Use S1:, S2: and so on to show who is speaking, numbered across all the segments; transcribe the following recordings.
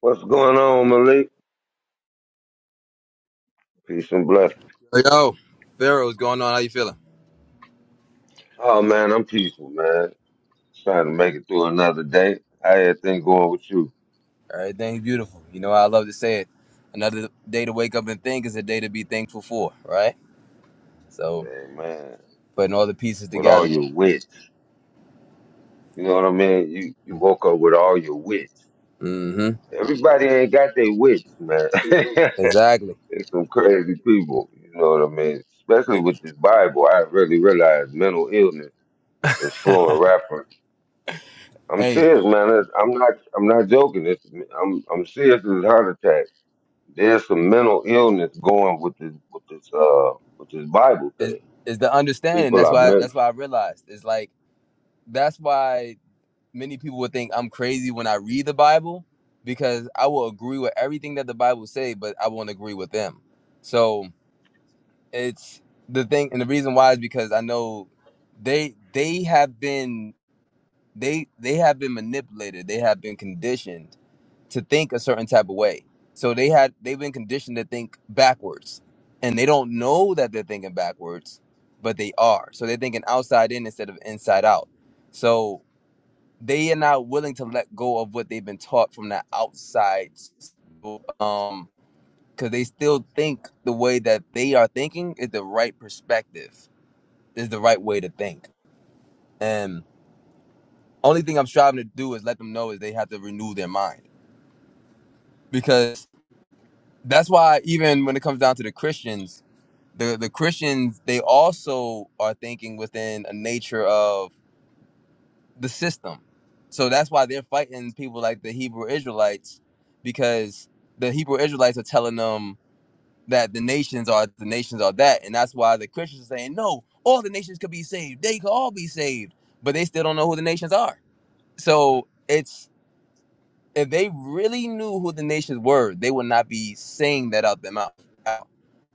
S1: What's going on, Malik? Peace and blessings.
S2: Yo, Pharaoh, what's going on? How you feeling?
S1: Oh man, I'm peaceful, man. trying to make it through another day. How everything going with you,
S2: Everything beautiful. You know, I love to say it. Another day to wake up and think is a day to be thankful for, right? So,
S1: man? Man,
S2: putting all the pieces
S1: with all
S2: together.
S1: your wits, you know what I mean. You you woke up with all your wits.
S2: Mm-hmm.
S1: Everybody ain't got their wits, man.
S2: Exactly.
S1: It's some crazy people, you know what I mean. Especially with this Bible, I really realized mental illness is flowing rapid. I'm
S2: hey,
S1: serious, man. I'm not. I'm not joking. It's, I'm I'm serious as a heart attack. There's some mental illness going with this with this uh with this Bible
S2: it's,
S1: thing.
S2: it's the understanding.
S1: People
S2: That's
S1: are
S2: why.
S1: meant
S2: That's why I realized. It's like that's why many people would think I'm crazy when I read the Bible because I will agree with everything that the Bible say, but I won't agree with them. So it's the thing and the reason why is because i know they they have been they they have been manipulated they have been conditioned to think a certain type of way so they had they've been conditioned to think backwards and they don't know that they're thinking backwards but they are so they're thinking outside in instead of inside out so they are not willing to let go of what they've been taught from the outside um because they still think the way that they are thinking is the right perspective is the right way to think. And only thing I'm striving to do is let them know is they have to renew their mind because that's why even when it comes down to the Christians, the the Christians they also are thinking within a nature of the system. So that's why they're fighting people like the Hebrew Israelites because the Hebrew Israelites are telling them that the nations are the nations are that and that's why the Christians are saying no, all the nations could be saved. They could all be saved, but they still don't know who the nations are So it's if they really knew who the nations were, they would not be saying that out their mouth.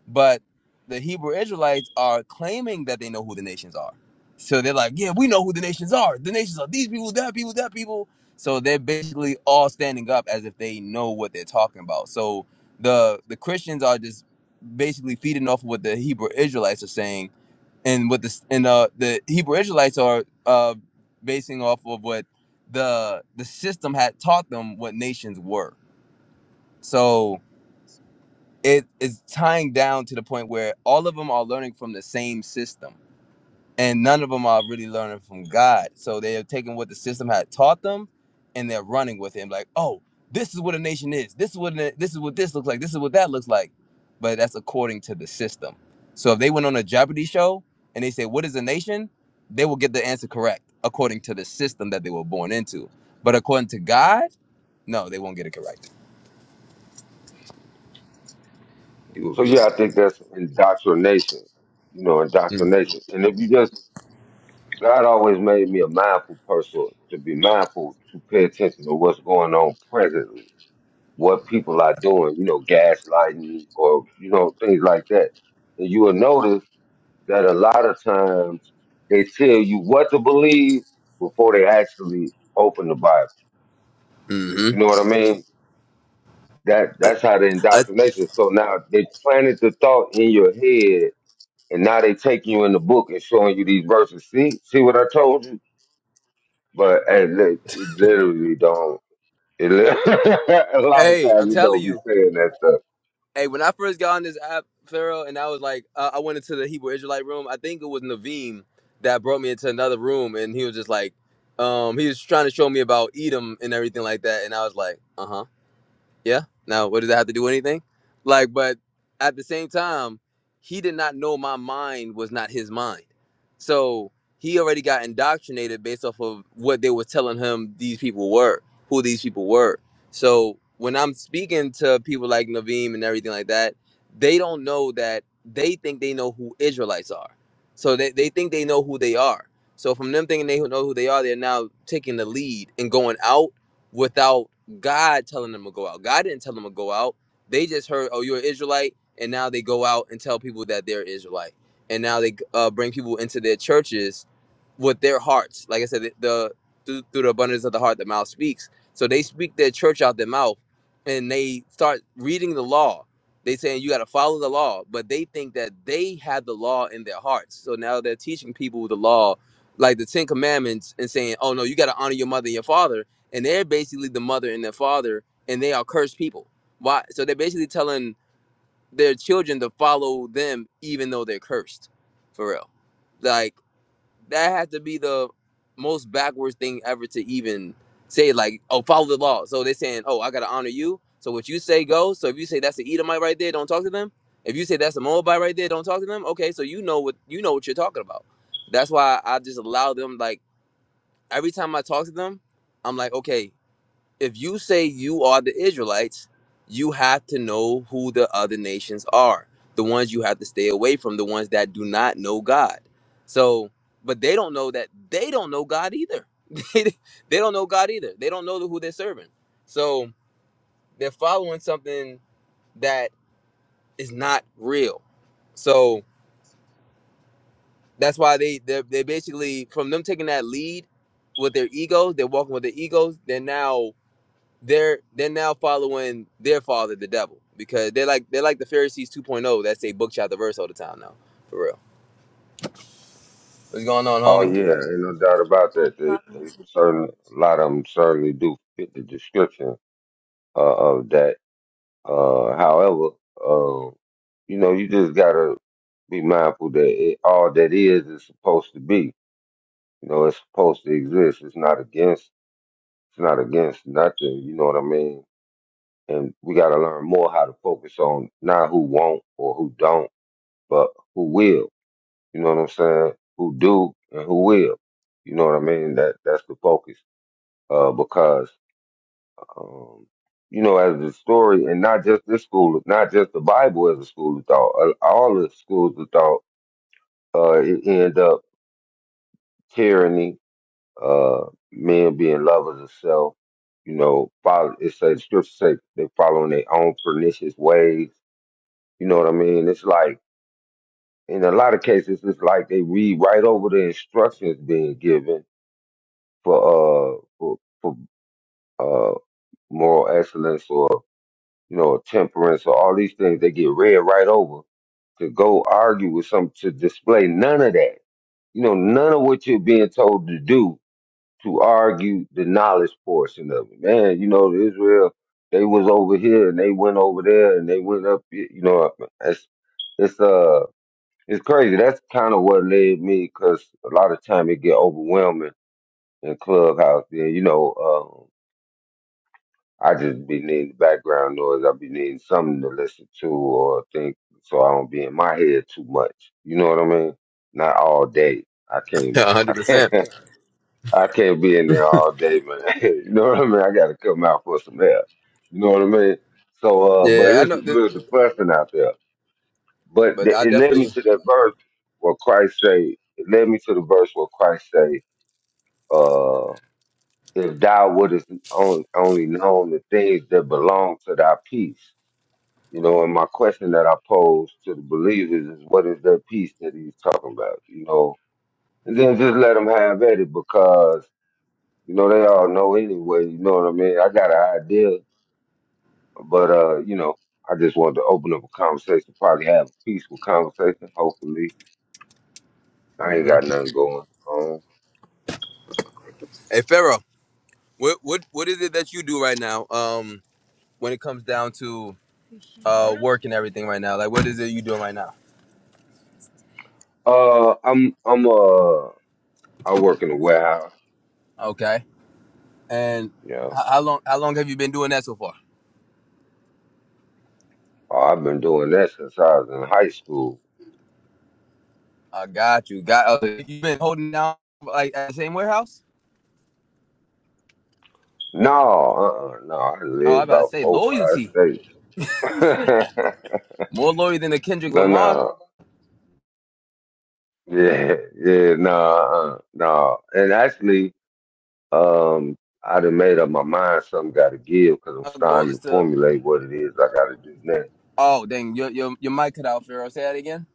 S2: But the Hebrew Israelites are claiming that they know who the nations are. So they're like, yeah, we know who the nations are. The nations are these people, that people, that people. So they're basically all standing up as if they know what they're talking about. So the the Christians are just basically feeding off of what the Hebrew Israelites are saying and what the and uh the Hebrew Israelites are uh basing off of what the the system had taught them what nations were. So it is tying down to the point where all of them are learning from the same system and none of them are really learning from God. So they are taking what the system had taught them, and they're running with it. Like, oh, this is what a nation is. This is what a- this is what this looks like. This is what that looks like. But that's according to the system. So if they went on a Jeopardy show and they say, "What is a nation?" they will get the answer correct according to the system that they were born into. But according to God, no, they won't get it correct.
S1: so yeah, I think that's indoctrination. You know,
S2: Mm-hmm.
S1: indoctrination. And if you just God always made me a mindful person to be mindful to pay attention to what's going on presently, what people are doing, you know, gaslighting or you know, things like that. And you will notice that a lot of times they tell you what to believe before they actually open the Bible. You know what I mean? That
S2: I,
S1: that's how the
S2: I,
S1: indoctrination. So now they planted the thought in your head, and now they taking you in the book and showing you these verses. See, see what I told you? But hey, li- it literally don't. It li- a lot of
S2: hey, I'm
S1: times it
S2: telling
S1: don't be
S2: you.
S1: saying that stuff.
S2: Hey, when I first got on this app, Pharaoh, and I was like, uh, I went into the Hebrew Israelite room. I think it was Naveem that brought me into another room, and he was just like, um, he was trying to show me about Edom and everything like that, and I was like, uh huh. Yeah. Now, what does that have to do with anything? Like, but at the same time, he did not know my mind was not his mind. So he already got indoctrinated based off of what they were telling him these people were, who these people were. So when I'm speaking to people like Naveem and everything like that, they don't know that they think they know who Israelites are. So they, they think they know who they are. So from them thinking they know who they are, they're now taking the lead and going out without God telling them to go out. God didn't tell them to go out. They just heard, oh, you're an Israelite, and now they go out and tell people that they're Israelite, and now they uh, bring people into their churches with their hearts. Like I said, the, the through, through the abundance of the heart, the mouth speaks. So they speak their church out their mouth, and they start reading the law. They saying you got to follow the law, but they think that they have the law in their hearts. So now they're teaching people the law, like the Ten Commandments, and saying, oh no, you got to honor your mother and your father and they're basically the mother and the father, and they are cursed people. Why? So they're basically telling their children to follow them, even though they're cursed, for real. Like that has to be the most backwards thing ever to even say. Like, oh, follow the law. So they're saying, oh, I gotta honor you. So what you say goes. So if you say that's an Edomite right there, don't talk to them. If you say that's a Moabite right there, don't talk to them. Okay, so you know what you know what you're talking about. That's why I just allow them. Like every time I talk to them, I'm like, okay if you say you are the Israelites, you have to know who the other nations are, the ones you have to stay away from, the ones that do not know God. So, but they don't know that they don't know God either. they they don't know God either. They don't know who they're serving. So they're following something that is not real. So that's why they they they basically from them taking that lead with their egos, they're walking with their egos. They're now they're they're now following their father, the devil, because they're like they're like the Pharisees 2.0 that say book chapter verse all the time now, for real. What's going on,
S1: Oh
S2: homie?
S1: yeah, ain't no doubt about that. They, they certainly a lot of them certainly do fit the description uh, of that. Uh, however, uh, you know, you just gotta be mindful that it, all that is is supposed to be. You know, it's supposed to exist. It's not against. It's not against nothing. You know what I mean? And we got to learn more how to focus on not who won't or who don't, but who will. You know what I'm saying? Who do and who will. You know what I mean? That that's the focus. Uh, because um, you know, as the story, and not just this school, not just the Bible as a school of thought, uh, all the schools of thought, uh, it end up tyranny uh, men being lovers of self, you know, follow, it's a scripture say they following their own pernicious ways. You know what I mean? It's like, in a lot of cases, it's like they read right over the instructions being given for, uh, for, for, uh, moral excellence or, you know, temperance or all these things. They get read right over to go argue with some, to display none of that. You know, none of what you're being told to do to argue the knowledge portion of it. Man, you know, Israel, they was over here and they went over there and they went up. here, You know, it's it's uh it's crazy. That's kind of what led me because a lot of time it get overwhelming in clubhouse. Then you know, um, I just be needing background noise. I be needing something to listen to or think, so I don't be in my head too much. You know what I mean? Not all day. I can't. I
S2: 100.
S1: can't.
S2: percent
S1: I can't be in there all day, man. you know what I mean? I got to come out for some help. You know what I mean? So, uh, but
S2: Yeah, I
S1: it's,
S2: know that,
S1: there's a depressing out there. But
S2: but
S1: th-
S2: I
S1: it led me
S2: definitely.
S1: to that verse where Christ say, it led me to the verse where Christ say, uh, if thou wouldest on, only known the things that belong to thy peace. You know, and my question that I pose to the believers is, what is the peace that he's talking about? You know, and then just let them have at it because You know, they all know anyway. You know what I mean? I got an idea, but uh, you know, I just wanted to open up a conversation, probably have a peaceful conversation. Hopefully, I ain't
S2: hmm
S1: got nothing going on.
S2: Hey, Pharaoh, what what what is it that you do right now? Um, when it comes down to uh work and everything right now, like what is it you doing right now?
S1: Uh, I'm I'm uh I work in a warehouse.
S2: Okay, and
S1: You know,
S2: how, how long how long have you been doing that so far?
S1: Uh, I've been doing that since I was in high school.
S2: I got you. Got uh, you been holding down like at the same warehouse?
S1: No, uh, uh no, I
S2: Oh, I
S1: live
S2: about to
S1: about
S2: say
S1: four, five
S2: loyalty.
S1: states.
S2: More lawyer than the Kendrick
S1: no,
S2: Lamar.
S1: no, yeah, yeah, no, uh, no, and actually. Um, I done made up my mind something got to give because I'm
S2: Our goal
S1: starting
S2: is
S1: to
S2: to.
S1: formulate what it is I got to do next.
S2: Oh, dang, your your your mic cut out, Pharaoh. Say that again.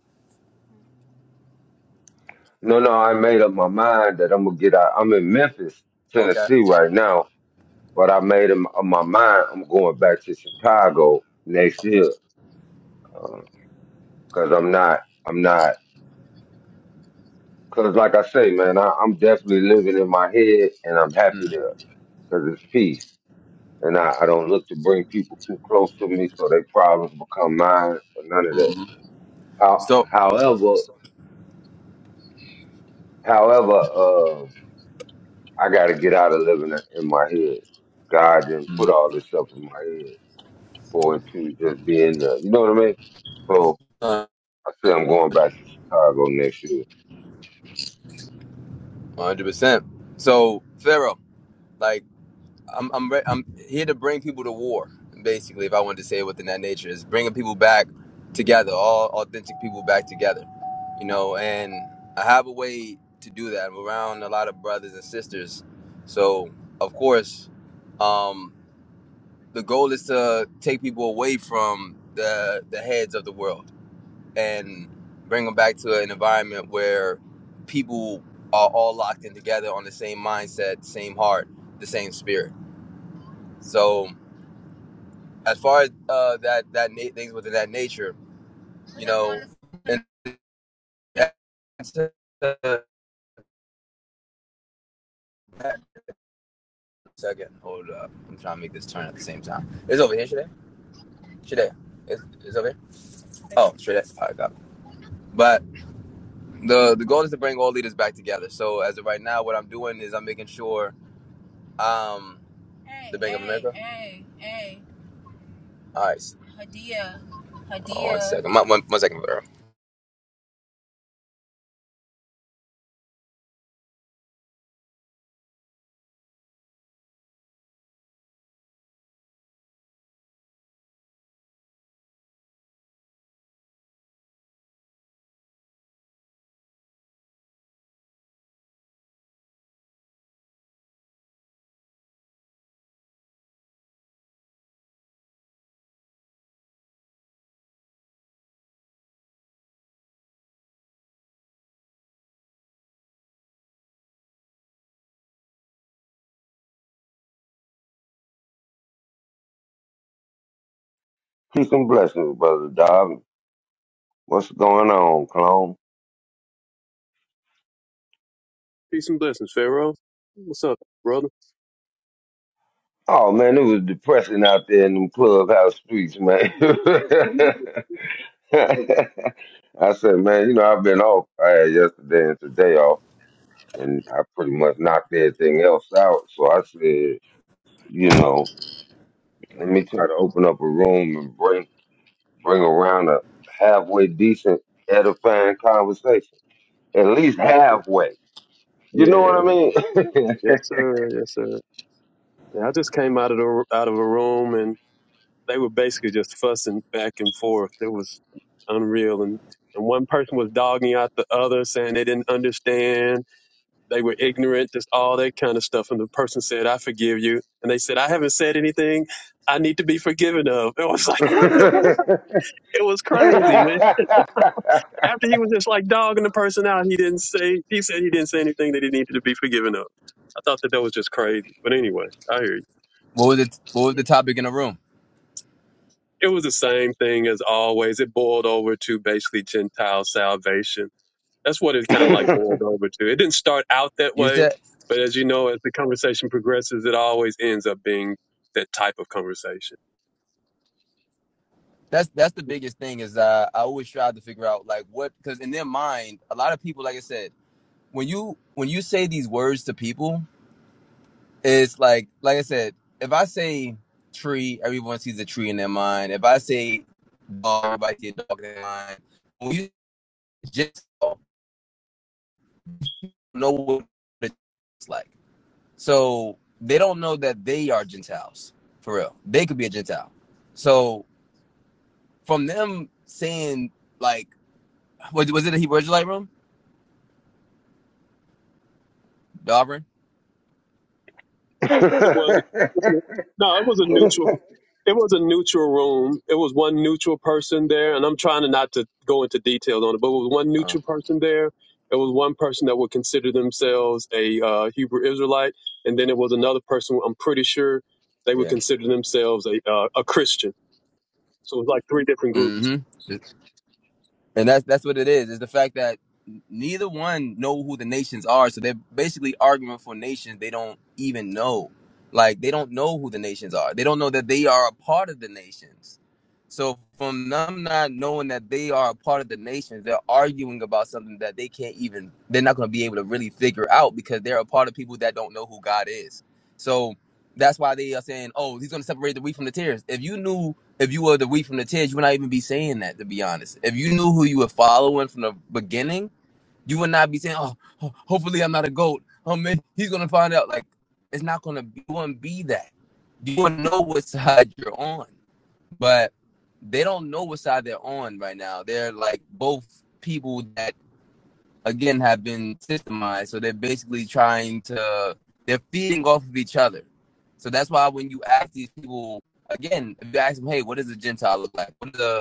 S1: No, no, I made up my mind that I'm going to get out. I'm in Memphis,
S2: Okay.
S1: Tennessee right now, but I made up my mind I'm going back to Chicago next year because I'm not, I'm not, because like I say, man, I, I'm definitely living in my head and I'm happy
S2: Mm,
S1: there because it's peace. And I, I don't look to bring people too close to me so they problems become mine or none of that.
S2: hmm
S1: How,
S2: So,
S1: however, however, uh, I got to get out of living in in my head. God didn't put all this stuff in my head for it to just be in there. You know what I mean? So
S2: one
S1: I said I'm going back to Chicago next year.
S2: hundred percent. So, Pharaoh, like I'm I'm re- I'm here to bring people to war. Basically, if I wanted to say it within that nature, is bringing people back together, all authentic people back together. You know, and I have a way to do that. I'm around a lot of brothers and sisters, so of course. um. the goal is to take people away from the the heads of the world and bring them back to an environment where people are all locked in together on the same mindset, same heart, the same spirit. So as far as uh, that that na- things within that nature, you know, and that's, uh, second, hold up, I'm trying to make this turn at the same time. It's over here, Shade. Shade. It's, it's over here. Oh, Shade. I got. It. But the the goal is to bring all leaders back together. So as of right now, what I'm doing is I'm making sure um hey, the Bank of hey, of America. Hey, hey. All right. Hold on one, one one second, girl.
S1: Peace and blessings, brother Dob. What's going on, clone?
S3: Peace and blessings, Pharaoh. What's up, brother?
S1: Oh man, it was depressing out there in them clubhouse streets, man. I said, man, you know I've been off. I had yesterday and today off and I pretty much knocked everything else out. So I said, you know, let me try to open up a room and bring bring around a halfway decent, edifying conversation. At least halfway. You know what I
S3: Yeah,
S1: Mm. mean?
S3: yes, sir, yes, sir. Yeah, I just came out of the out of a room, and they were basically just fussing back and forth. It was unreal, and and one person was dogging out the other, saying they didn't understand, they were ignorant, just all that kind of stuff. And the person said, "I forgive you," and they said, "I haven't said anything I need to be forgiven of." It was like, what in the world? It was crazy, man. After he was just like dogging the person out, he didn't say. He said he didn't say anything that he needed to be forgiven of. I thought that that was just crazy. But anyway, I hear you.
S2: What was it? What was the topic in the room?
S3: It was the same thing as always. It boiled over to basically Gentile salvation. That's what it kind of like boiled over to. It didn't start out that
S2: You
S3: way,
S2: said
S3: but as you know, as the conversation progresses, it always ends up being that type of conversation.
S2: that's that's the
S3: Mm.
S2: biggest thing is uh, I always try to figure out like what because in their mind a lot of people like I said when you when you say these words to people it's like like I said if I say tree everyone sees a tree in their mind if I say dog everybody sees a dog in their mind When you Gentiles don't know what it's like. So they don't know that they are Gentiles for real. They could be a Gentile. So from them saying like, was, was it a Hebrew Israelite room? The Auburn?
S3: It was no, it was a neutral. It was a neutral room. It was one neutral person there, and I'm trying to not to go into details on it, but it was one
S2: Oh
S3: neutral person there. It was one person that would consider themselves a uh, Hebrew Israelite, and then it was another person. I'm pretty sure they would
S2: yeah.
S3: consider themselves a uh, a Christian. So it was like three different groups.
S2: Mm-hmm. and that's that's what it is. Is the fact that neither one know who the nations are, so they're basically arguing for nations they don't even know. Like they don't know who the nations are. They don't know that they are a part of the nations. So from them not knowing that they are a part of the nations, they're arguing about something that they can't even. They're not going to be able to really figure out because they're a part of people that don't know who God is. So that's why they are saying, "Oh, he's going to separate the wheat from the tares." If you knew if you were the wheat from the tears, you would not even be saying that, to be honest. If you knew who you were following from the beginning, you would not be saying, oh, ho- hopefully I'm not a goat. Oh, man, he's going to find out. Like, it's not going to be, you wouldn't be that. You wouldn't know what side you're on. But they don't know what side they're on right now. They're like both people that again have been systemized. So they're basically trying to they're feeding off of each other. So that's why when you ask these people again, if you ask them, hey, what does a Gentile look like? What does a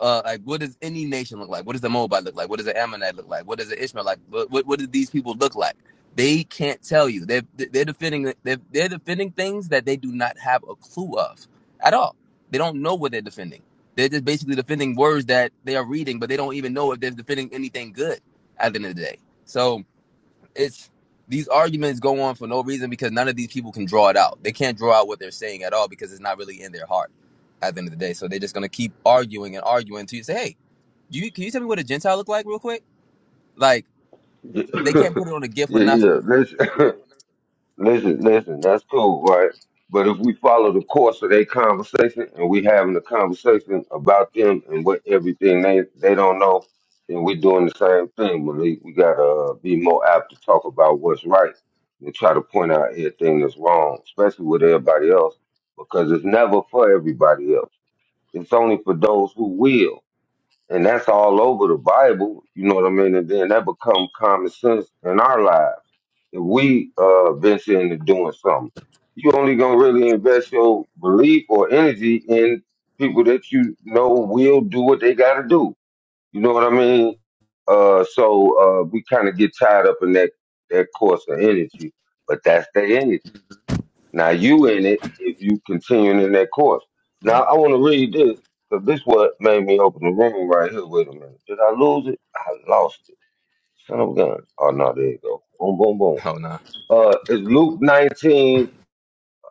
S2: uh, like what does any nation look like? What does the Moabite look like? What does the Ammonite look like? What does the Ishmael like? What, what what do these people look like? They can't tell you. They're they're defending they're, they're defending things that they do not have a clue of at all. They don't know what they're defending. They're just basically defending words that they are reading, but they don't even know if they're defending anything good at the end of the day. So it's these arguments go on for no reason because none of these people can draw it out. They can't draw out what they're saying at all because it's not really in their heart at the end of the day. So they're just gonna keep arguing and arguing until you say, "Hey, do you can you tell me what a Gentile look like real quick?" Like they can't put it on a gift or
S1: yeah, yeah.
S2: nothing.
S1: Let's Listen, listen, that's cool, right? But if we follow the course of their conversation and we having a conversation about them and what everything they, they don't know, then we doing the same thing, Malik. We gotta uh, be more apt to talk about what's right and try to point out everything that's wrong, especially with everybody else, because it's never for everybody else. It's only for those who will and that's all over the Bible. You know what I mean? And then that become common sense in our lives. If we uh, venture into doing something, you only gonna really invest your belief or energy in people that you know will do what they gotta do. You know what I mean? Uh, so uh, we kind of get tied up in that that course of energy, but that's their energy. Now you in it if you continuing in that course. Now I want to read this because this what made me open the room right here. Wait a minute, did I lose it? I lost it. Son of a gun. Oh no, there you go. Boom, boom, boom.
S2: Oh no,
S1: Uh, it's Luke 19.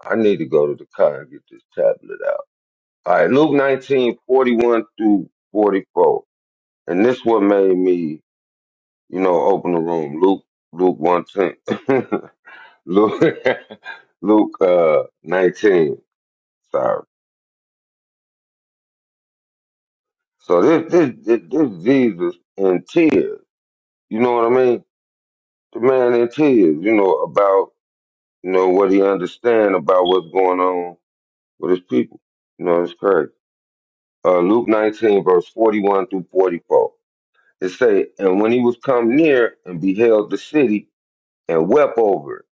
S1: I need to go to the car and get this tablet out. All right, Luke nineteen forty-one through 44. And this what made me, you know, open the room. Luke, Luke 110. Luke, Luke uh, 19. Sorry. So this this this, this Jesus in tears. You know what I mean? The man in tears. You know about you know what he understand about what's going on with his people. You know it's crazy. Uh, Luke 19 verse 41 through 44. It say, and when he was come near and beheld the city and wept over it,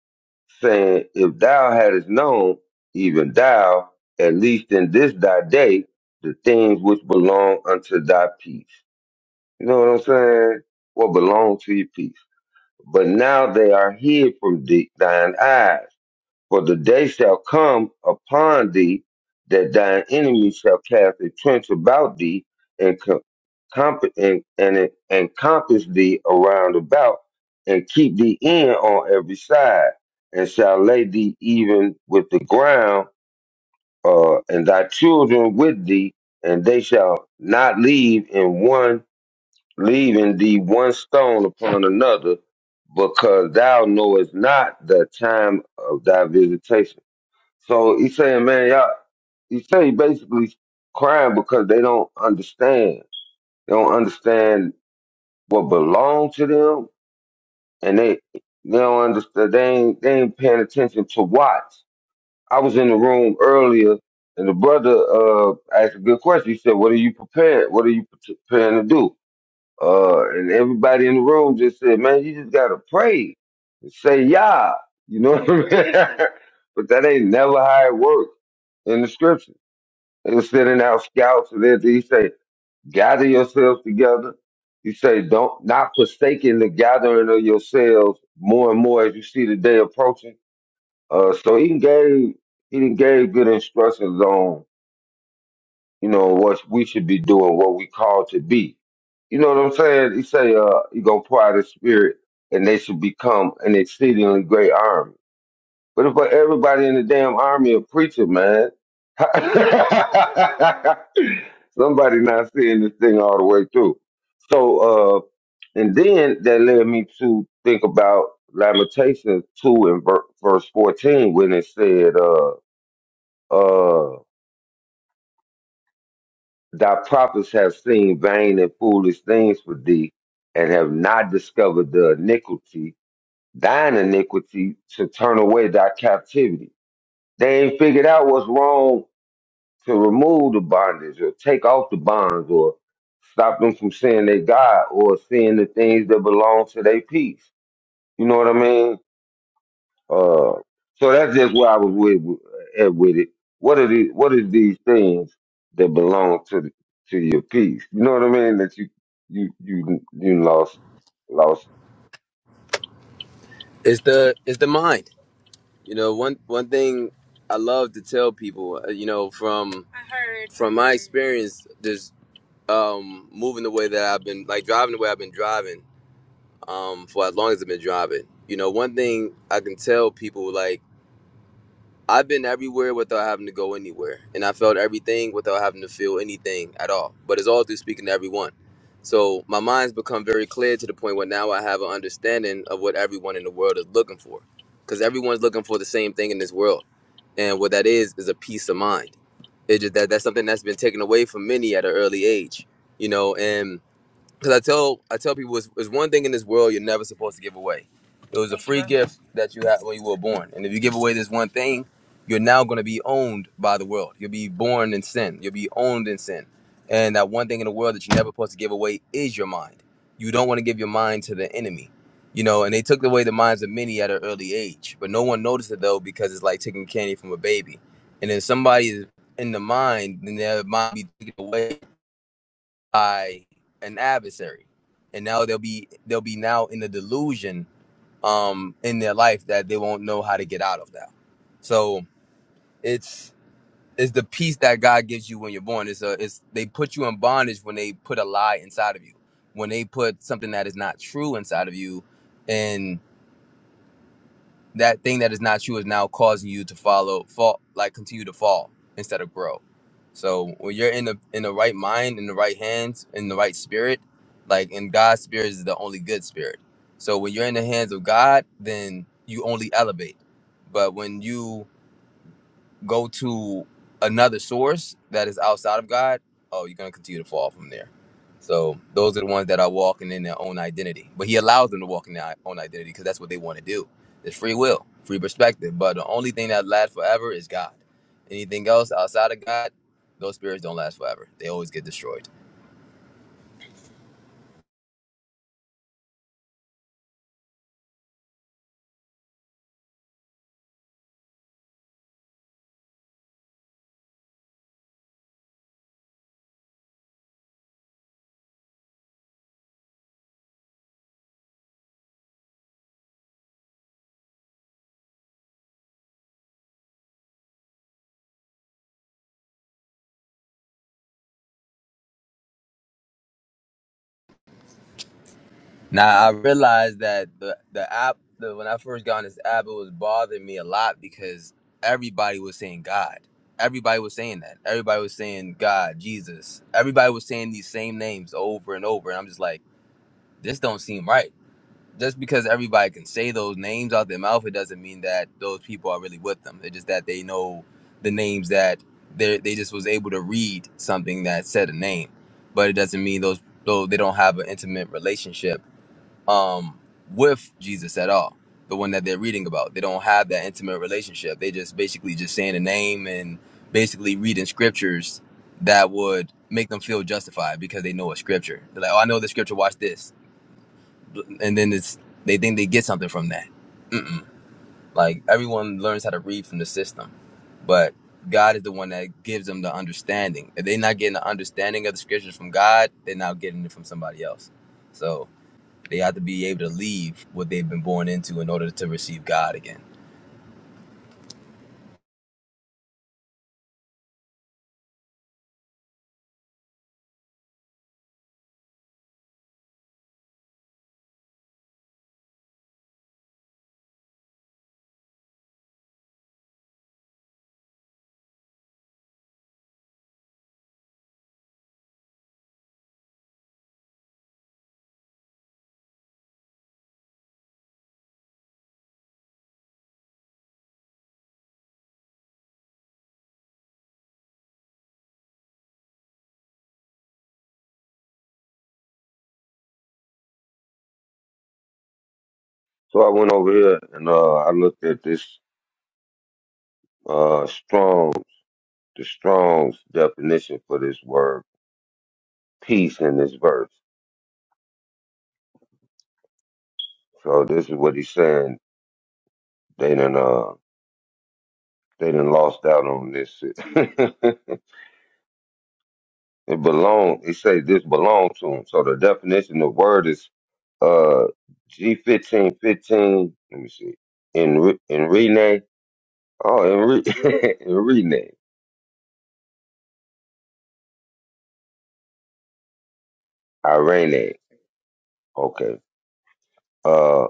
S1: saying, If thou hadst known, even thou, at least in this thy day, the things which belong unto thy peace. You know what I'm saying? What belongs to your peace. But now they are hid from thee, thine eyes. For the day shall come upon thee that thine enemies shall cast a trench about thee and, com- comp- and, and encompass thee around about and keep thee in on every side and shall lay thee even with the ground uh, and thy children with thee and they shall not leave in one leaving thee one stone upon another, because thou knowest not the time of thy visitation. So he's saying, man, y'all, he's saying basically crying because they don't understand. They don't understand what belongs to them, and they they don't understand. They ain't, they ain't paying attention to what. I was in the room earlier, and the brother uh, asked a good question. He said, "What are you prepared? What are you pre- preparing to do?" Uh, and everybody in the room just said, man, you just gotta pray and say Yah. You know what I mean? but that ain't never how it works in the scripture. They were sending out scouts and then he say, gather yourselves together. He say, don't not forsaking the gathering of yourselves more and more as you see the day approaching. Uh, so he gave he done gave good instructions on you know, what we should be doing, what we called to be. You know what I'm saying? He say, uh, he gonna pour out his spirit and they should become an exceedingly great army. But if but everybody in the damn army a preacher, man, somebody not seeing this thing all the way through. So, uh, and then that led me to think about Lamentations 2 and ver- verse 14 when it said, uh, uh, Thy prophets have seen vain and foolish things for thee, and have not discovered the iniquity, thine iniquity, to turn away thy captivity. They ain't figured out what's wrong to remove the bondage or take off the bonds or stop them from seeing their God or seeing the things that belong to their peace. You know what I mean? Uh, so that's just where I was with at with it. What are the what is these things that belong to the, to your peace? You know what I mean? That you you you you lost lost.
S2: it's the it's the mind. You know, one one thing I love to tell people, uh, you know, from I heard. from my experience, just um, moving the way that I've been, like driving the way I've been driving um, for as long as it's been driving. You know, one thing I can tell people like I've been everywhere without having to go anywhere, and I felt everything without having to feel anything at all. But it's all through speaking to everyone. So my mind's become very clear to the point where now I have an understanding of what everyone in the world is looking for, because everyone's looking for the same thing in this world, and what that is is a peace of mind. It's just that that's something that's been taken away from many at an early age, you know, and because I tell I tell people it's, it's one thing in this world you're never supposed to give away. It was a free gift that you had when you were born, and if you give away this one thing, you're now going to be owned by the world. You'll be born in sin. You'll be owned in sin, and that one thing in the world that you're never supposed to give away is your mind. You don't want to give your mind to the enemy, you know. And they took away the minds of many at an early age, but no one noticed it though because it's like taking candy from a baby, and then somebody is in the mind, then their mind be taken away by an adversary and now they'll be they'll be now in the delusion um in their life that they won't know how to get out of now so it's it's the peace that god gives you when you're born it's a it's they put you in bondage when they put a lie inside of you when they put something that is not true inside of you and that thing that is not you is now causing you to follow fall like continue to fall instead of grow so when you're in the in the right mind in the right hands in the right spirit like in god's spirit is the only good spirit so when you're in the hands of god then you only elevate but when you go to another source that is outside of God, oh, you're going to continue to fall from there. So those are the ones that are walking in their own identity. But he allows them to walk in their own identity because that's what they want to do. It's free will, free perspective. But the only thing that lasts forever is God. Anything else outside of God, those spirits don't last forever. They always get destroyed. Now I realized that the the app the, when I first got on this app, it was bothering me a lot because everybody was saying God. Everybody was saying that. Everybody was saying God, Jesus. Everybody was saying these same names over and over, and I'm just like, this don't seem right. Just because everybody can say those names out their mouth, it doesn't mean that those people are really with them. It's just that they know the names that they they just was able to read something that said a name, but it doesn't mean those though they don't have an intimate relationship um, with Jesus at all. The one that they're reading about, they don't have that intimate relationship. They just basically just saying a name and basically reading scriptures that would make them feel justified because they know a scripture. They're like, "Oh, I know the scripture. Watch this," and then it's they think they get something from that. Like everyone learns how to read from the system, but God is the one that gives them the understanding. If they're not getting the understanding of the scriptures from God, they're now getting it from somebody else. So they have to be able to leave what they've been born into in order to receive God again.
S1: So I went over here and uh, I looked at this uh, strong the Strong's definition for this word peace in this verse. So this is what he's saying. They done uh they done lost out on this shit. It belong. It say this belong to him. So the definition of word is uh G fifteen fifteen. Let me see. In re- in rename. Oh, in re- Irene. Okay. Uh,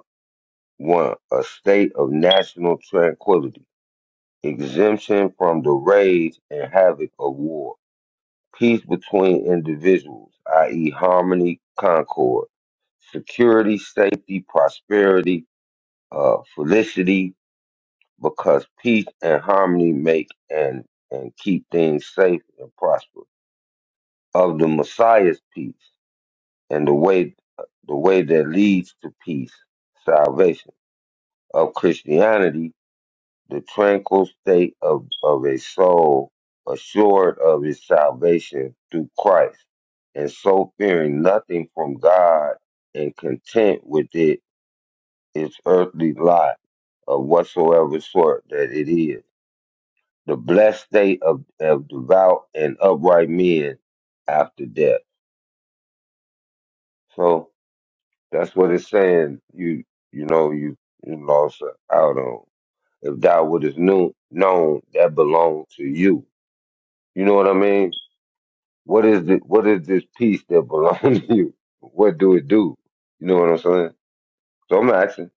S1: one a state of national tranquility, exemption from the rage and havoc of war, peace between individuals, i.e., harmony, concord, security, safety, prosperity, uh, felicity, because peace and harmony make and, and keep things safe and prosperous. Of the Messiah's peace and the way the way that leads to peace, salvation. Of Christianity, the tranquil state of, of a soul assured of its salvation through Christ, and so fearing nothing from God and content with it its earthly lot of whatsoever sort that it is the blessed state of, of devout and upright men after death. So that's what it's saying. You you know you you lost out on. If thou wouldest knew known that belonged to you. You know what I mean? What is the what is this piece that belongs to you? What do it do? You know what I'm saying? So I'm asking.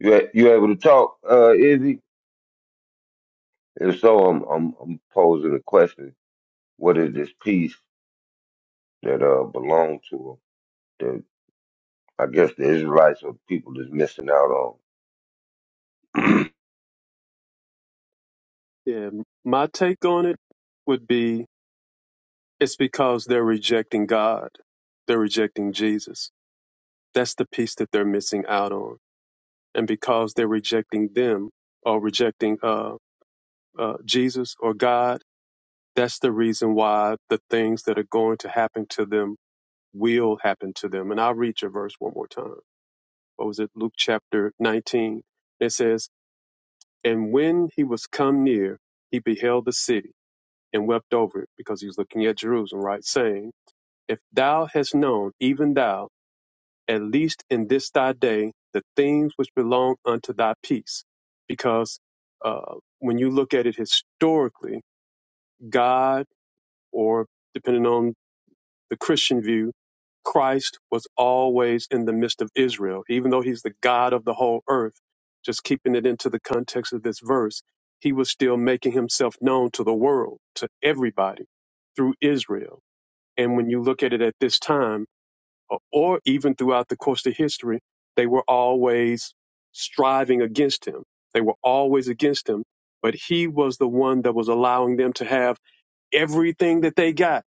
S1: You a- you able to talk, uh, Izzy? If so, I'm I'm I'm posing a question. What is this piece that uh belonged to him? I guess the Israelites are the people that's missing out on.
S3: Yeah. My take on it would be it's because they're rejecting God. They're rejecting Jesus. That's the piece that they're missing out on. And because they're rejecting them or rejecting uh, uh, Jesus or God, that's the reason why the things that are going to happen to them will happen to them. And I'll read your verse one more time. What was it? Luke chapter 19. It says, And when he was come near, he beheld the city and wept over it because he was looking at Jerusalem, right? Saying, If thou hast known, even thou, at least in this thy day, the things which belong unto thy peace. Because uh, when you look at it historically, God, or depending on the Christian view, Christ was always in the midst of Israel, even though he's the God of the whole earth. Just keeping it into the context of this verse, he was still making himself known to the world, to everybody through Israel and when you look at it at this time, or or even throughout the course of history, they were always striving against him. They were always against him, but he was the one that was allowing them to have everything that they got.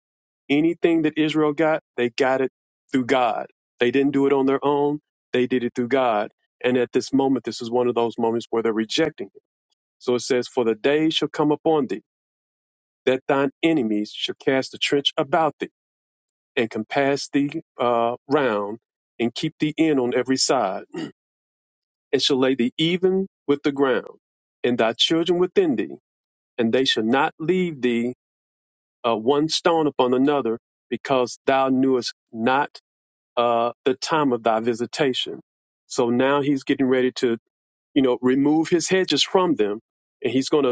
S3: Anything that Israel got, they got it through God. They didn't do it on their own, they did it through God. And at this moment, this is one of those moments where they're rejecting him. So it says, For the day shall come upon thee that thine enemies shall cast a trench about thee and can pass thee uh, round, and keep thee in on every side, and shall lay thee even with the ground, and thy children within thee, and they shall not leave thee uh, one stone upon another, because thou knewest not uh, the time of thy visitation. So now he's getting ready to, you know, remove his hedges from them, and he's going to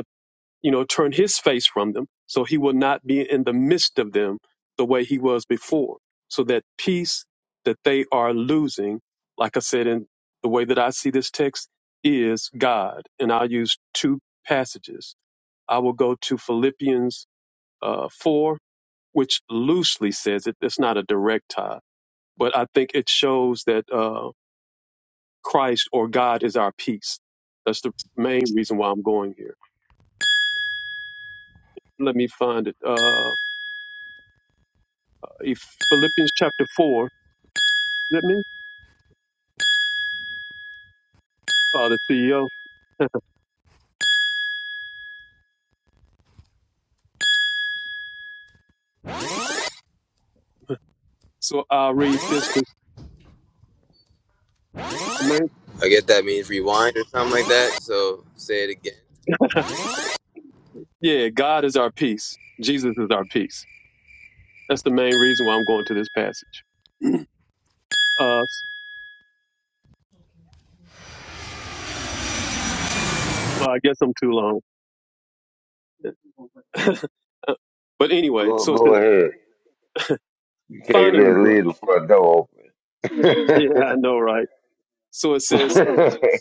S3: you know, turn his face from them so he will not be in the midst of them the way he was before. So that peace that they are losing, like I said, in the way that I see this text is God. And I'll use two passages. I will go to Philippians uh, 4, which loosely says it. It's not a direct tie, but I think it shows that uh, Christ or God is our peace. That's the main reason why I'm going here. Let me find it. Uh, If Philippians chapter 4. Let me, uh, the CEO. So I'll read this. this main,
S2: I guess that means rewind or something like that. So say it again.
S3: yeah, God is our peace. Jesus is our peace. That's the main reason why I'm going to this passage. Uh, well, I guess I'm too long. but anyway,
S1: go
S3: so it
S1: go
S3: says,
S1: ahead. You can't
S3: finally,
S1: leave,
S3: bro.
S1: leave the front door
S3: Yeah, I know, right? So it
S1: open.
S3: says,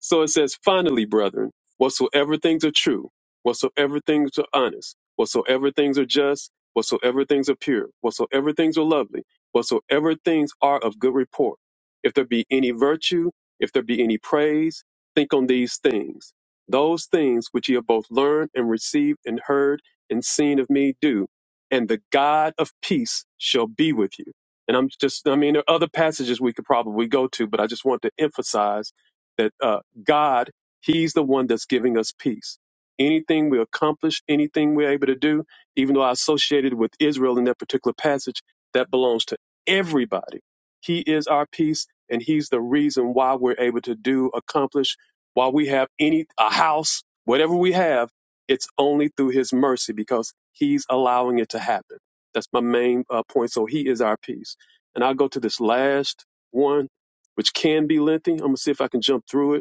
S3: So it says, finally, brethren, whatsoever things are true, whatsoever things are honest, whatsoever things are just, whatsoever things are pure, whatsoever things are lovely, whatsoever things are of good report, if there be any virtue, if there be any praise, think on these things. Those things which ye have both learned and received and heard and seen of me do, and the God of peace shall be with you. And I'm just, I mean, there are other passages we could probably go to, but I just want to emphasize that. uh, God, He's the one that's giving us peace. Anything we accomplish, anything we're able to do, even though I associated with Israel in that particular passage, that belongs to everybody. He is our peace, and He's the reason why we're able to do, accomplish, why we have any a house, whatever we have. It's only through His mercy because He's allowing it to happen. That's my main uh, point. So He is our peace, and I'll go to this last one, which can be lengthy. I'm gonna see if I can jump through it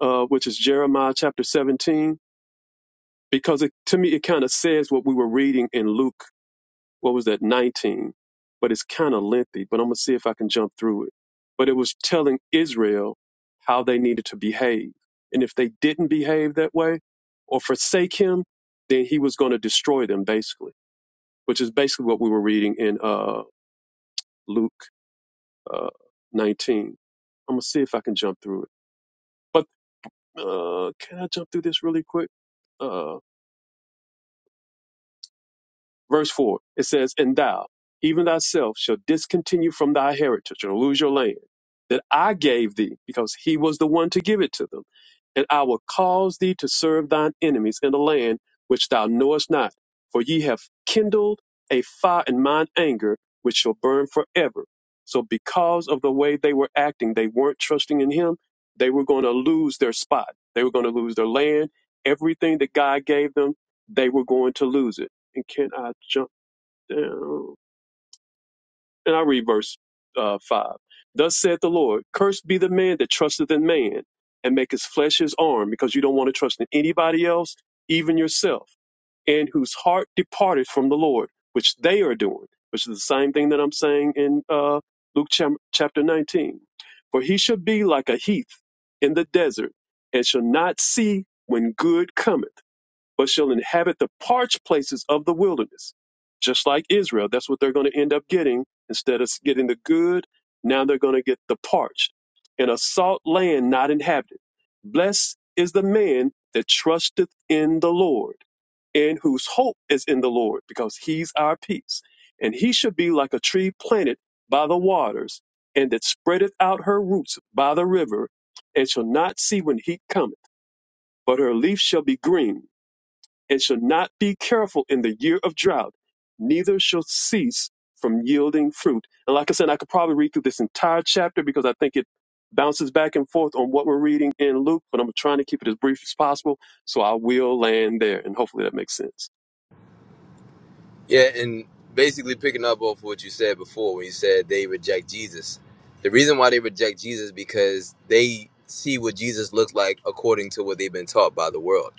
S3: uh, which is Jeremiah chapter 17, because it, to me it kind of says what we were reading in Luke, what was that, 19, but it's kind of lengthy, but I'm going to see if I can jump through it. But it was telling Israel how they needed to behave. And if they didn't behave that way or forsake him, then he was going to destroy them, basically, which is basically what we were reading in uh, Luke uh, 19. I'm going to see if I can jump through it. But uh, can I jump through this really quick? Uh, Verse 4, it says, And thou, even thyself, shall discontinue from thy heritage and lose your land that I gave thee, because he was the one to give it to them. And I will cause thee to serve thine enemies in the land which thou knowest not. For ye have kindled a fire in mine anger, which shall burn forever. So, because of the way they were acting, they weren't trusting in him. They were going to lose their spot. They were going to lose their land. Everything that God gave them, they were going to lose it and can I jump down? And I read verse uh, 5. Thus saith the Lord, Cursed be the man that trusteth in man and make his flesh his arm, because you don't want to trust in anybody else, even yourself, and whose heart departed from the Lord, which they are doing, which is the same thing that I'm saying in uh, Luke cham- chapter 19. For he shall be like a heath in the desert, and shall not see when good cometh but shall inhabit the parched places of the wilderness. Just like Israel, that's what they're going to end up getting. Instead of getting the good, now they're going to get the parched and a salt land not inhabited. Blessed is the man that trusteth in the Lord and whose hope is in the Lord, because he's our peace. And he should be like a tree planted by the waters, and that spreadeth out her roots by the river, and shall not see when heat cometh, but her leaf shall be green and shall not be careful in the year of drought, neither shall cease from yielding fruit. And like I said, I could probably read through this entire chapter because I think it bounces back and forth on what we're reading in Luke, but I'm trying to keep it as brief as possible. So I will land there, and hopefully that makes sense.
S2: Yeah, and basically picking up off what you said before when you said they reject Jesus. The reason why they reject Jesus is because they see what Jesus looks like according to what they've been taught by the world.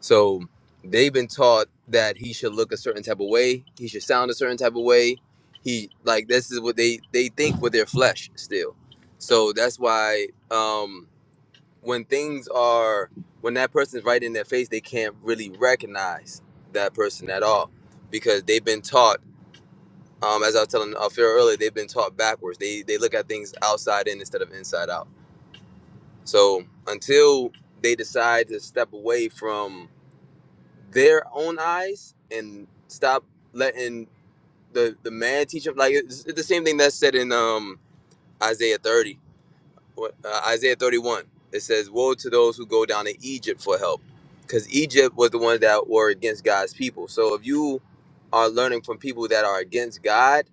S2: So they've been taught that he should look a certain type of way, he should sound a certain type of way. He like this is what they they think with their flesh still. So that's why um when things are when that person's right in their face they can't really recognize that person at all because they've been taught um, as i was telling alfira earlier they've been taught backwards they they look at things outside in instead of inside out so until they decide to step away from their own eyes and stop letting the the man teach them like it's, it's the same thing that's said in um isaiah 30 what, uh, Isaiah 31. It says, Woe to those who go down to Egypt for help. Because Egypt was the ones that were against God's people. So if you are learning from people that are against God,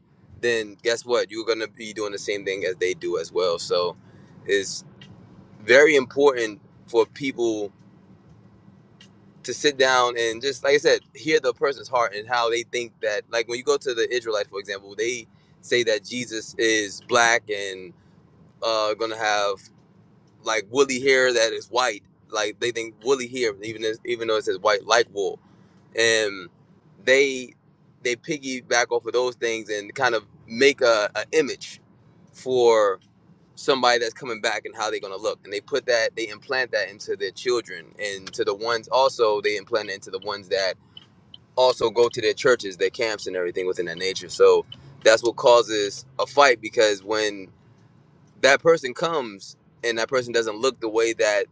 S2: then guess what? You're going to be doing the same thing as they do as well. So it's very important for people to sit down and just, like I said, hear the person's heart and how they think that, like when you go to the Israelites, for example, they say that Jesus is black and uh, going to have like woolly hair that is white. Like they think woolly hair, even as, even though it says white like wool, and they they piggyback off of those things and kind of make a, a image for somebody that's coming back and how they're gonna look, and they put that they implant that into their children and to the ones also they implant it into the ones that also go to their churches, their camps, and everything within that nature. So that's what causes a fight because when that person comes and that person doesn't look the way that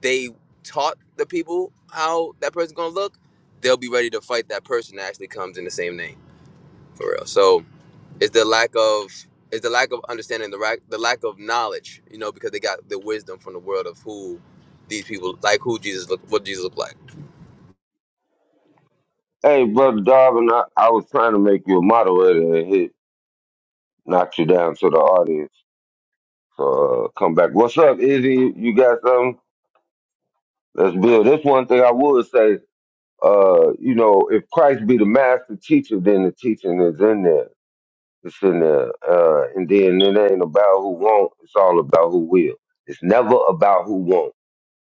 S2: they taught the people how that person's gonna look, they'll be ready to fight that person that actually comes in the same name for real. So it's the lack of it's the lack of understanding the lack the lack of knowledge, you know, because they got the wisdom from the world of who these people like who Jesus look what Jesus looked like.
S1: hey, brother Darwin, I, I was trying to make you a moderator and hit knock you down to the audience. So uh, come back. What's up, Izzy? You got something? Let's build. This one thing I would say. Uh, you know, if Christ be the master teacher, then the teaching is in there. It's in the, uh, and then it ain't about who won't. It's all about who will. It's never about who won't.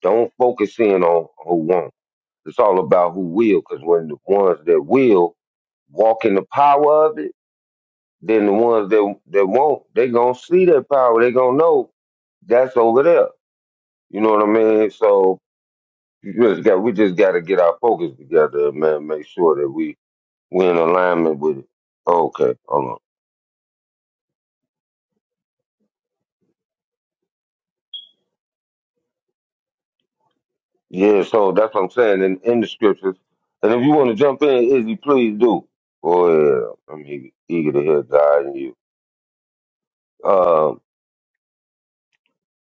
S1: Don't focus in on who won't. It's all about who will, because when the ones that will walk in the power of it, then the ones that that won't, they gonna see that power. They gonna know that's over there. You know what I mean? So you just got we just got to get our focus together, man. Make sure that we we in alignment with it. Okay, hold on. Yeah, so that's what I'm saying in, in the scriptures. And if you want to jump in, Izzy, please do. Oh yeah, I'm eager, eager to hear God and you. Um,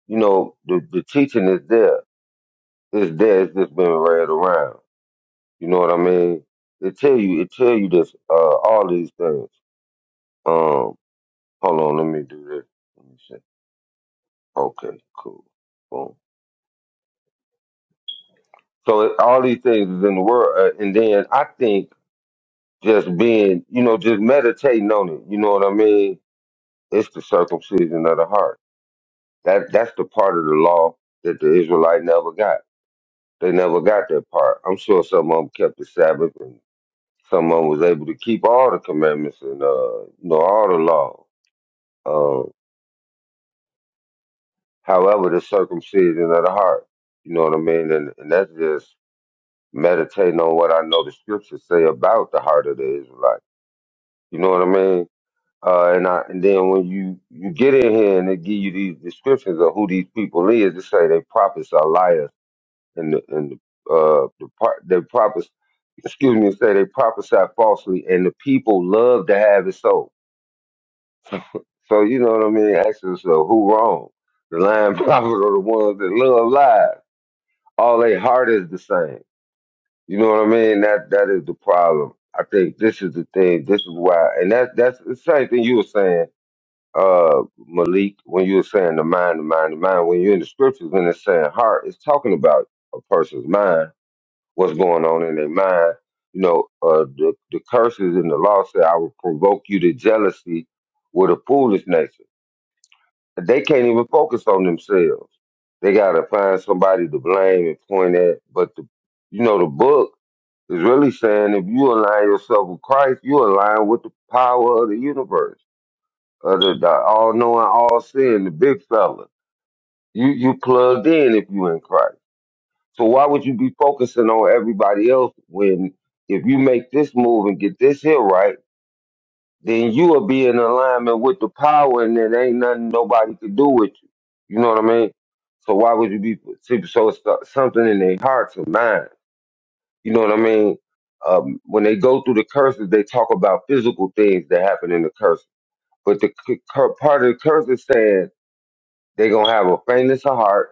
S1: you know, the the teaching is there. It's there. It's just been read around. You know what I mean? It tell you. It tell you this. Uh, all these things. Um, hold on. Let me do this. Let me see. Okay, cool. Boom. So it, all these things is in the world, uh, and then I think just being, you know, just meditating on it. You know what I mean? It's the circumcision of the heart. That that's the part of the law that the Israelite never got. They never got that part. I'm sure some of them kept the Sabbath and some of them was able to keep all the commandments and uh you know all the law. Um, however, the circumcision of the heart. You know what I mean? And and that's just meditating on what I know the scriptures say about the heart of the Israelite. You know what I mean? Uh, and I, and then when you, you get in here and they give you these descriptions of who these people is, they say they prophets are liars and the, and the, uh, the part, they prophets, excuse me, say they prophesy falsely and the people love to have it so. So, you know what I mean? Ask yourself, who wrong? The lying prophets are the ones that love lies. All they heart is the same. You know what I mean? That, that is the problem. I think this is the thing. This is why, and that, that's the same thing you were saying uh Malik, when you were saying the mind, the mind, the mind, when you're in the scriptures and it's saying heart, it's talking about a person's mind, what's going on in their mind. You know, uh the, the curses in the law say I will provoke you to jealousy with a foolish nature. They can't even focus on themselves. They gotta find somebody to blame and point at. But the you know, the book is really saying if you align yourself with Christ, you align with the power of the universe uh, the, the all knowing, all seeing, the big fella. You you plugged in if you in Christ. So why would you be focusing on everybody else when if you make this move and get this here right, then you will be in alignment with the power, and it ain't nothing nobody can do with you. You know what I mean? So why would you be see, so? It's got something in their hearts and minds. You know what I mean? Um, when they go through the curses, they talk about physical things that happen in the curse. But the c- cur- part of the curse is saying they gonna have a faintness of heart.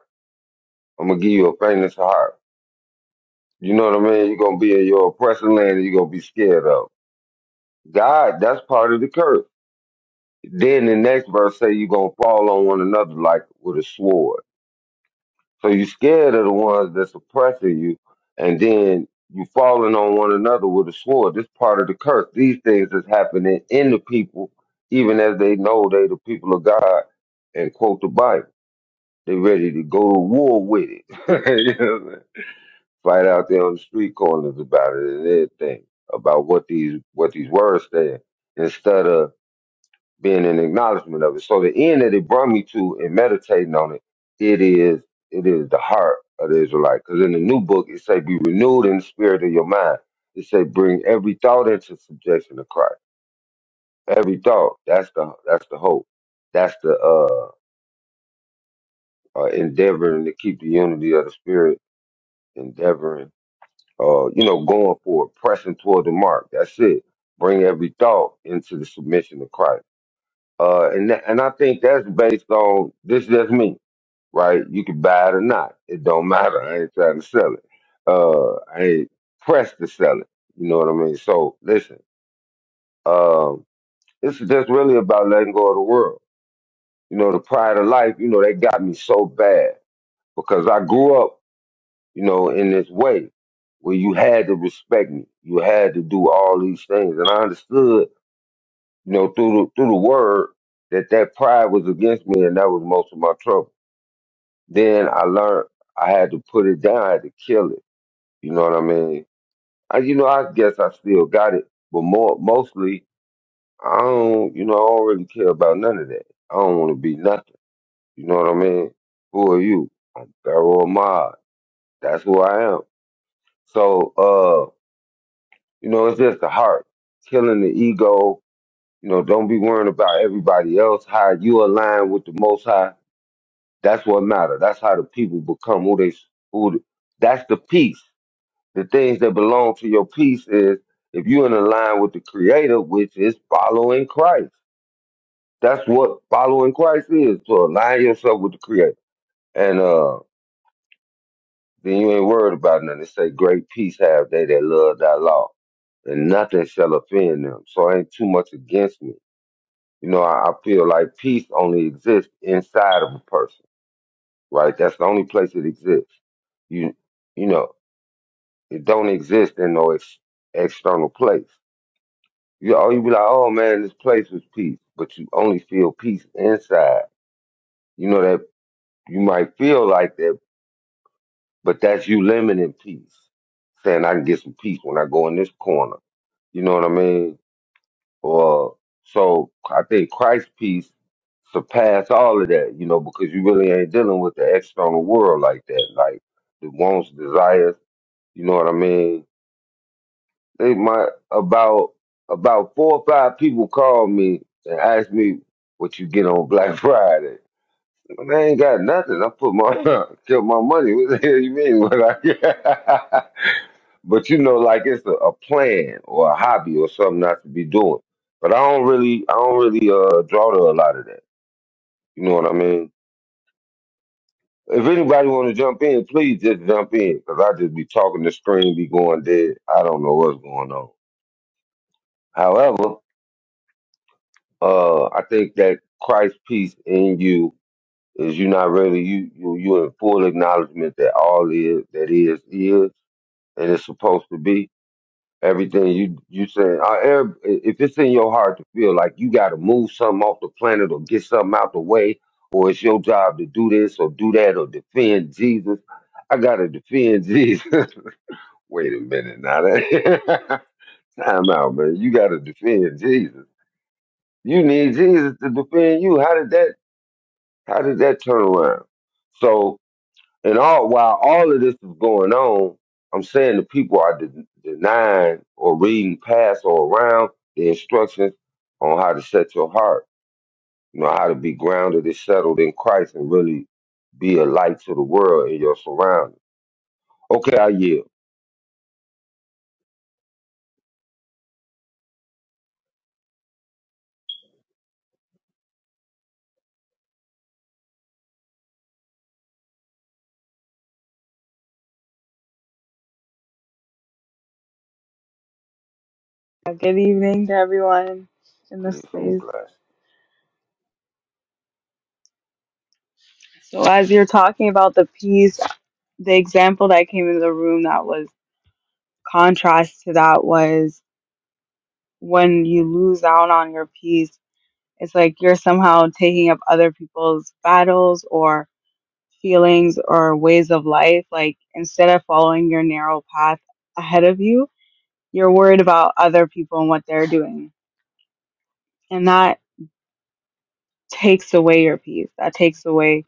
S1: I'm gonna give you a faintness of heart. You know what I mean? You're gonna be in your oppressing land and you're gonna be scared of. God, that's part of the curse. Then the next verse say you're gonna fall on one another like with a sword. So you scared of the ones that's oppressing you, and then you falling on one another with a sword. This part of the curse. These things is happening in the people, even as they know they the people of God and quote the Bible. They ready to go to war with it. You know what I'm saying? fight out there on the street corners about it and everything about what these what these words say instead of being an acknowledgement of it. So the end that it brought me to in meditating on it, it is it is the heart of the Israelite. Because in the new book it say be renewed in the spirit of your mind. It say bring every thought into subjection to Christ. Every thought. That's the that's the hope. That's the uh, uh endeavoring to keep the unity of the spirit, endeavoring uh, you know, going for it, pressing toward the mark. That's it. Bring every thought into the submission of Christ. Uh, and that, and I think that's based on this. is Just me, right? You can buy it or not. It don't matter. I ain't trying to sell it. Uh, I ain't pressed to sell it. You know what I mean? So listen, um, this is just really about letting go of the world. You know, the pride of life. You know, they got me so bad because I grew up. you know, in this way where you had to respect me. You had to do all these things. And I understood, you know, through the, through the word that that pride was against me and that was most of my trouble. Then I learned I had to put it down. I had to kill it. You know what I mean? I, you know, I guess I still got it, but more, mostly I don't, you know, I don't really care about none of that. I don't want to be nothing. You know what I mean? Who are you? I'm Pharaoh Ahmad. That's who I am. So, uh. You know, it's just the heart, killing the ego. You know, don't be worrying about everybody else. How you align with the Most High, that's what matter. That's how the people become who they who. the- That's the peace. The things that belong to your peace is if you're in align with the Creator, which is following Christ. That's what following Christ is. To align yourself with the Creator, and uh, then you ain't worried about nothing. It say, "Great peace have they that love Thy law, and nothing shall offend them." So ain't too much against me You know, I, I feel like peace only exists inside of a person, right? That's the only place it exists. You you know, it don't exist in no ex- external place. You oh you be like, oh man, this place was peace, but you only feel peace inside. You know that you might feel like that, but that's you limiting peace, saying I can get some peace when I go in this corner. You know what I mean? Or so I think Christ's peace surpass all of that, you know, because you really ain't dealing with the external world like that, like the wants, desires, you know what I mean? They might about about four or five people called me and asked me what you get on Black Friday. I ain't got nothing. I put my kept my money. What the hell you mean? What I get? but you know, like it's a, a plan or a hobby or something not to be doing. But I don't really, I don't really uh, draw to a lot of that. You know what I mean? If anybody want to jump in, please just jump in, cause I just be talking the screen, be going dead. I don't know what's going on. However, uh, I think that Christ peace in you is you not really you you you in full acknowledgement that all is that is is and it's supposed to be everything you you saying. I, ev- if it's in your heart to feel like you got to move something off the planet or get something out the way, or it's your job to do this or do that or defend Jesus, I gotta defend Jesus. Wait a minute now, that time out, man. You gotta defend Jesus. You need Jesus to defend you. How did that? How did that turn around? So and all while all of this is going on, I'm saying the people are de- denying or reading past or around the instructions on how to set your heart, you know, how to be grounded and settled in Christ and really be a light to the world in your surroundings. Okay, I yield.
S4: Uh, Good evening to everyone in the
S1: Peace and
S4: space.
S1: blessings.
S4: So, as you're talking about the peace, the example that came in the room that was contrast to that was when you lose out on your peace, it's like you're somehow taking up other people's battles or feelings or ways of life. Like, instead of following your narrow path ahead of you, you're worried about other people and what they're doing. And that takes away your peace. That takes away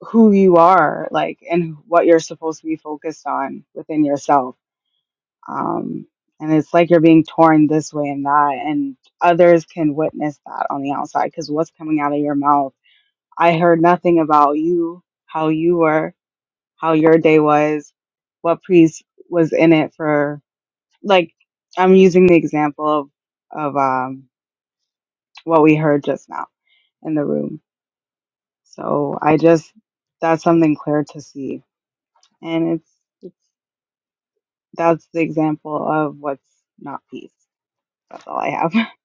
S4: who you are like and what you're supposed to be focused on within yourself um and it's like you're being torn this way and that and others can witness that on the outside because what's coming out of your mouth i heard nothing about you how you were how your day was what priest was in it for like i'm using the example of of um what we heard just now in the room so i just that's something clear to see and it's that's the example of what's not peace. That's all I have.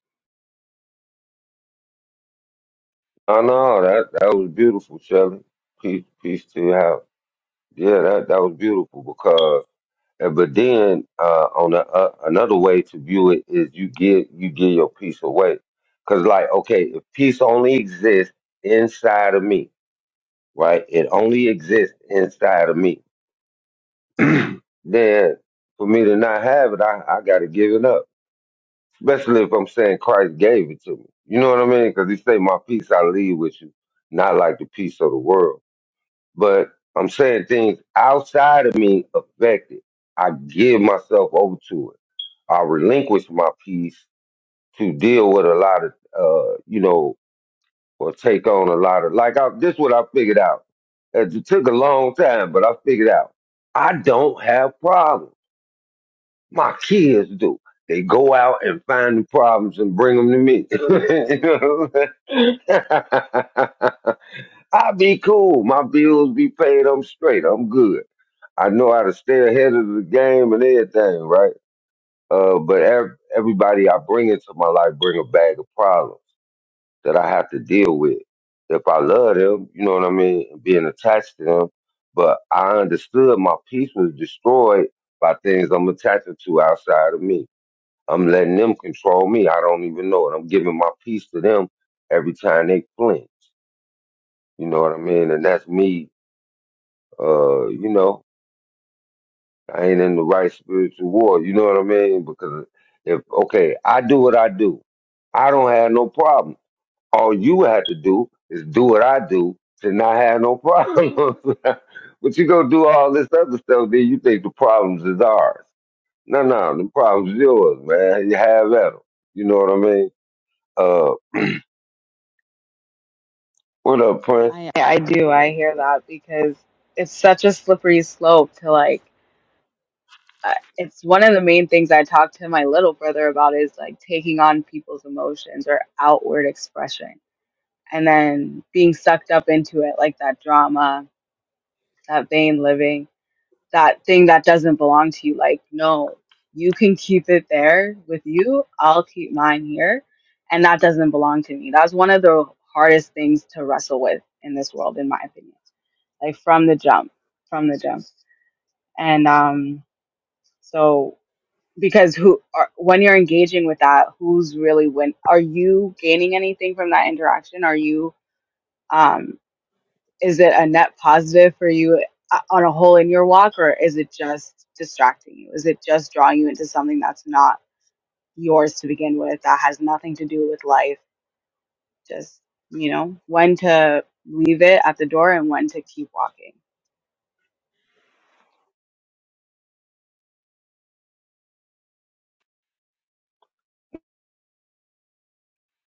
S1: I know that that was beautiful, Shelly. Peace, peace to you out. Yeah, that that was beautiful because Uh, But then, uh, on a, uh, another way to view it is you give you give your peace away, because like okay, if peace only exists inside of me, right? It only exists inside of me. then for me to not have it, I, I got to give it up. Especially if I'm saying Christ gave it to me. You know what I mean? Because He say, "My peace I leave with you, not like the peace of the world." But I'm saying things outside of me affect it. I give myself over to it. I relinquish my peace to deal with a lot of, uh, you know, or take on a lot of, like, I, this what I figured out. It took a long time, but I figured out I don't have problems. My kids do. They go out and find the problems and bring them to me. You know what I'm saying? I be cool. My bills be paid. I'm straight. I'm good. I know how to stay ahead of the game and everything, right? Uh, but ev- everybody I bring into my life bring a bag of problems that I have to deal with. If I love them, you know what I mean, being attached to them. But I understood my peace was destroyed by things I'm attached to outside of me. I'm letting them control me. I don't even know it. I'm giving my peace to them every time they flinch. You know what I mean? And that's me. Uh, you know, I ain't in the right spiritual war. You know what I mean? Because if okay, I do what I do, I don't have no problem. All you have to do is do what I do to not have no problem. but you go do all this other stuff, then you think the problems is ours. No, no, the problems yours, man. You have at 'em. You know what I mean? Uh, what up, Prince?
S4: I I do. I hear that because it's such a slippery slope to like. I- It's one of the main things I talk to my little brother about is like taking on people's emotions or outward expression and then being sucked up into it, like that drama, that vain living. that thing that doesn't belong to you. Like, no, you can keep it there with you. I'll keep mine here. And that doesn't belong to me. That's one of the hardest things to wrestle with in this world, in my opinion. Like from the jump, from the jump. And um, so because who are, when you're engaging with that, who's really win? Are you gaining anything from that interaction? Are you? um? is it a net positive for you uh, on a whole in your walk or is it just distracting you is it just drawing you into something that's not yours to begin with that has nothing to do with life just you know when to leave it at the door and when to keep walking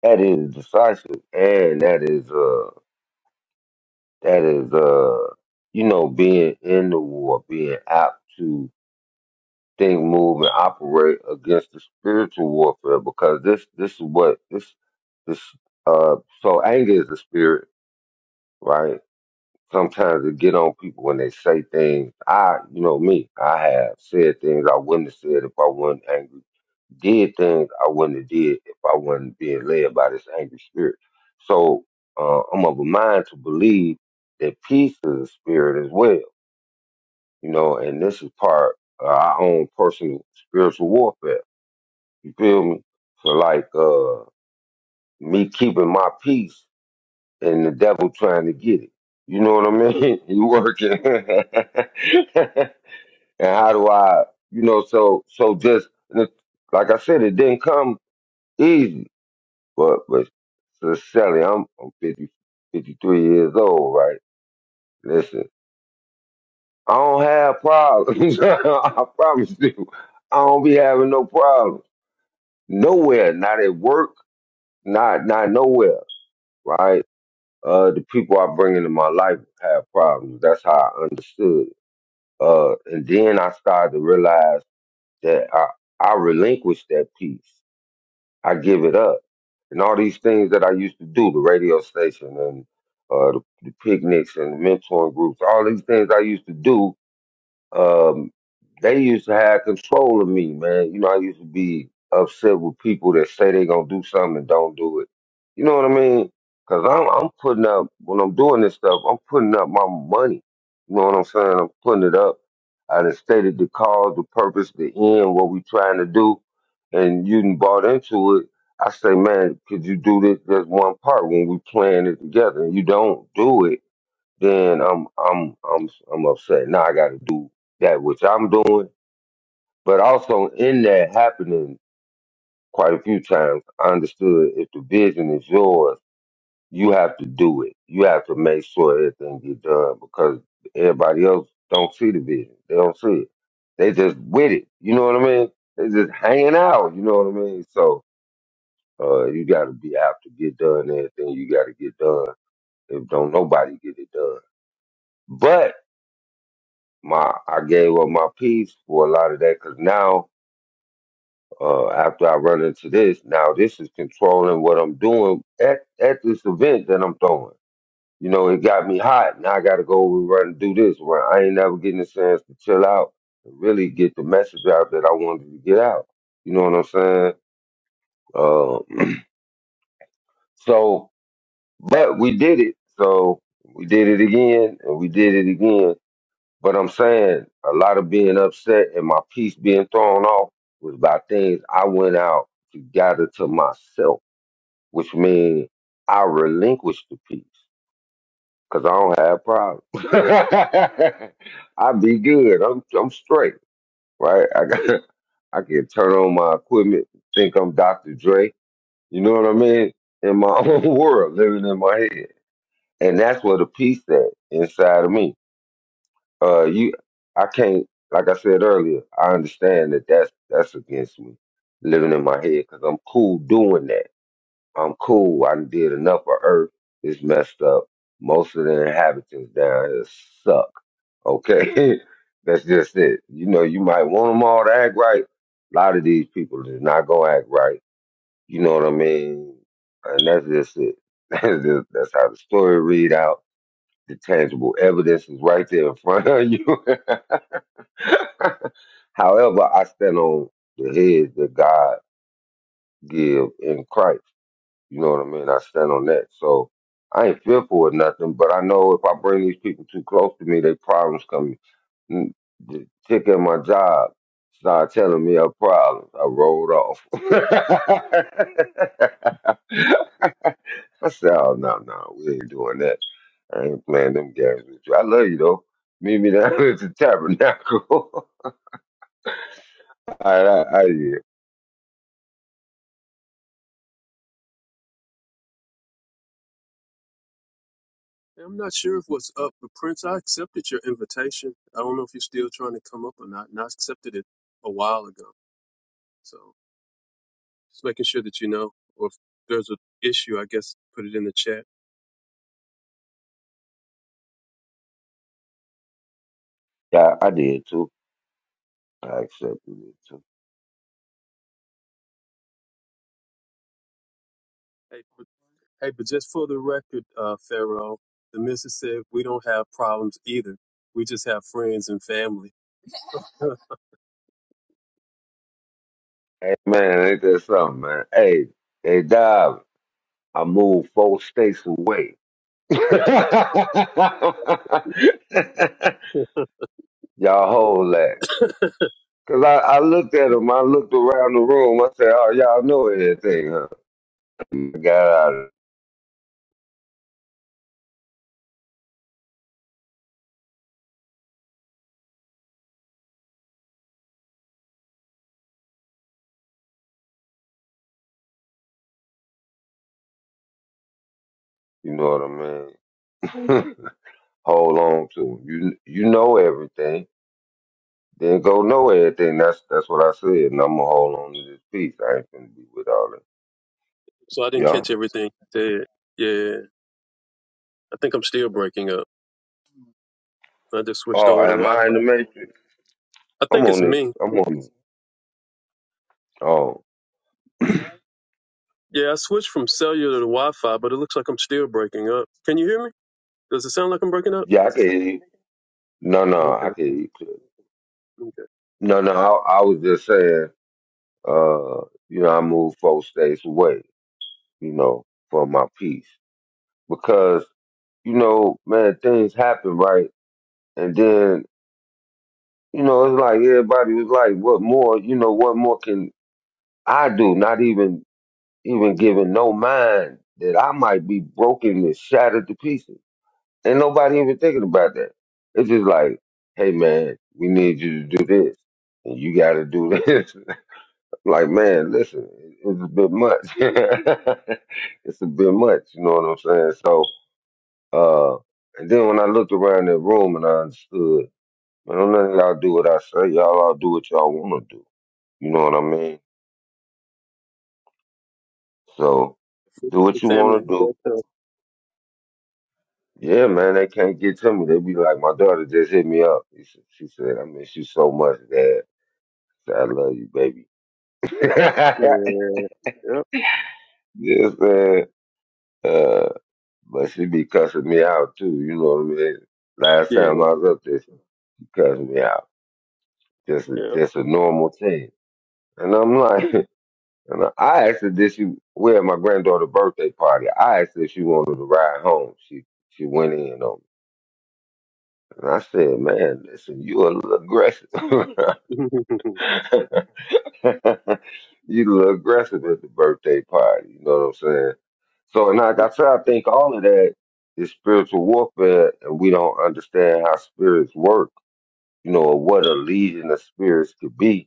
S1: That is decisive, and that is uh, that is uh, you know, being in the war, being apt to thing move and operate against the spiritual warfare because this this is what this this uh so anger is a spirit, right? Sometimes it get on people when they say things. I you know me, I have said things I wouldn't have said if I wasn't angry, did things I wouldn't have did if I wasn't being led by this angry spirit. So uh, I'm of a mind to believe that peace is a spirit as well, you know, and this is part of our own personal spiritual warfare you feel me? So like uh me keeping my peace and the devil trying to get it. You know what I mean? you working. and how do I you know, so so just and it- like I said, it didn't come easy. But but sincerely, I'm I'm three years old, right? Listen, I don't have problems. I promise you. I don't be having no problems. Nowhere, not at work, not not nowhere, right? uh, the people I bring into my life have problems. That's how I understood. Uh, and then I started to realize that I, I relinquish that piece. I give it up. And all these things that I used to do, the radio station and uh, the, the picnics and the mentoring groups, all these things I used to do, um, they used to have control of me, man. You know, I used to be upset with people that say they gonna do something and don't do it. You know what I mean? Cause I'm I'm putting up when I'm doing this stuff, I'm putting up my money. You know what I'm saying? I'm putting it up. I done stated the cause, the purpose, the end, what we trying to do, and you done bought into it. I say, man, could you do this? That's one part when we playing it together, and you don't do it then I'm I'm I'm I'm upset. Now I got to do that which I'm doing. But also in that happening quite a few times, I understood if the vision is yours, you have to do it. You have to make sure everything get done because everybody else don't see the vision. They don't see it. They just with it. You know what I mean? They just hanging out. You know what I mean? So uh, you got to be out to get done everything you got to get done. If don't nobody get it done, but my I gave up my peace for a lot of that because now uh, after I run into this, now this is controlling what I'm doing at at this event that I'm throwing. You know, it got me hot. Now I got to go over and run and do this. Well, I ain't never getting a chance to chill out and really get the message out that I wanted to get out. You know what I'm saying? Uh, so, but we did it. So we did it again, and we did it again. But I'm saying a lot of being upset and my peace being thrown off was by things I went out to gather to myself, which means I relinquished the peace because I don't have problems. I be good. I'm I'm straight, right? I got I can turn on my equipment, think I'm Dr. Dre. You know what I mean? In my own world, living in my head, and that's what the peace at inside of me. uh you I can't like I said earlier, I understand that that's that's against me living in my head because I'm cool doing that. I'm cool. I done did enough of Earth. It's messed up. Most of the inhabitants down here suck. Okay, that's just it. You know, you might want them all to act right. A lot of these people is not gonna act right. You know what I mean? And that's just it. That's just, that's how the story read out. The tangible evidence is right there in front of you. However, I stand on the head that God give in Christ. You know what I mean? I stand on that. So I ain't fearful of nothing, but I know if I bring these people too close to me, they problems come. Mm, The chick at my job started telling me her problems. I rolled off. I said, oh, no, no, we ain't doing that. I ain't playing them games with you. I love you, though. Meet me down at the tabernacle. All right, I, I did.
S3: And I'm not sure if what's up, but Prince, I accepted your invitation. I don't know if you're still trying to come up or not, and I accepted it a while ago. so. Just making sure that you know, or if there's an issue, I guess put it in the chat.
S1: Yeah, I did, too. I accepted it too.
S3: Hey, but, hey, but just for the record, uh, Pharaoh, the missus said we don't have problems either. We just have friends and family.
S1: Hey man, ain't that something, man? Hey, hey Dob, I moved four states away. y'all hold that. Cause I, I looked at him, I looked around the room, I said, Oh, y'all know everything, huh? I got out of it. You know what I mean? hold on to him. You you know everything. Then go know everything. That's that's what I said. And I'm gonna hold on to this piece. I ain't gonna be with all that.
S3: So I didn't
S1: Yeah.
S3: catch everything. you said. yeah, I think I'm still breaking up. I just switched
S1: Oh,
S3: over to
S1: am I
S3: Wi-Fi.
S1: in the matrix?
S3: I
S1: I'm
S3: think it's
S1: on this.
S3: me.
S1: I'm on this. Oh,
S3: Yeah, I switched from cellular to Wi-Fi, but it looks like I'm still breaking up. Can you hear me? Does it sound like I'm breaking up?
S1: yeah, I can hear you. No, no, I
S3: Okay,
S1: can hear you clearly.
S3: okay.
S1: No, no, I, I was just saying, uh, you know, I moved four states away, you know, for my peace. Because, you know, man, things happen, right? And then, you know, it's like everybody was like, what more, you know, what more can I do? Not even, even giving no mind that I might be broken and shattered to pieces. And nobody even thinking about that. It's just like, hey man, we need you to do this. And you gotta do this. like, man, listen, it's a bit much. it's a bit much, you know what I'm saying? So uh and then when I looked around the room and I understood, man, don't none of y'all do what I say, y'all all do what y'all wanna do. You know what I mean? So do what you wanna
S3: Family, that's,
S1: do.
S3: uh,
S1: Yeah, man, they can't get to me. They be like, my daughter just hit me up. She said, she said, I miss you so much, Dad. I love you, baby.
S3: yeah, yeah, yeah. yep,
S1: Yes, man. uh, but she be cussing me out too. You know what I mean? Last
S3: yeah,
S1: time I was up there, she she cussed me out. Just a,
S3: yeah.
S1: just a normal thing. And I'm like, and I I asked her, did she? We at my granddaughter's birthday party. I asked her if she wanted to ride home. She she went in on me. And I said, man, listen, you a little aggressive.
S3: yep,
S1: you look aggressive at the birthday party. You know what I'm saying? So, and like I said, I think all of that is spiritual warfare, and we don't understand how spirits work. You know, or what a legion of spirits could be.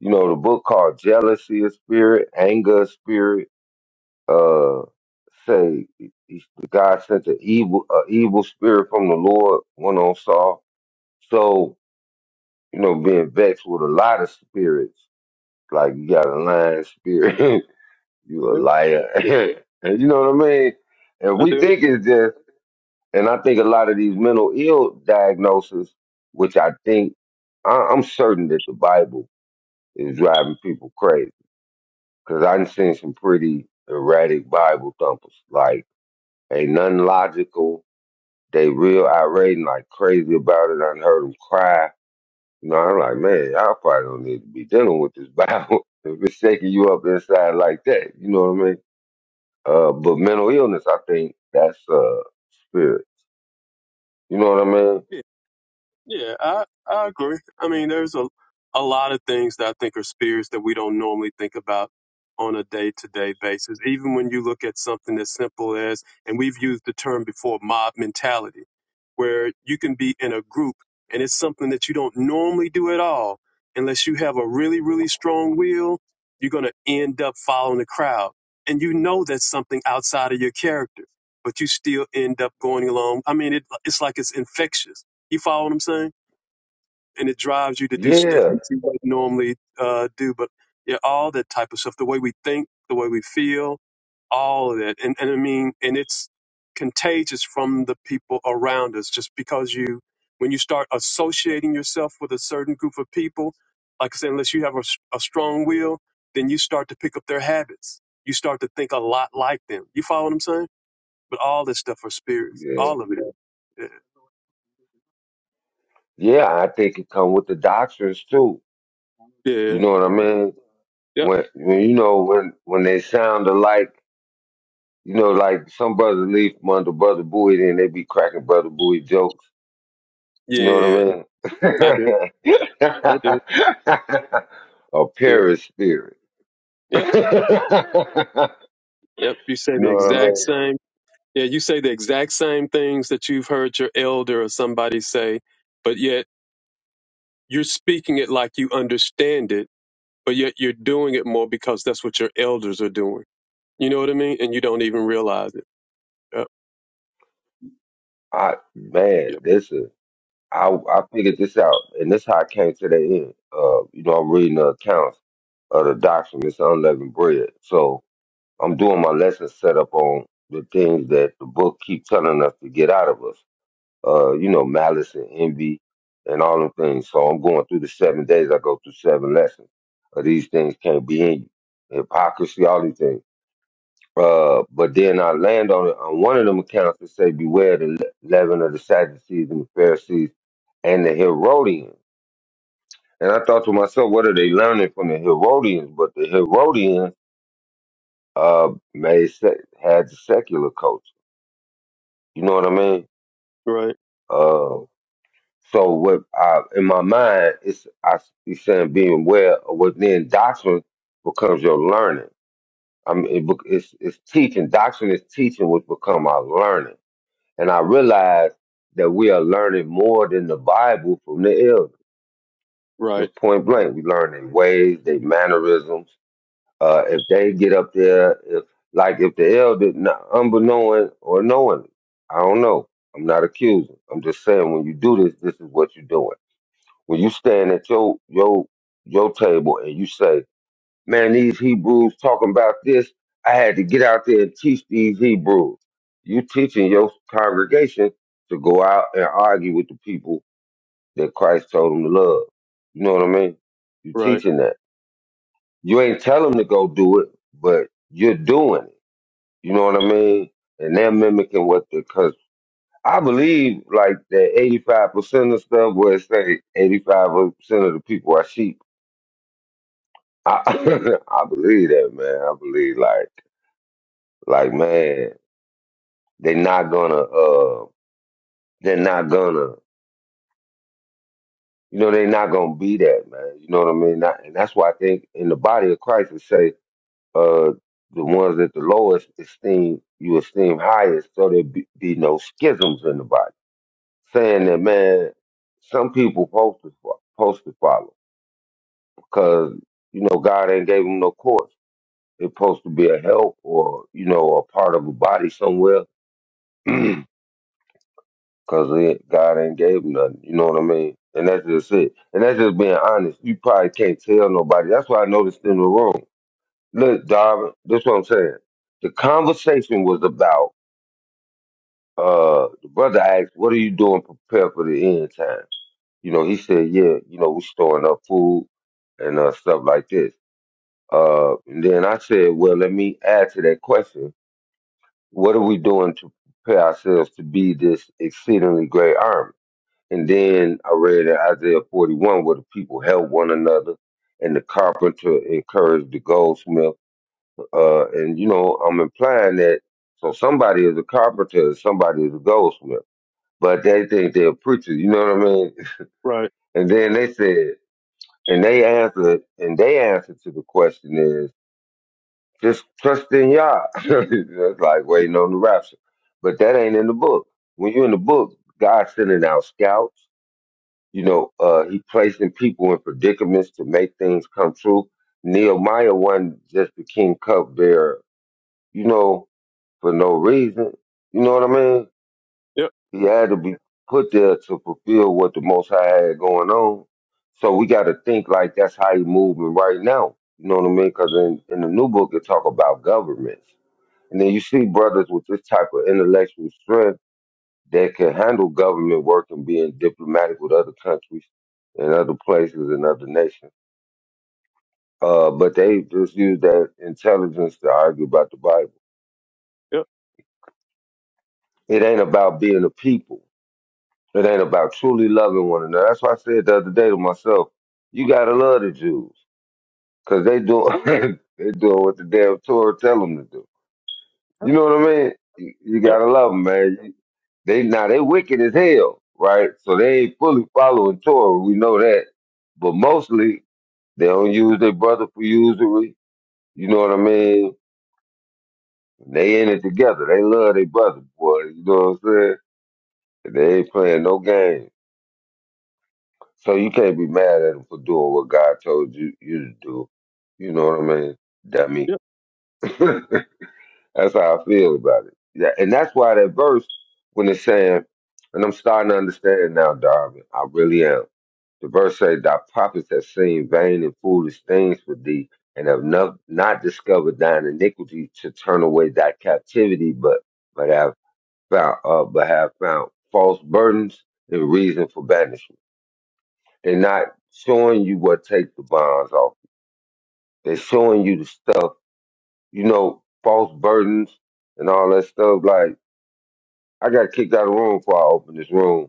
S1: You know, the book called Jealousy of Spirit, Anger of Spirit. Uh, say he- God sent an evil, a evil spirit from the Lord went on Saul. So you know, being vexed with a lot of spirits, like you got a lion spirit. you a
S3: yep,
S1: liar. and you know what I mean? And
S3: I
S1: we
S3: do.
S1: think it's just, and I think a lot of these mental ill diagnoses, which I think, I, I'm certain that the Bible is driving people crazy. Because I've seen some pretty erratic Bible thumpers. Like, ain't nothing logical. They real irate and like crazy about it. I done heard them cry. You know, I'm like, man, I probably don't need to be dealing with this Bible if it's shaking you up inside like that. You know what I mean? Uh, but mental illness, I think that's uh spirit. You know what I mean?
S3: Yeah, I, I agree. I mean, there's a, a lot of things that I think are spirits that we don't normally think about on a day to day basis. Even when you look at something as simple as, and we've used the term before, mob mentality, where you can be in a group and it's something that you don't normally do at all. Unless you have a really, really strong will, you're going to end up following the crowd. And you know that's something outside of your character, but you still end up going along. I mean, it, it's like it's infectious you follow what I'm saying? And it drives you to do stuff
S1: Yeah,
S3: that you wouldn't normally uh, do. But yeah, all that type of stuff, the way we think, the way we feel, all of that. And, and I mean, and it's contagious from the people around us just because you, when you start associating yourself with a certain group of people, like I said, unless you have a, s- a strong will, then you start to pick up their habits. You start to think a lot like them. You follow what I'm saying? But all this stuff are spirits,
S1: yeah,
S3: all of it.
S1: yeah. I think it come with the doctrines too.
S3: Yeah. Yeah.
S1: You know what I mean?
S3: Yep.
S1: When, when you know when when they sound alike, you know, like some brother leave from under brother Bowie, then they be cracking brother Bowie jokes. You know what
S3: Yeah. I do.
S1: I mean?
S3: I do.
S1: A
S3: Do.
S1: Paris spirit. you
S3: Yep.
S1: know
S3: Yep. You say the
S1: what I
S3: exact
S1: mean?
S3: same. Yeah. You say the exact same things that you've heard your elder or somebody say, but yet you're speaking it like you understand it, but yet you're doing it more because that's what your elders are doing. You know what I mean? And you don't even realize it. Yep.
S1: I man,
S3: Yep.
S1: this is. I I figured this out, and this how I came to the end. Uh, you know, I'm reading the accounts of the documents of unleavened bread. So I'm doing my lesson set up on the things that the book keep telling us to get out of us. Uh, you know, malice and envy and all them things. So I'm going through the seven days. I go through seven lessons of these things can't be in you. Hypocrisy, all these things. Uh, but then I land on it on one of them accounts that say, "Beware the le- leaven of the Sadducees and the Pharisees and the Herodians." And I thought to myself, "What are they learning from the Herodians?" But the Herodians uh made se- had the secular culture. You know what I mean?
S3: Right.
S1: Uh, so what I in my mind it's I he's saying being aware of what then doctrine becomes your learning. I mean, it, bec- it's it's teaching. Doctrine is teaching, which become our learning. And I realized that we are learning more than the Bible from the elders.
S3: Right.
S1: Just point blank, we learn their ways, their mannerisms. Uh, if they get up there, if like if the elder, not unbeknowing or knowing, I don't know. I'm not accusing. I'm just saying when you do this, this is what you're doing. When you stand at your your your table and you say, man, these Hebrews talking about this. I had to get out there and teach these Hebrews. You teaching your congregation to go out and argue with the people that Christ told them to love. You know what I mean? You
S3: Right.
S1: teaching that. You ain't tell them to go do it, but you're doing it. You know what I mean? And they're mimicking what they. because I believe like that 85% of stuff where it say 85% of the people are sheep. I, I believe that, man. I believe like. Like, man, they're not gonna uh they're not gonna you know, they're not gonna be that, man. You know what I mean? Not, and that's why I think in the body of Christ it say, uh the ones that the lowest esteem you esteem highest, so there be, be no schisms in the body. Saying that man, some people supposed to fo- supposed to follow because you know God ain't gave them no course. It's supposed to be a help or you know a part of a body somewhere. because God ain't gave him nothing. You know what I mean? And that's just it. And that's just being honest. You probably can't tell nobody. That's why I noticed in the room. Look, Darvin, that's what I'm saying. The conversation was about uh the brother asked, What are you doing to prepare for the end times? You know, he said, Yeah, you know, we storing up food and uh stuff like this. Uh and then I said, Well, let me add to that question. What are we doing to prepare ourselves to be this exceedingly great army? And then I read in Isaiah 41 where the people help one another and the carpenter encouraged the goldsmith. Uh, and, you know, I'm implying that so somebody is a carpenter and somebody is a goldsmith, but they think they're preachers, you know what I mean?
S3: Right.
S1: And then they said, and they answered, and they answer to the question is just trust in Yah. That's like waiting on the rapture. But that ain't in the book. When you're in the book, God's sending out scouts. You know, uh, he placing people in predicaments to make things come true. Nehemiah wasn't just the king cupbearer, you know, for no reason. You know what I mean?
S3: Yep.
S1: He had to be put there to fulfill what the Most High had going on. So we got to think like that's how he moving right now. You know what I mean? Because in, in the new book, it talk about governments. And then you see brothers with this type of intellectual strength that can handle government work and being diplomatic with other countries and other places and other nations. Uh, but they just use that intelligence to argue about the Bible.
S3: Yep.
S1: It ain't about being a people. It ain't about truly loving one another. That's why I said the other day to myself, you gotta love the Jews, 'cause they doing they doing what the damn Torah tell them to do.
S3: Yep.
S1: You know what I mean? You, you
S3: Yep.
S1: gotta love them, man. You- They now they wicked as hell, right? So they ain't fully following Torah. We know that, but mostly They don't use their brother for usury. You know what I mean? They in it together. They love their brother, boy. You know what I'm saying? They ain't playing no games. So you can't be mad at them for doing what God told you, you to do. You know what I mean? Dummy.
S3: Yep.
S1: that's how I feel about it. Yeah, and that's why that verse, when it's saying, and I'm starting to understand now, Darwin, I really am The verse says, Thy prophets have seen vain and foolish things with thee, and have not, not discovered thine iniquity to turn away thy captivity, but but have found uh, but have found false burdens and reason for banishment. They're not showing you what takes the bonds off. They're showing you the stuff, you know, false burdens and all that stuff. Like I got kicked out of the room before I opened this room.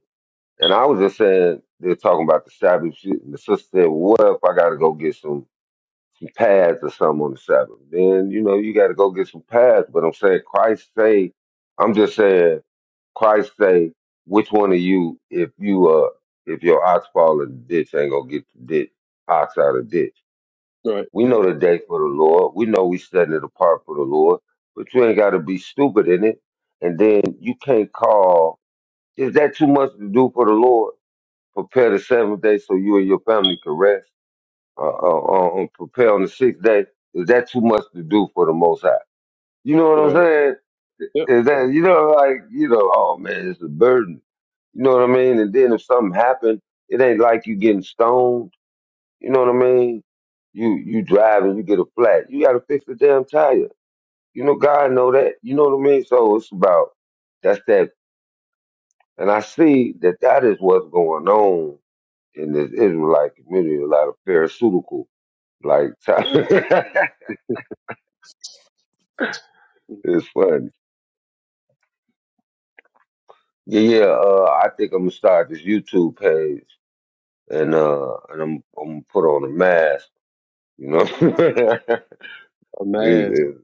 S1: And I was just saying, they're talking about the Sabbath shit. And the sister said, well, what if I got to go get some some pads or something on the Sabbath. Then you know you got to go get some pads. But I'm saying Christ say, I'm just saying Christ say, which one of you, if you uh, if your ox fall in the ditch, ain't gonna get the ditch ox out of the ditch.
S3: Right.
S1: We know the day for the Lord. We know we setting it apart for the Lord. But you ain't got to be stupid in it. And then you can't call. Is that too much to do for the Lord? Prepare the seventh day so you and your family can rest uh, uh, on prepare on the sixth day, is that too much to do for the Most High? You know what I'm
S3: Right.
S1: saying?
S3: Yep.
S1: Is that you know like you know? Oh man, it's a burden. You know what I mean? And then if something happened, it ain't like you getting stoned. You know what I mean? You you drive and you get a flat. You got to fix the damn tire. You know God know that. You know what I mean? So it's about that's that. And I see that that is what's going on in this Israelite community. A lot of pharmaceutical like type. It's funny, Yeah, yeah. Uh, I think I'm gonna start this YouTube page, and uh, and I'm I'm gonna put on a mask. You know.
S3: A
S1: These
S3: mask.
S1: is-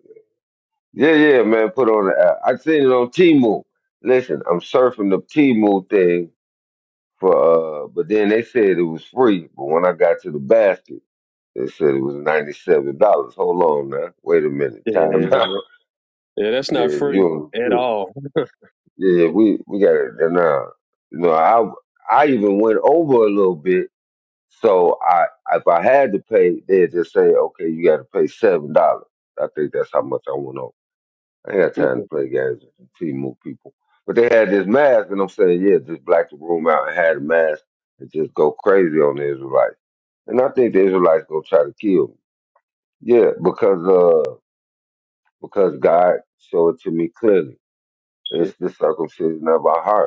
S1: yeah, yeah, man. Put on. the app. I seen it on Temu. Listen, I'm surfing the Temu thing for. Uh, but then they said it was free. But when I got to the basket, they said it was ninety seven dollars. Hold on now. Wait a minute.
S3: Yeah.
S1: Time out.
S3: Yeah. That's
S1: yeah,
S3: not free
S1: you.
S3: at
S1: on-
S3: all.
S1: Yeah, we we got it now. You know, I I even went over a little bit So I, if I had to pay, they'd just say, okay, you got to pay seven dollars. I think that's how much I went on. I ain't got time to play games with T-Move people. But they had this mask, and I'm saying, yeah, just black the room out and had a mask and just go crazy on the Israelites. And I think the Israelites gonna try to kill me. Yeah, because uh, because God showed it to me clearly.
S3: Yeah.
S1: It's the circumcision of our heart.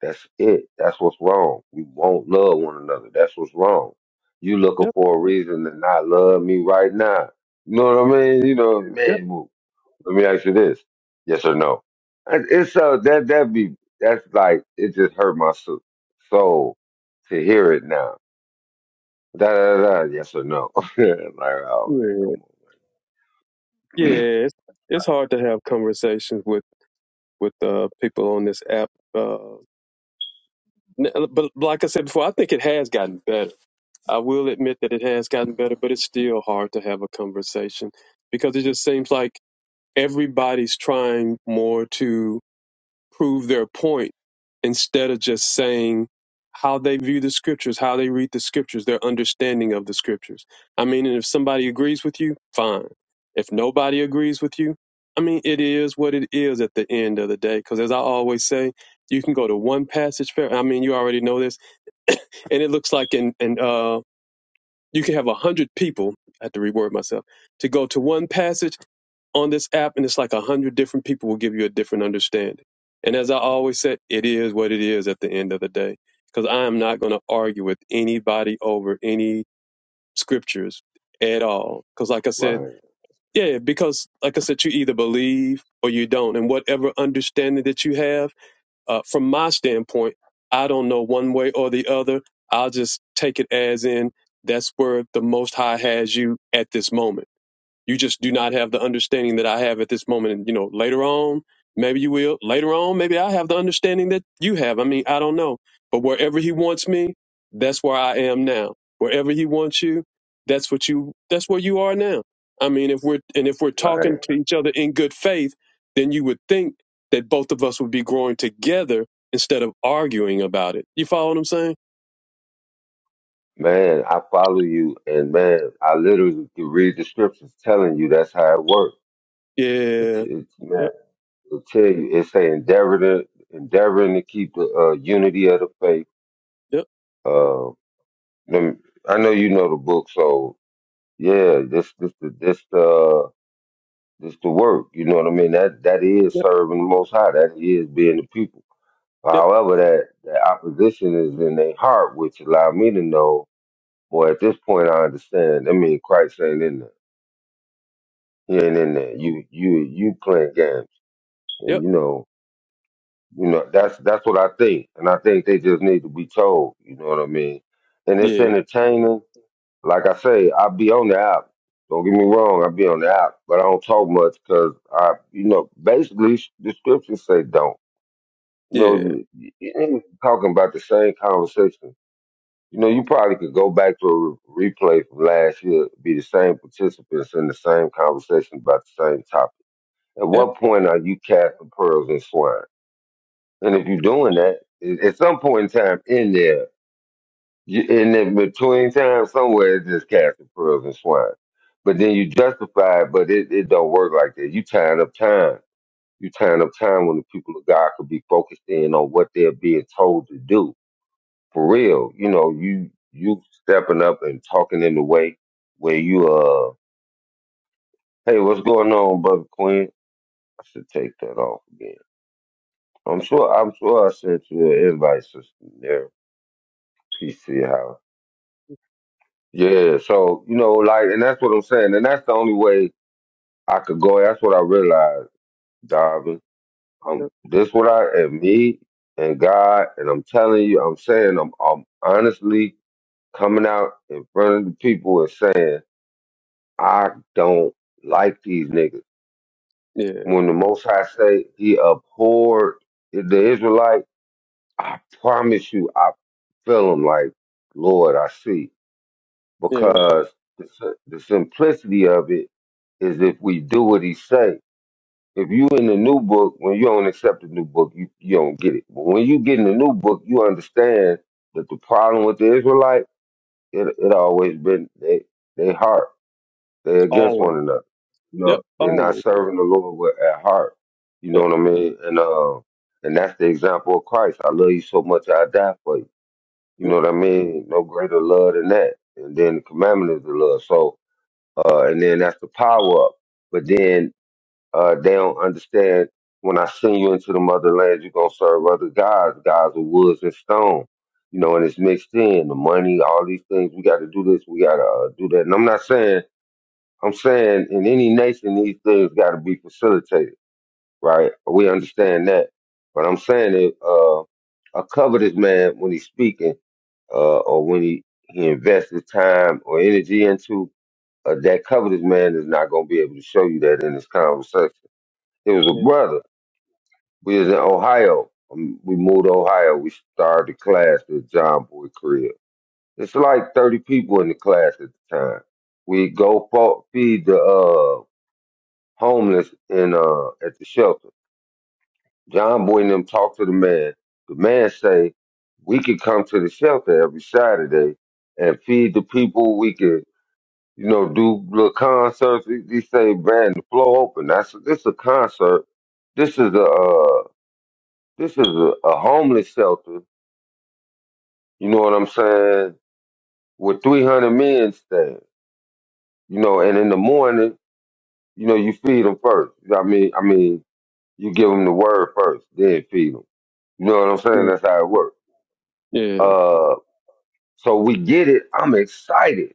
S1: That's it. That's what's wrong. We won't love one another. That's what's wrong. You looking
S3: Yep.
S1: for a reason to not love me right now. You know what I mean? You know,
S3: Yep.
S1: man. well, Let me ask you this: Yes or no? And It's so that that be that's like it just hurt my so- soul to hear it now. Da da da. Yes or no? like oh
S3: Yeah.
S1: man, come
S3: Yeah, it's, it's hard to have conversations with with uh, people on this app. Uh, n- uh, but like I said before, I think it has gotten better. I will admit that it has gotten better, but it's still hard to have a conversation because it just seems like everybody's trying more to prove their point instead of just saying how they view the scriptures, how they read the scriptures, their understanding of the scriptures. I mean, and if somebody agrees with you, fine. If nobody agrees with you, I mean, it is what it is at the end of the day. Because as I always say, you can go to one passage fair. I mean, you already know this, and it looks like in and uh, you can have a hundred people. I have to reword myself to go to one passage on this app and it's like a hundred different people will give you a different understanding. And as I always said, it is what it is at the end of the day. Because I am not going to argue with anybody over any scriptures at all. Because like I
S1: on,
S3: said,
S1: man,
S3: yeah, because like I said, you either believe or you don't. And whatever understanding that you have, uh, from my standpoint, I don't know one way or the other. I'll just take it as in that's where the Most High has you at this moment you just do not have the understanding that I have at this moment. And, you know, later on, maybe you will. Later on, maybe I have the understanding that you have. I mean, I don't know. But wherever he wants me, that's where I am now. Wherever he wants you, that's what you that's where you are now. I mean, if we're and if we're talking
S1: right,
S3: to each other in good faith, then you would think that both of us would be growing together instead of arguing about it. You follow what I'm saying?
S1: Man, I follow you, and man, I literally can read the scriptures telling you that's how it works.
S3: Yeah. yep,
S1: It'll tell you it say endeavor to endeavoring to keep the uh, unity of the faith.
S3: yep,
S1: Uh, lem- I know you know the book, so yeah, this this the this uh this the work. You know what I mean? That that is
S3: yep,
S1: serving the Most High. That is being the people.
S3: yep,
S1: However, that that opposition is in their heart, which allow me to know. Boy, at this point, I understand. I mean, Christ ain't in there. He ain't in there. You you you playing games, and
S3: yep,
S1: you know You know, that's that's what I think, and I think they just need to be told. You know what I mean? And it's
S3: yeah,
S1: entertaining. Like I say, I be on the app. Don't get me wrong, I be on the app, but I don't talk much because I, you know, basically s- the scriptures say don't. You know,
S3: yeah,
S1: you, you you talking about the same conversation. You know, you probably could go back to a re- replay from last year, be the same participants in the same conversation about the same topic. At
S3: yep,
S1: what point are you casting pearls and swine? And if you're doing that, at at some point in time in there, you, in the between time somewhere, it's just casting pearls and swine. But then you justify it, but it, it don't work like that. You tying up time. You tying up time when the people of God could be focused in on what they're being told to do. For real, you know, you you stepping up and talking in the way where you uh, hey, what's going on, brother Quinn? I should take that off again. I'm sure I'm sure I sent you an invite, sister. There, PC House. Yeah, so you know, like, and that's what I'm saying, and that's the only way I could go. That's what I realized, Darvin. Um, this what I and me and God, and I'm telling you, I'm saying, I'm, I'm honestly coming out in front of the people and saying, I don't like these niggas.
S3: yeah,
S1: When the Most High say He abhorred the Israelite, I promise you, I feel him like, Lord, I see
S3: yeah,
S1: because the, si- the simplicity of it is if we do what he say. If you in the new book, when you don't accept the new book, you, you don't get it. But when you get in the new book, you understand that the problem with the Israelite, it it always been they they heart. They against
S3: always,
S1: one another. You
S3: yep,
S1: know, they're not
S3: always,
S1: serving the Lord with at heart. You know
S3: yep,
S1: what I mean? And uh, and that's the example of Christ. I love you so much I die for you. You
S3: yep,
S1: know what I mean? No greater love than that. And then the commandment is the love. So uh and then that's the power up. But then uh, they don't understand when I send you into the motherland, you're going to serve other gods, gods of woods and stone. You know, and it's mixed in the money, all these things. We got to do this, we got to uh, do that. And I'm not saying, I'm saying in any nation, these things got to be facilitated, right? We understand that. But I'm saying that uh, a covetous man, when he's speaking uh, or when he, he invests his time or energy into, uh, that covetous man is not going to be able to show you that in this conversation. It was
S3: yeah,
S1: a brother we was in Ohio. Um, We moved to Ohio. We started the class at John Boy Crib. It's like 30 people in the class at the time. We go fo- feed the uh, homeless in uh, at the shelter. John Boy and them talk to the man. The man say, we could come to the shelter every Saturday and feed the people. We could, you know, do little concerts. He he say, man, the floor open. I said, this is a concert. This is a, uh, this is a, a homeless shelter You know what I'm saying? With 300 men stand, you know, and in the morning, you know, you feed them first. I mean, I mean, you give them the word first, then feed them. You know what I'm saying?
S3: yeah,
S1: That's how it works.
S3: yeah,
S1: Uh, so we get it. I'm excited.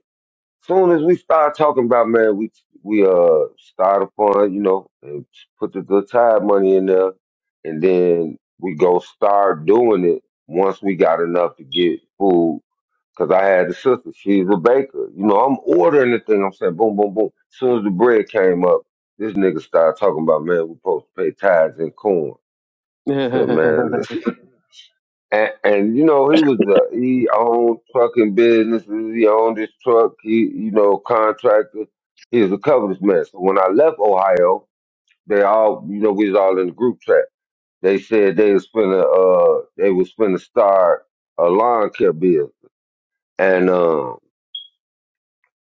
S1: Soon as we start talking about man, we we uh start a fund, you know, and put the good time money in there, and then we go start doing it once we got enough to get food Cause I had a sister, she's a baker. You know, I'm ordering the thing. I'm saying boom, boom, boom. As soon as the bread came up, this nigga started talking about, man, we supposed to pay tithes and corn. I said, man, listen. And, and you know, he was uh, he owned trucking businesses. He owned his truck. He, you know, contractor. He was a covetous man. So when I left Ohio, they all, you know, we was all in the group chat. They said they was finna, uh, they was finna start a lawn care business. And um,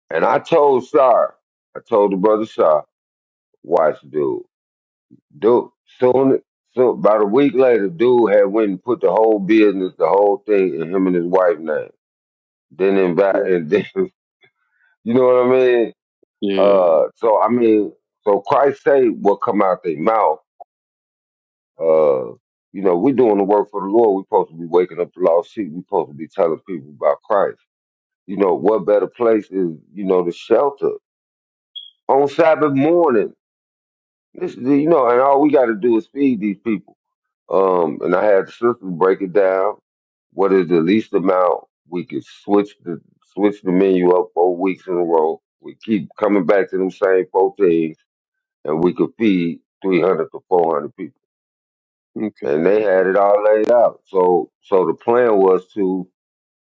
S1: And I told Sar, I told the brother Sar, watch dude. Dude, soon, so about a week later, dude had went and put the whole business, the whole thing in him and his wife name. Then invite,
S3: yeah,
S1: and then, you know what I mean?
S3: Yeah.
S1: Uh, so I mean, so Christ say what come out their mouth. Uh, you know, we doing the work for the Lord. We supposed to be waking up the lost sheep. We supposed to be telling people about Christ. You know, what better place is, you know, the shelter on Sabbath morning? This, you know, and all we got to do is feed these people. Um, and I had the sister break it down. What is the least amount we could switch the switch the menu up four weeks in a row? We keep coming back to them same four things, and we could feed three hundred to four hundred people.
S3: okay,
S1: And they had it all laid out. So, so the plan was to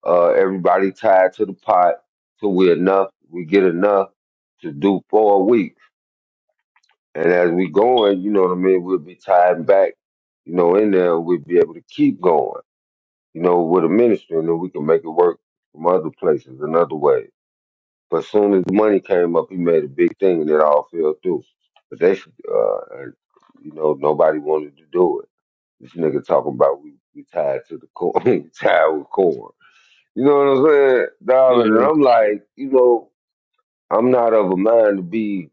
S1: uh, everybody tied to the pot till we enough, we get enough to do four weeks. And as we going, you know what I mean, we'll be tied back, you know, in there, and we'll be able to keep going, you know, with a ministry, and then we can make it work from other places, another way. But soon as the money came up, he made a big thing, and it all fell through. But they, should, uh, and, you know, nobody wanted to do it. This nigga talking about we, we tied to the corn, we tied with corn. You know what I'm saying, David? And
S3: yeah,
S1: I'm like, you know, I'm not of a mind to be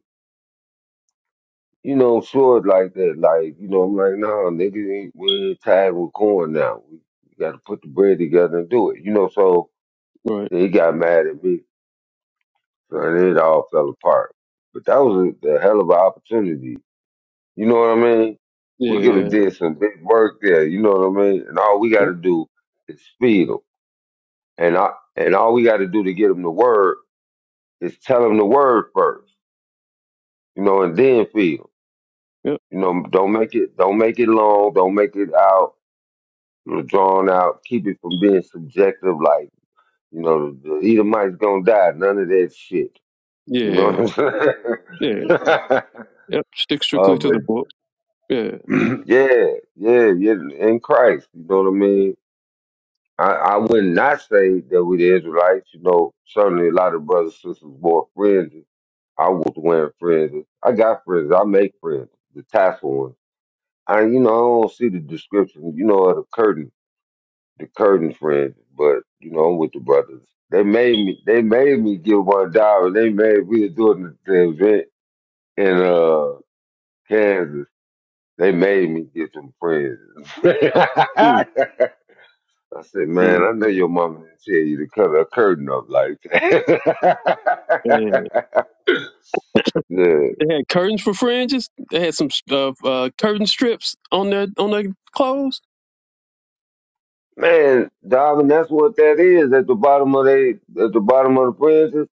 S1: you know, short like that. Like, you know, I'm like, nah, nigga, ain't- we ain't tired with corn now. We, we got to put the bread together and do it. You know, so
S3: right,
S1: then he got mad at me, and it all fell apart. But that was a, a hell of an opportunity. You know what I mean? We could
S3: yeah,
S1: have did some big work there. You know what I mean? And all we got
S3: yep,
S1: to do is feed them, and I and all we got to do to get them the word is tell them the word first. You know, and then feed them.
S3: yep,
S1: You know, don't make it don't make it long. Don't make it out you know, drawn out, keep it from being subjective. Like, you know, the, the Edomite's gonna die. None of that shit. You know what
S3: yeah,
S1: I'm
S3: yeah,
S1: saying?
S3: yep, stick
S1: uh,
S3: strictly to the book, yeah,
S1: but yeah, yeah, yeah. In Christ, you know what I mean. I, I would not say that we the Israelites. You know, certainly a lot of brothers, sisters, more friends. I was wearing friends. I got friends. I make friends. The tassel one. I, you know, I don't see the description. You know, of the curtain. the curtain friends, but you know, I'm with the brothers. They made me they made me give one dollar. They made we were doing the, the event in uh Kansas. They made me get some friends.
S3: mm,
S1: I said, man,
S3: mm,
S1: I know your mama didn't tell you to cut her curtain up like
S3: yeah.
S1: that. yeah.
S3: They had curtains for fringes, they had some uh, uh, curtain strips on their, on their clothes,
S1: Man, darling, that's what that is at the bottom of they at the bottom of the fringes.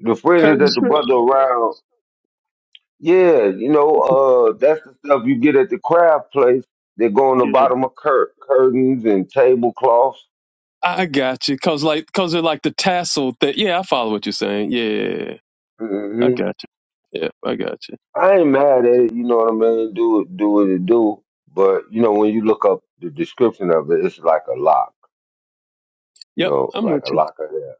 S1: The fringes
S3: curtain
S1: that the
S3: strips,
S1: brother around Yeah, you know, uh, that's the stuff you get at the craft place. They go on the
S3: yeah.
S1: bottom of cur- curtains and tablecloths.
S3: I I got you, cause like, cause they're like the tassel that. Yeah, I follow what you're saying. Yeah, I
S1: hmm
S3: got you. Yeah, I got you.
S1: I ain't mad at it. You know what I mean? Do it, do what it do. But you know, when you look up the description of it, it's like a lock. You
S3: Yep,
S1: know,
S3: I'm
S1: like
S3: with
S1: a
S3: you.
S1: lock of hair.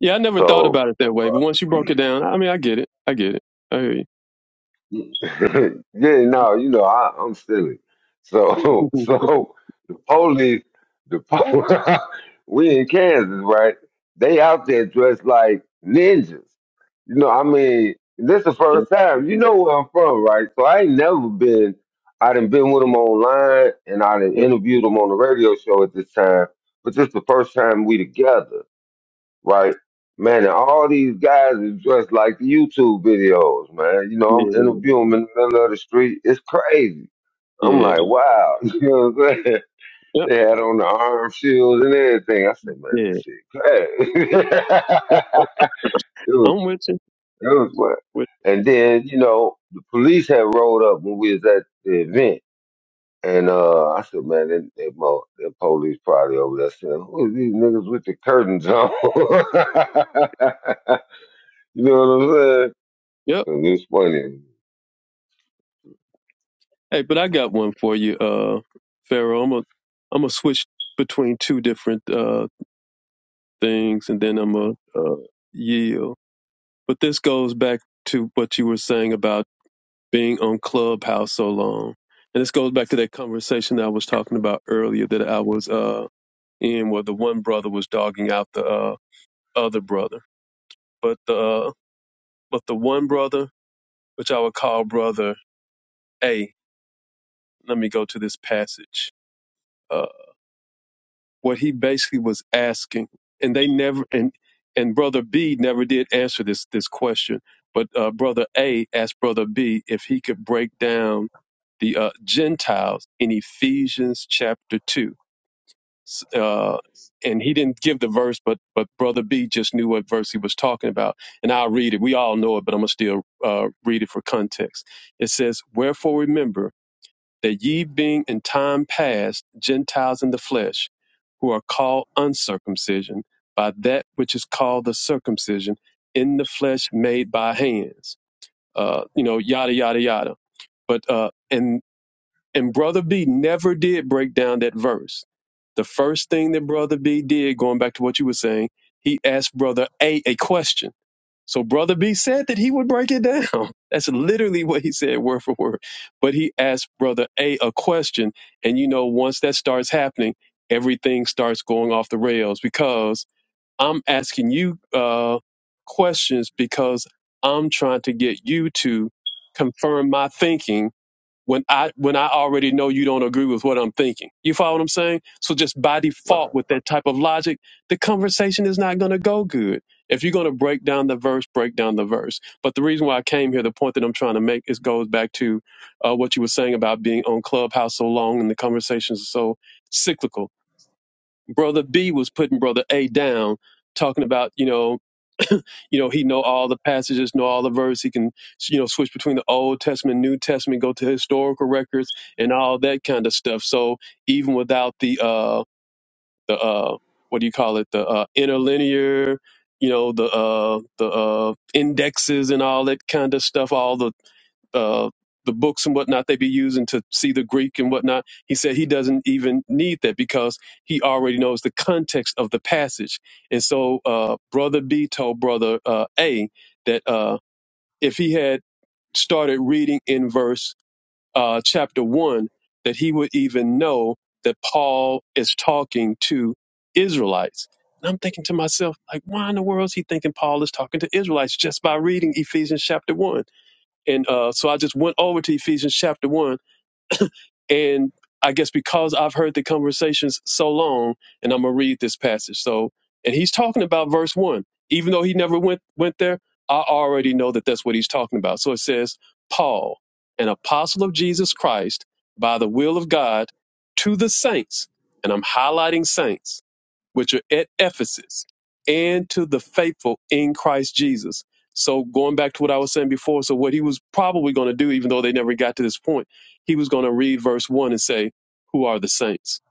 S3: Yeah, I never thought
S1: So
S3: about it that way, but once you broke it down, I mean, I get it. I get it. I hear you.
S1: yeah, no, you know, I, I'm silly. So, so the police, the po- we in Kansas, right? They out there dressed like ninjas. You know, I mean, this the
S3: yep,
S1: first time. You know where I'm from, right? So I ain't never been. I done been with them online, and I done
S3: yep,
S1: interviewed them on the radio show at this time. But this the first time we together right? Man, and all these guys is dressed like the YouTube videos, man. You know,
S3: yeah,
S1: I'm interviewing them in the middle of the street. It's crazy. I'm
S3: yeah,
S1: like, wow. You know what I'm saying?
S3: yep,
S1: They had on the arm shields and everything. I said, man,
S3: yeah,
S1: this shit crazy.
S3: yep. Oh,
S1: it was,
S3: I'm with you.
S1: it was what.
S3: With
S1: And then, you know, the police had rolled up when we was at the event. And uh, I said, man, that, that, mo- that police probably over there saying, who is these niggas with the curtains on? You know what I'm saying?
S3: yep.
S1: 'Cause it's funny.
S3: Hey, but I got one for you, uh, Pharaoh. I'm gonna I'm gonna switch between two different uh things, and then I'm gonna uh, yield. But this goes back to what you were saying about. being on Clubhouse so long. And this goes back to that conversation that I was talking about earlier that I was uh in where the one brother was dogging out the uh, other brother. But the uh, but the one brother, which I would call brother A, let me go to this passage. uh, what he basically was asking, and they never and and brother B never did answer this this question, but uh, brother A asked brother B if he could break down the uh, Gentiles in Ephesians chapter two, S- uh, and he didn't give the verse, but but brother B just knew what verse he was talking about, and I'll read it. We all know it, but I'm gonna still uh, read it for context. It says, "Wherefore remember." that ye being in time past Gentiles in the flesh, who are called uncircumcision, by that which is called the circumcision in the flesh made by hands, uh, you know, yada yada yada. But uh, and and brother B never did break down that verse. The first thing that brother B did, going back to what you were saying, he asked brother A a question so Brother B said that he would break it down. That's literally what he said, word for word. But he asked Brother A a question. And you know, once that starts happening, everything starts going off the rails because I'm asking you uh, questions because I'm trying to get you to confirm my thinking when I when I already know you don't agree with what I'm thinking. You follow what I'm saying? So just by default
S1: Right,
S3: with that type of logic, the conversation is not going to go good. If you're going to break down the verse, break down the verse. But the reason why I came here, the point that I'm trying to make, is goes back to uh, what you were saying about being on Clubhouse so long and the conversations are so cyclical. Brother B was putting Brother A down, talking about you know you know he know all the passages know all the verses he can you know switch between the old testament new testament go to historical records and all that kind of stuff so even without the uh the uh what do you call it the uh interlinear you know the uh the uh indexes and all that kind of stuff all the uh, the books and whatnot they be using to see the Greek and whatnot. He said he doesn't even need that because he already knows the context of the passage. And so, uh, brother B told brother uh, A that uh, if he had started reading in verse uh, chapter one, that he would even know that Paul is talking to Israelites. And I'm thinking to myself, like, why in the world is he thinking Paul is talking to Israelites just by reading Ephesians chapter one? And uh, so I just went over to Ephesians chapter 1 and I guess because I've heard the conversations so long, and I'm gonna read this passage. So, and he's talking about verse one, even though he never went went there. I already know that that's what he's talking about. So it says, Paul, an apostle of Jesus Christ, by the will of God, to the saints, and I'm highlighting saints, which are at Ephesus, and to the faithful in Christ Jesus. So going back to what I was saying before, so what he was probably going to do, even though they never got to this point he was going to read verse 1 and say, Who are the saints?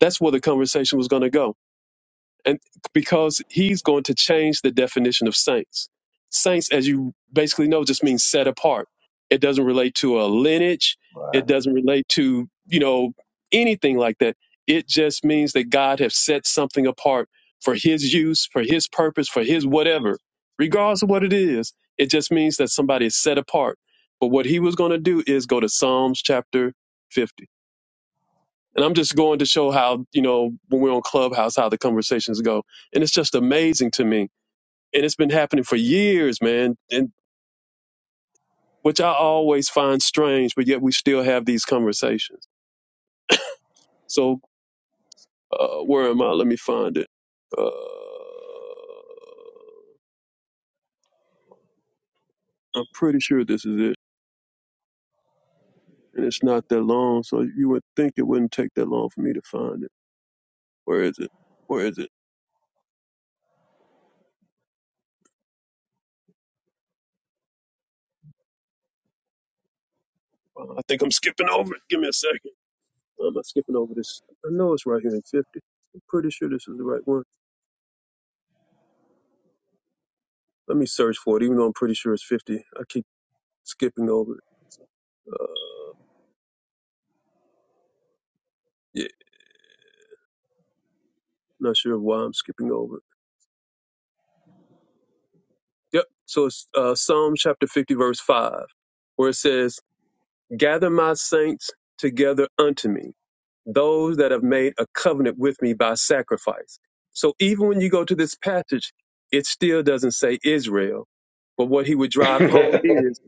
S3: That's where the conversation was going to go and because he's going to change the definition of saints. Saints, as you basically know, just means set apart. It doesn't relate to a lineage. It
S1: right.
S3: doesn't relate to you know anything like that. It just means that God has set something apart for His use, for His purpose, for His whatever, regardless of what it is. It just means that somebody is set apart. But what He was going to do is go to Psalms chapter 50 and I'm just going to show how, you know, when we're on Clubhouse, how the conversations go. And it's just amazing to me. And it's been happening for years, man, and which I always find strange, but yet we still have these conversations. So uh, where am I? Let me find it. Uh, I'm pretty sure this is it. And it's not that long, so you would think it wouldn't take that long for me to find it. Where is it? Where is it? Uh, I think I'm skipping over it. Give me a second. Why am I skipping over this? I know it's right here in 50. I'm pretty sure this is the right one. Let me search for it, even though I'm pretty sure it's 50. I keep skipping over it. Uh, yeah, not sure why I'm skipping over it. Yep. So it's uh, Psalm chapter 50, verse 5, where it says, Gather my saints together unto me, those that have made a covenant with me by sacrifice. So even when you go to this passage, it still doesn't say Israel. But what he would drive home is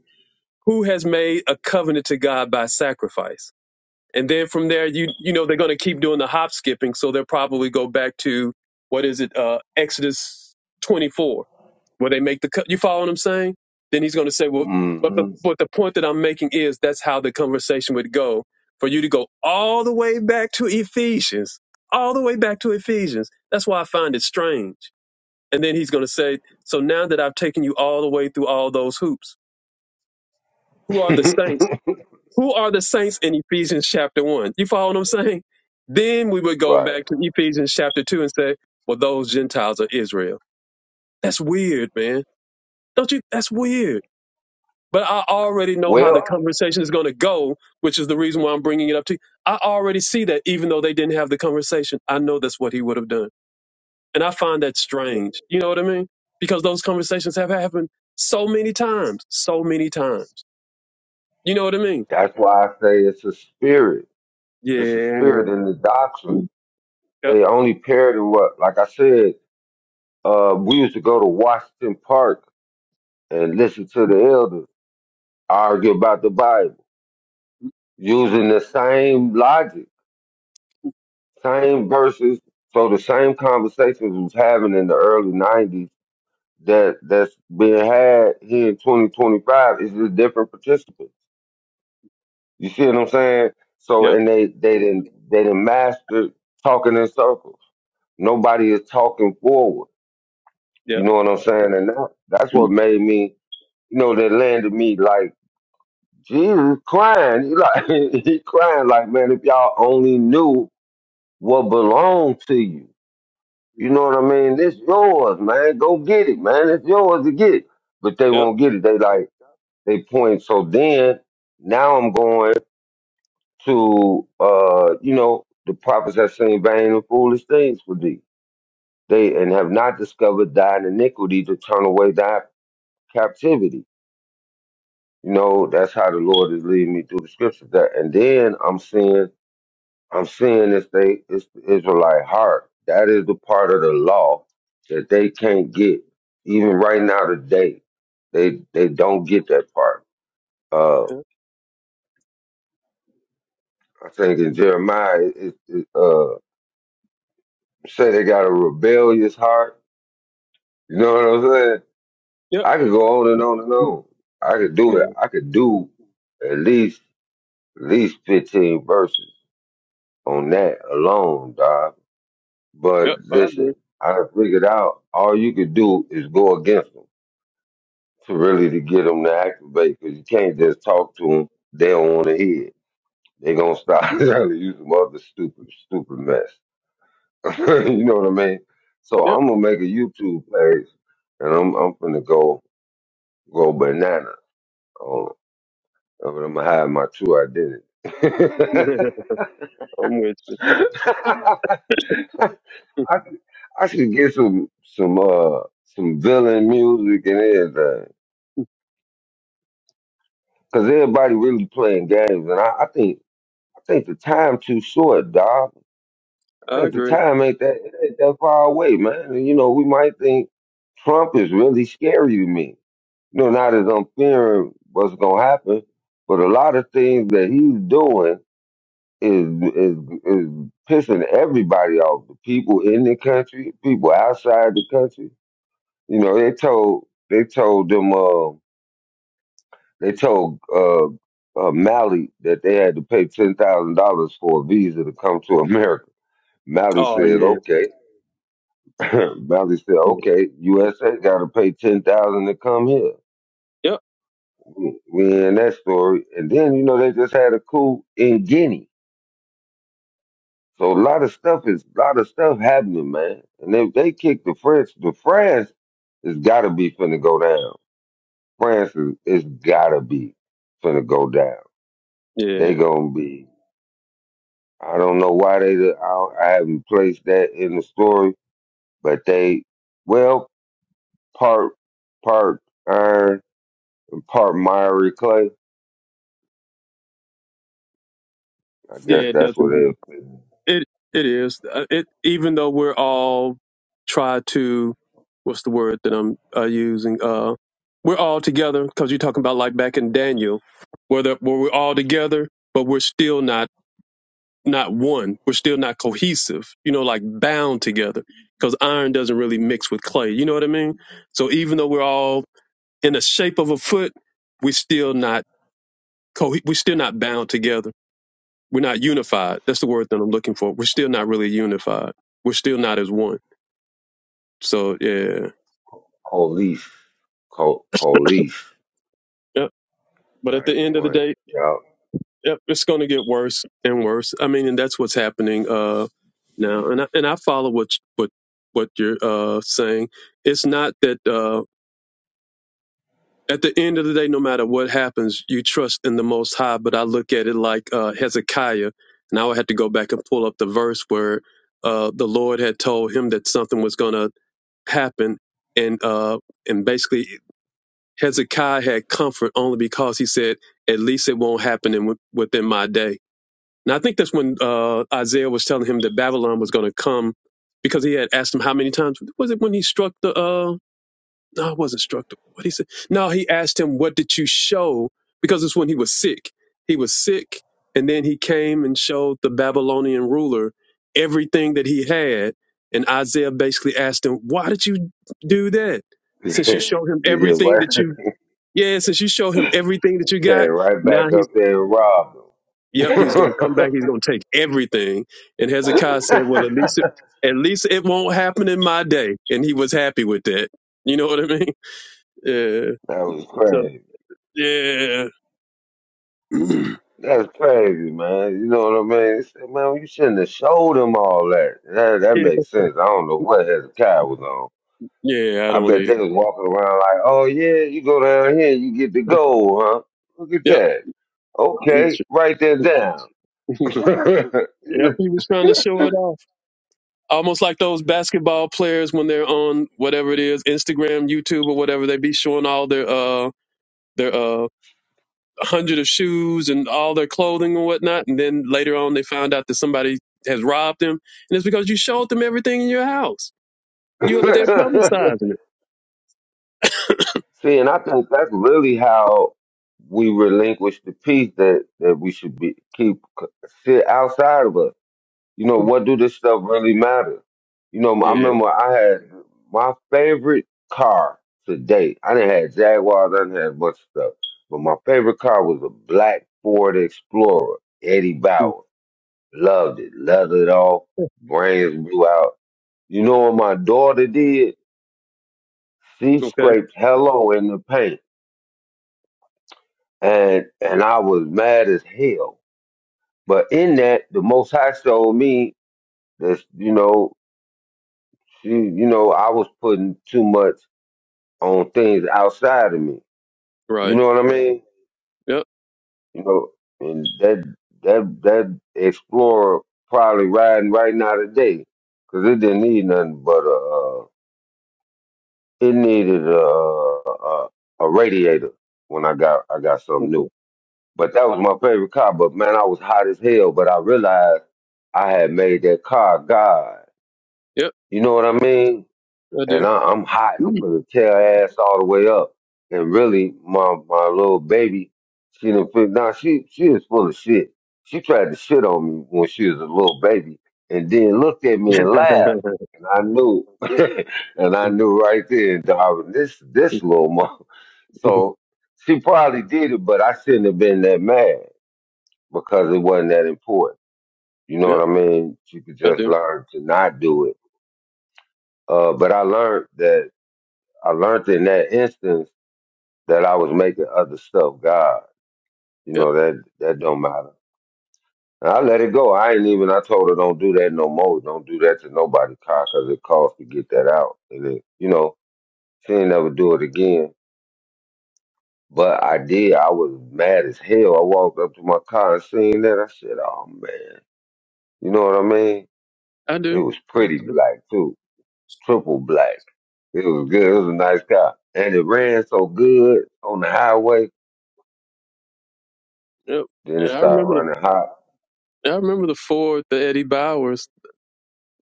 S3: who has made a covenant to God by sacrifice and then from there you you know they're going to keep doing the hop skipping so they'll probably go back to what is it uh exodus 24 where they make the cut you follow what i'm saying then he's going to say well but the
S1: hmm
S3: but the point that i'm making is that's how the conversation would go for you to go all the way back to ephesians all the way back to ephesians that's why i find it strange and then he's going to say so now that i've taken you all the way through all those hoops who are the saints who are the saints in Ephesians chapter 1? You follow what I'm saying? Then we would go
S1: right.
S3: back to Ephesians chapter 2 and say, well, those Gentiles are Israel. That's weird, man. Don't you? That's weird. But I already know how the
S1: Well,
S3: conversation is going to go, which is the reason why I'm bringing it up to you. I already see that even though they didn't have the conversation, I know that's what he would have done. And I find that strange. You know what I mean? Because those conversations have happened so many times, so many times. You know what I mean?
S1: that's why I say it's a spirit. It's a
S3: Yeah.
S1: spirit in the doctrine.
S3: Yep.
S1: They only paired in what, like I said, uh, we used to go to Washington Park and listen to the elders argue about the Bible using the same logic, same verses. So the same conversations we was having in the early 90s that that's being had here in 2025 is just different participants. You see what I'm saying? So
S3: Yep.
S1: and they they didn't they didn't master talking in circles. Nobody is talking forward.
S3: Yep.
S1: You know what I'm saying? And that, that's
S3: Yep,
S1: what made me, you know, that landed me like Jesus crying. He like he crying like man, if y'all only knew what belonged to you. You know what I mean? It's yours, man. Go get it, man. It's yours to get. But they
S3: yep,
S1: won't get it. They like They point. So then now I'm going to uh, you know, the prophets have seen vain and foolish things for thee. They and have not discovered thine iniquity to turn away thy captivity. You know, that's how the Lord is leading me through the scriptures. That and then I'm seeing I'm seeing this they it's the Israelite heart. That is the part of the law that they can't get. Even right now today, they they don't get that part. Uh I think in Jeremiah, it, it uh, say they got a rebellious heart. You know what I'm saying?
S3: yep.
S1: I could go on and on and on. I could do it.
S3: Yeah,
S1: I could do at least at least 15 verses on that alone, dog. But
S3: yep, I agree.
S1: listen, I done figured out all you could do is go against them to really to get them to activate because you can't just talk to them. They don't want to hear. it. They gonna stop trying to use some other stupid, stupid mess. you know what I mean? So
S3: Yep.
S1: I'm gonna make a YouTube page, and I'm I'm gonna go go banana on. I'm gonna hide my true identity.
S3: I'm with you.
S1: I should, I should get some some uh some villain music and everything, cause everybody really playing games, and I, I think I think the time too short, dog. I
S3: I
S1: think the
S3: agree.
S1: time ain't that it ain't that far away, man. And, you know, we might think Trump is really scary to me. you know, not as I'm fearing what's gonna happen, but a lot of things that he's doing is is is pissing everybody off. The people in the country, people outside the country. You know, they told they told them uh, they told uh, uh, Malley that they had to pay ten thousand dollars for a visa to come to America. Malley
S3: Oh
S1: said,
S3: yeah,
S1: "Okay." Malley said,
S3: yeah,
S1: "Okay." USA got to pay ten thousand to come here.
S3: yep,
S1: we in that story. And then, you know, they just had a coup in Guinea. So a lot of stuff is a lot of stuff happening, man. And if they kick the French, the France has gotta be finna go down. France is it's gotta be finna go down.
S3: yeah,
S1: They gonna be I don't know why they I, don't- I haven't placed that in the story, but they well, part part iron and part miry clay. I
S3: yeah.
S1: guess
S3: It
S1: that's what
S3: doesn't.
S1: they
S3: It it is. Uh, It even though we're all try to, what's the word that I'm uh, using? Uh, we're all together because you're talking about like back in Daniel, where the, where we're all together, but we're still not. not one. We're still not cohesive, you know, like bound together because iron doesn't really mix with clay. You know what I mean? So even though we're all in the shape of a foot, we're still not co- we're still not bound together. We're not unified. That's the word that I'm looking for. We're still not really unified. We're still not as one. So yeah,
S1: police co- police.
S3: yep. But at
S1: Like
S3: the end of the
S1: one.
S3: day,
S1: Yup.
S3: yep, it's going to get worse and worse. I mean, and that's what's happening uh now. And I, and I follow what what what you're uh saying. It's not that. uh. at the end of the day, no matter what happens, you trust in the Most High. But I look at it like uh, Hezekiah, and I would have to go back and pull up the verse where uh, the Lord had told him that something was going to happen, and uh, and basically Hezekiah had comfort only because he said, "At least it won't happen in, within my day." And I think that's when uh, Isaiah was telling him that Babylon was going to come, because he had asked him how many times was it when he struck the uh, no, I wasn't struck. What he said? No, he asked him, "What did you show?" Because it's when he was sick. He was sick, and then he came and showed the Babylonian ruler everything that he had. And Isaiah basically asked him, "Why did you do that?
S1: you
S3: Since you showed him
S1: get
S3: everything
S1: right,
S3: that you, yeah, since you showed him everything that you
S1: came
S3: got,
S1: right
S3: now
S1: back
S3: he's,
S1: up there and robbed him.
S3: yep, he's gonna come back.
S1: that
S3: He's gonna take everything." And Hezekiah said, "Well, at least, it, at least it won't happen in my day." And he was happy with that. You know what I mean? Yeah.
S1: was
S3: so
S1: crazy.
S3: Yeah. yeah.
S1: That's crazy, man. You know what I mean? It's- like, Man, you shouldn't have showed him all that. That that makes sense. I don't know what Hezekiah was on.
S3: Yeah, I
S1: I
S3: don't
S1: bet
S3: either.
S1: they was walking around like, oh yeah, you go down here, you get the gold, huh? Look at
S3: Yep.
S1: that.
S3: He was
S1: Okay, write that
S3: Yep,
S1: down.
S3: he was trying to show it off. Almost like those basketball players when they're on whatever it is, Instagram, YouTube or whatever, they be showing all their uh their uh hundred of shoes and all their clothing and whatnot, and then later on they found out that somebody has robbed them. And it's because you showed them everything in your house. You up there publicizing it.
S1: See, and I think that's really how we relinquish the peace that that we should be keep c- sit outside of us. You know,
S3: Hmm.
S1: what do this stuff really matter? You know, I
S3: Yeah.
S1: remember I had my favorite car to date. I didn't have Jaguars, I didn't have a bunch of stuff, but my favorite car was a black Ford Explorer, Eddie
S3: Hmm.
S1: Bauer. Loved it, leathered off, brains blew out. You know what my daughter did? She
S3: Okay.
S1: scraped hello in the paint and and I was mad as hell. But in that, the Most High showed me that you know she, you know, I was putting too much on things outside of me. You
S3: Right.
S1: know what I mean?
S3: Yep.
S1: You know, and that that that Explorer probably riding right now today because it didn't need nothing but a uh, it needed a, a a radiator when I got I got something new.
S3: Okay.
S1: But that was my favorite car. But man, I was hot as hell. But I realized I had made that car God.
S3: Yep,
S1: You know what I mean?
S3: I
S1: And I, I'm hot. I'm
S3: do.
S1: gonna tear her ass all the way up. And really, my my little baby, she didn't feel. Now she she is full of shit. She tried to shit on me when she was a little baby, and then looked at me and laughed. And I knew, and I knew right then, Darwin, this this little mom.
S3: Mhm.
S1: So she probably did it, but I shouldn't have been that mad because it wasn't that important. You know
S3: Yep,
S1: what I mean? She could
S3: I
S1: just
S3: do.
S1: learn to not do it. Uh, but I learned that I learned in that instance that I was making other stuff God. You
S3: Yep,
S1: know that that don't matter. And I let it go. I ain't even. I told her don't do that no more. Don't do that to nobody, car, because it costs to get that out. And it, you know, she ain't never do it again. But I did. I was mad as hell. I walked up to my car and seen that. I said, "Oh man," you know what I mean?
S3: I
S1: It
S3: do.
S1: was pretty black too triple black. It was good. It was a nice car. And it ran so good on the highway.
S3: Yep,
S1: Then it
S3: And I
S1: started
S3: remember the
S1: running hot.
S3: I remember the Ford, the Eddie Bowers,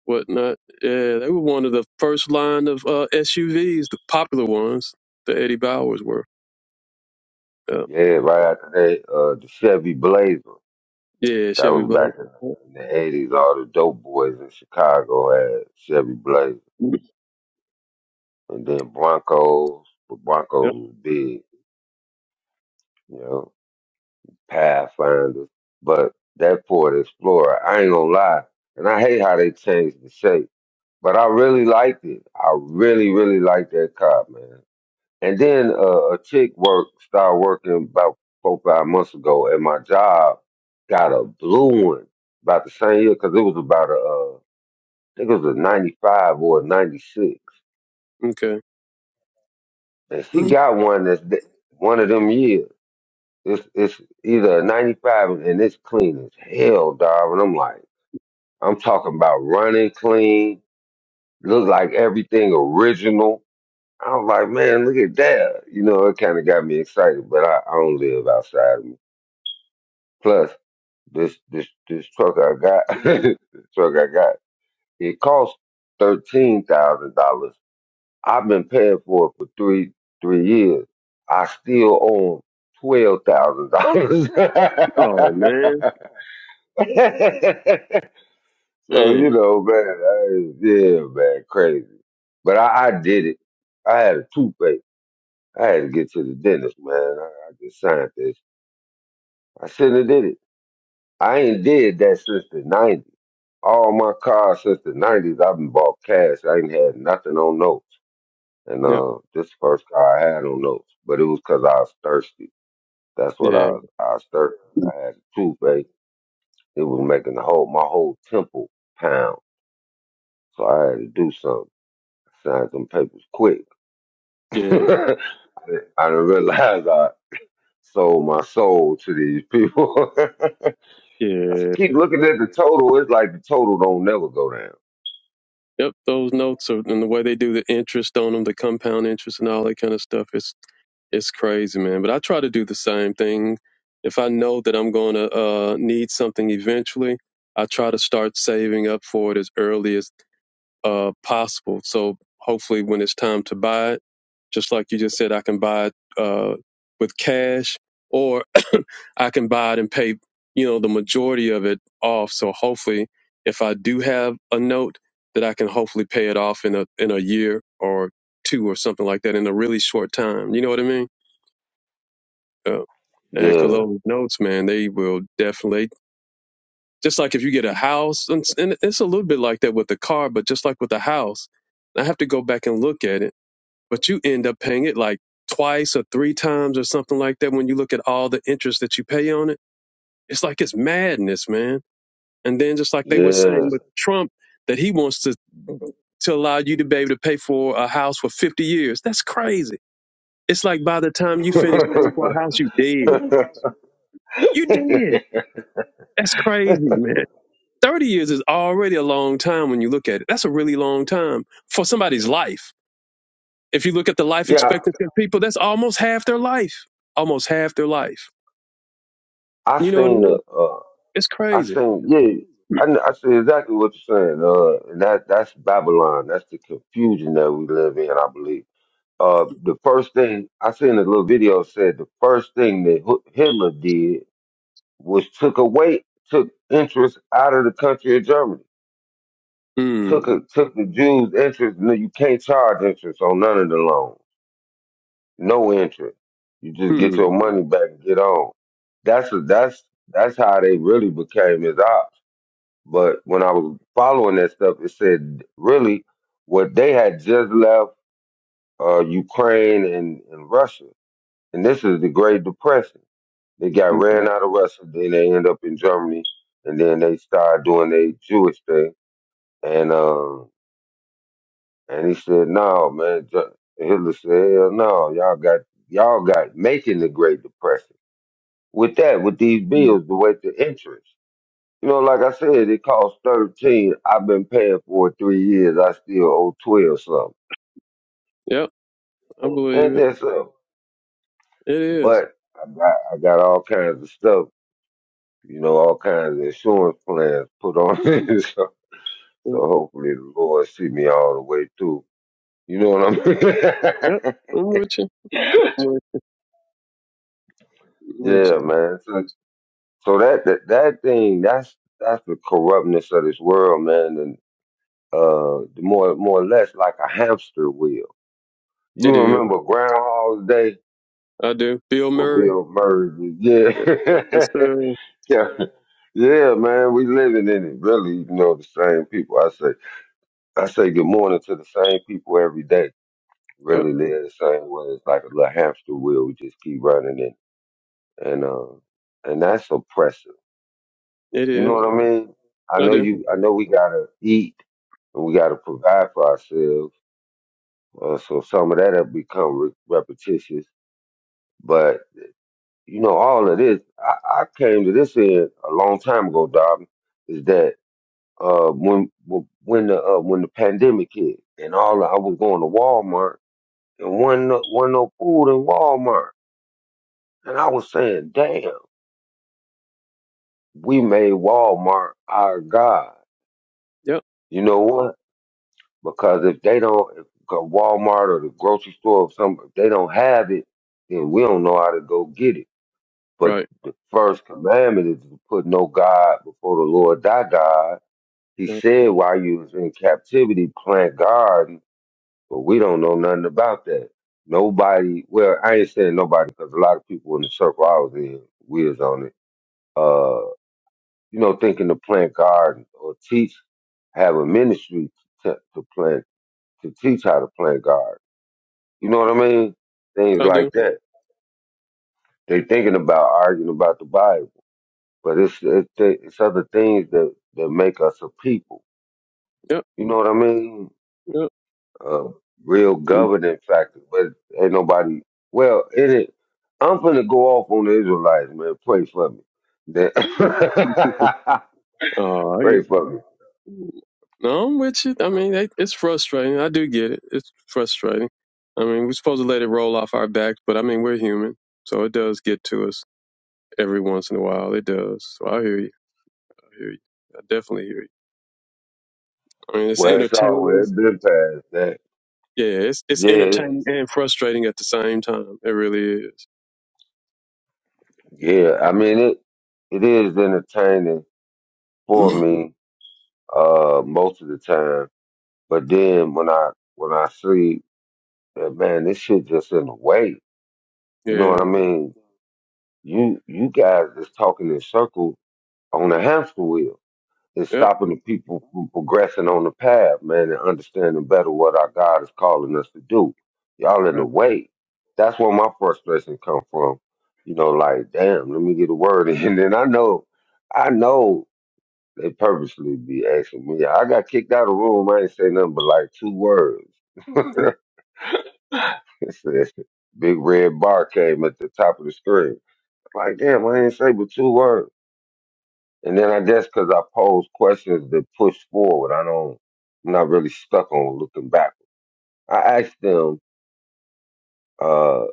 S3: whatnot. Yeah, they were one of the first line of uh, SUVs, the popular ones. The Eddie Bowers were. Yeah,
S1: Yeah, right after that, uh, the Chevy Blazer.
S3: yeah,
S1: That
S3: Chevy
S1: was
S3: Black.
S1: back in the, in the 80s. All the dope boys in Chicago had Chevy Blazer.
S3: Yep.
S1: And then Broncos. But Broncos
S3: Yep.
S1: was big, you know, Pathfinders. But that Ford Explorer, I ain't gonna lie. And I hate how they changed the shape. But I really liked it. I really, really liked that car, man. And then uh, a chick work started working about four five months ago, and my job got a blue one about the same year because it was about a uh, I think it was a ninety five or a ninety six,
S3: Okay.
S1: and she
S3: Mm-hmm.
S1: got one that's th- one of them years. It's it's either a ninety five and it's clean as hell, dog. And I'm like, I'm talking about running clean, look like everything original. I was like, man, look at that. You know, it kind of got me excited, but I, I don't live outside of me. Plus, This this this truck I got, this truck I got, it cost thirteen thousand dollars. I've been paying for it for three three years. I still own twelve thousand dollars.
S3: Oh man.
S1: so you
S3: man.
S1: know, man, I, yeah, man, crazy. But I, I did it. I had a toothache. I had to get to the dentist, man. I, I just signed this. I shouldn't have did it. I ain't did that since the '90s. all my cars since the nineties, I've been bought cash. I ain't had nothing on notes. And
S3: Yep.
S1: uh this first car I had on notes, but it was 'cause I was thirsty. That's what I
S3: Yeah.
S1: was I was thirsty. I had a toothache. It was making the whole my whole temple pound. So I had to do something. Signed some papers quick.
S3: Yeah.
S1: I didn't realize I sold my soul to these people. I
S3: Yeah.
S1: keep looking at the total. It's like the total don't never go down.
S3: Yep. Those notes are, and the way they do the interest on them, the compound interest and all that kind of stuff. it's crazy, man. But I try to do the same thing. If I know that I'm going to uh, need something eventually, I try to start saving up for it as early as uh, possible. So hopefully, when it's time to buy it, just like you just said, I can buy it uh, with cash, or I can buy it and pay, you know, the majority of it off. So hopefully, if I do have a note, that I can hopefully pay it off in a in a year or two or something like that in a really short time. You know what I mean? because
S1: Yeah.
S3: cologne notes, man, they will definitely. Just like if you get a house, and, and it's a little bit like that with the car, but just like with the house, I have to go back and look at it. But you end up paying it like twice or three times or something like that when you look at all the interest that you pay on it. It's like it's madness, man. And then just like they were saying with Trump, that he wants to to allow you to be able to pay for a house for 50 years. That's crazy. It's like by the time you finish paying for a house, you dead.
S1: Yeah.
S3: You dead. That's crazy, man. 30 years is already a long time when you look at it. That's a really long time for somebody's life. If you look at the life
S1: yeah,
S3: expectancy of people, that's almost half their life. Almost half their life.
S1: I
S3: You know what I
S1: seen
S3: mean?
S1: the, uh,
S3: It's
S1: I
S3: crazy.
S1: seen, yeah, I, kn- I see exactly what you're saying. Uh, and that that's Babylon. That's the confusion that we live in, I believe. Uh, the first thing I seen a little video said the first thing that Hu- Hitler did was took away, took interest out of the country of Germany.
S3: Hmm.
S1: Took a, took the Jews' interest. No, you can't charge interest on none of the loans. no interest. You just get
S3: Hmm.
S1: your money back and get on. That's that's that's how they really became his ops. But when I was following that stuff, it said really what they had just left uh, Ukraine and, and Russia, and this is the Great Depression. They got
S3: Okay.
S1: ran out of Russia, then they end up in Germany, and then they started doing their Jewish thing. And uh, and he said, "No, man." Ju- Hitler said, "Hell no, y'all got y'all got making the Great Depression." with that, with these
S3: Mm-hmm.
S1: bills, the way the interest. You know, like I said, it costs thirteen. I've been paying for it three years. I still owe twelve something.
S3: Yep. I
S1: Ain't
S3: believe it.
S1: that something?
S3: It is.
S1: But I got I got all kinds of stuff. You know, all kinds of insurance plans put on it. So, so
S3: Mm-hmm.
S1: hopefully the Lord see me all the way through. You know what I
S3: Yep.
S1: mean?
S3: I'm with you. I'm with, I'm with you.
S1: yeah, man. So, so that, that that thing that's that's the corruptness of this world, man. uh more more or less like a hamster wheel. You
S3: It is.
S1: remember Groundhog Day
S3: I do. Bill
S1: when
S3: Murray.
S1: Bill Murray was-
S3: Yep. That's
S1: yeah.
S3: the.
S1: yeah. Yeah, man, we living in it. Really, you know, the same people. I say I say good morning to the same people every day.
S3: Yep.
S1: Really live the same way. It's like a little hamster wheel. We just keep running it. And uh and that's oppressive.
S3: It
S1: You know
S3: is.
S1: what I mean? I
S3: I
S1: know
S3: do.
S1: you I know we gotta eat and we gotta provide for ourselves Uh, so some of that have become re- repetitious. But, you know, all of this, I, I came to this end a long time ago, Dobbin, is that uh, when when the uh, when the pandemic hit and all I was going to Walmart and one no, wasn't no food in Walmart, and I was saying, damn, we made Walmart our god.
S3: Yep.
S1: You know what? Because if they don't, if Walmart or the grocery store or something, if they don't have it, then we don't know how to go get it. But
S3: Right.
S1: the first commandment is to put no God before the Lord thy God. He
S3: right.
S1: said while you was in captivity, plant garden, but we don't know nothing about that. Nobody, well, I ain't saying nobody because a lot of people in the circle I was in, we was on it, uh, you know, thinking to plant gardens or teach, have a ministry to, to plant, to teach how to plant gardens. You know what I mean? Things
S3: I do.
S1: like that. They thinking about arguing about the Bible. But it's it's, it's other things that that make us a people.
S3: Yep.
S1: You know what I mean?
S3: Yep.
S1: Uh, real
S3: Mm.
S1: governing factor. But ain't nobody. Well, it. is- I'm finna go off on the Israelites, man. Pray for me. That-
S3: Oh,
S1: Pray for me.
S3: No, I'm with you. I mean, it, it's frustrating. I do get it. It's frustrating. I mean, we're supposed to let it roll off our backs, but I mean, we're human, so it does get to us every once in a while. It does. So I hear you. I hear you. I definitely hear you. I mean, it's
S1: Well, it's
S3: entertaining.
S1: always been past that.
S3: Yeah, it's it's
S1: Yeah,
S3: entertaining and frustrating at the same time. It really
S1: yeah. I mean it. It is entertaining
S3: is.
S1: for me uh most of the time. But then when I when I see that man, this shit just in the way. You know
S3: yeah.
S1: what I mean? You you guys is talking in circle on a hamster wheel. It's
S3: Yep.
S1: stopping the people from progressing on the path, man, and understanding better what our God is calling us to do. Y'all in the
S3: Right.
S1: way. That's where my frustration come from. You know, like, damn, let me get a word in. And then I know, I know they purposely be asking me. I got kicked out of the room. I ain't say nothing but like two words.
S3: Yep.
S1: It says, Big red bar came at the top of the screen. Like, damn, I didn't say but two words. And then I guess because I pose questions that push forward, I don't, I'm not really stuck on looking back. I asked them, uh,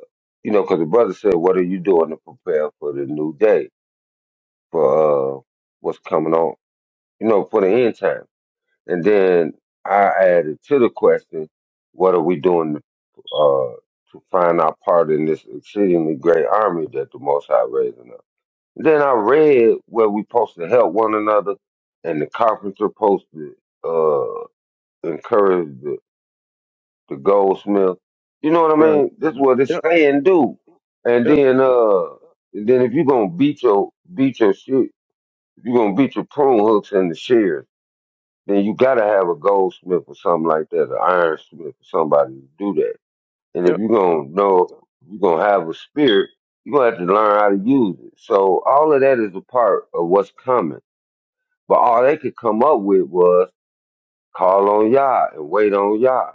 S1: you know, because the brother said, what are you doing to prepare for the new day, for uh, what's coming on, you know, for the end time? And then I added to the question, what are we doing uh, to find our part in this exceedingly great army that the Most High raising up?" Then I read where we supposed to help one another, and the carpenter supposed to uh, encourage the, the goldsmith. You know what I
S3: Right.
S1: mean? This is what it's
S3: Yep.
S1: saying do. And
S3: Yep.
S1: then uh, then if you gonna beat your beat your shit, if you gonna beat your prune hooks and the shears, then you gotta have a goldsmith or something like that, an ironsmith or somebody to do that. And if
S3: Yep.
S1: you gonna know you are gonna have a spirit, you are gonna have to learn how to use it. So all of that is a part of what's coming But all they could come up with was call on Yah and wait on Yah.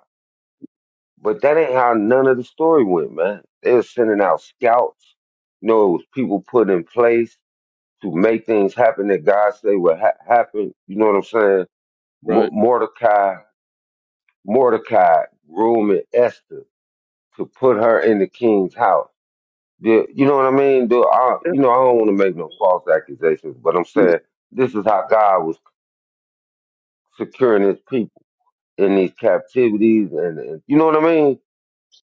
S1: But that ain't how none of the story went, man. They were sending out scouts. You know, it was people put in place to make things happen that God say would ha- happen. You know what I'm saying? Mo-
S3: Right.
S1: Mordecai, Mordecai grooming Esther to put her in the king's house. The, you know what I mean? The, I,
S3: Yep.
S1: you know, I don't want to make no false accusations, but I'm saying this is how God was securing his people. in these captivities and, and you know what I mean?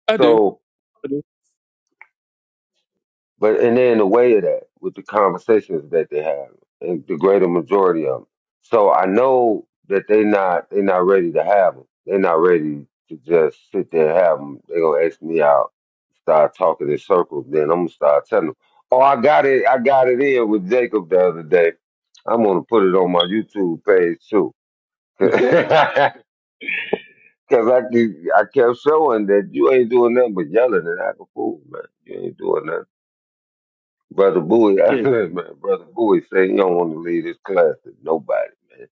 S3: I do.
S1: So
S3: I do.
S1: but and they're in the way of that with the conversations that they have and the greater majority of them. So I know that they not they not ready to have them. They're not ready to just sit there and have them. They're gonna ask me out, start talking in circles. Then I'm gonna start telling them, "Oh, I got it, I got it in with Jacob the other day. I'm gonna put it on my YouTube page too." Because I, keep- I kept showing that you ain't doing nothing but yelling and acting fool, man. You ain't doing nothing. Brother Bowie, I
S3: Yeah. Yeah.
S1: said, man, Brother Bowie said you don't want to leave this class to nobody, man.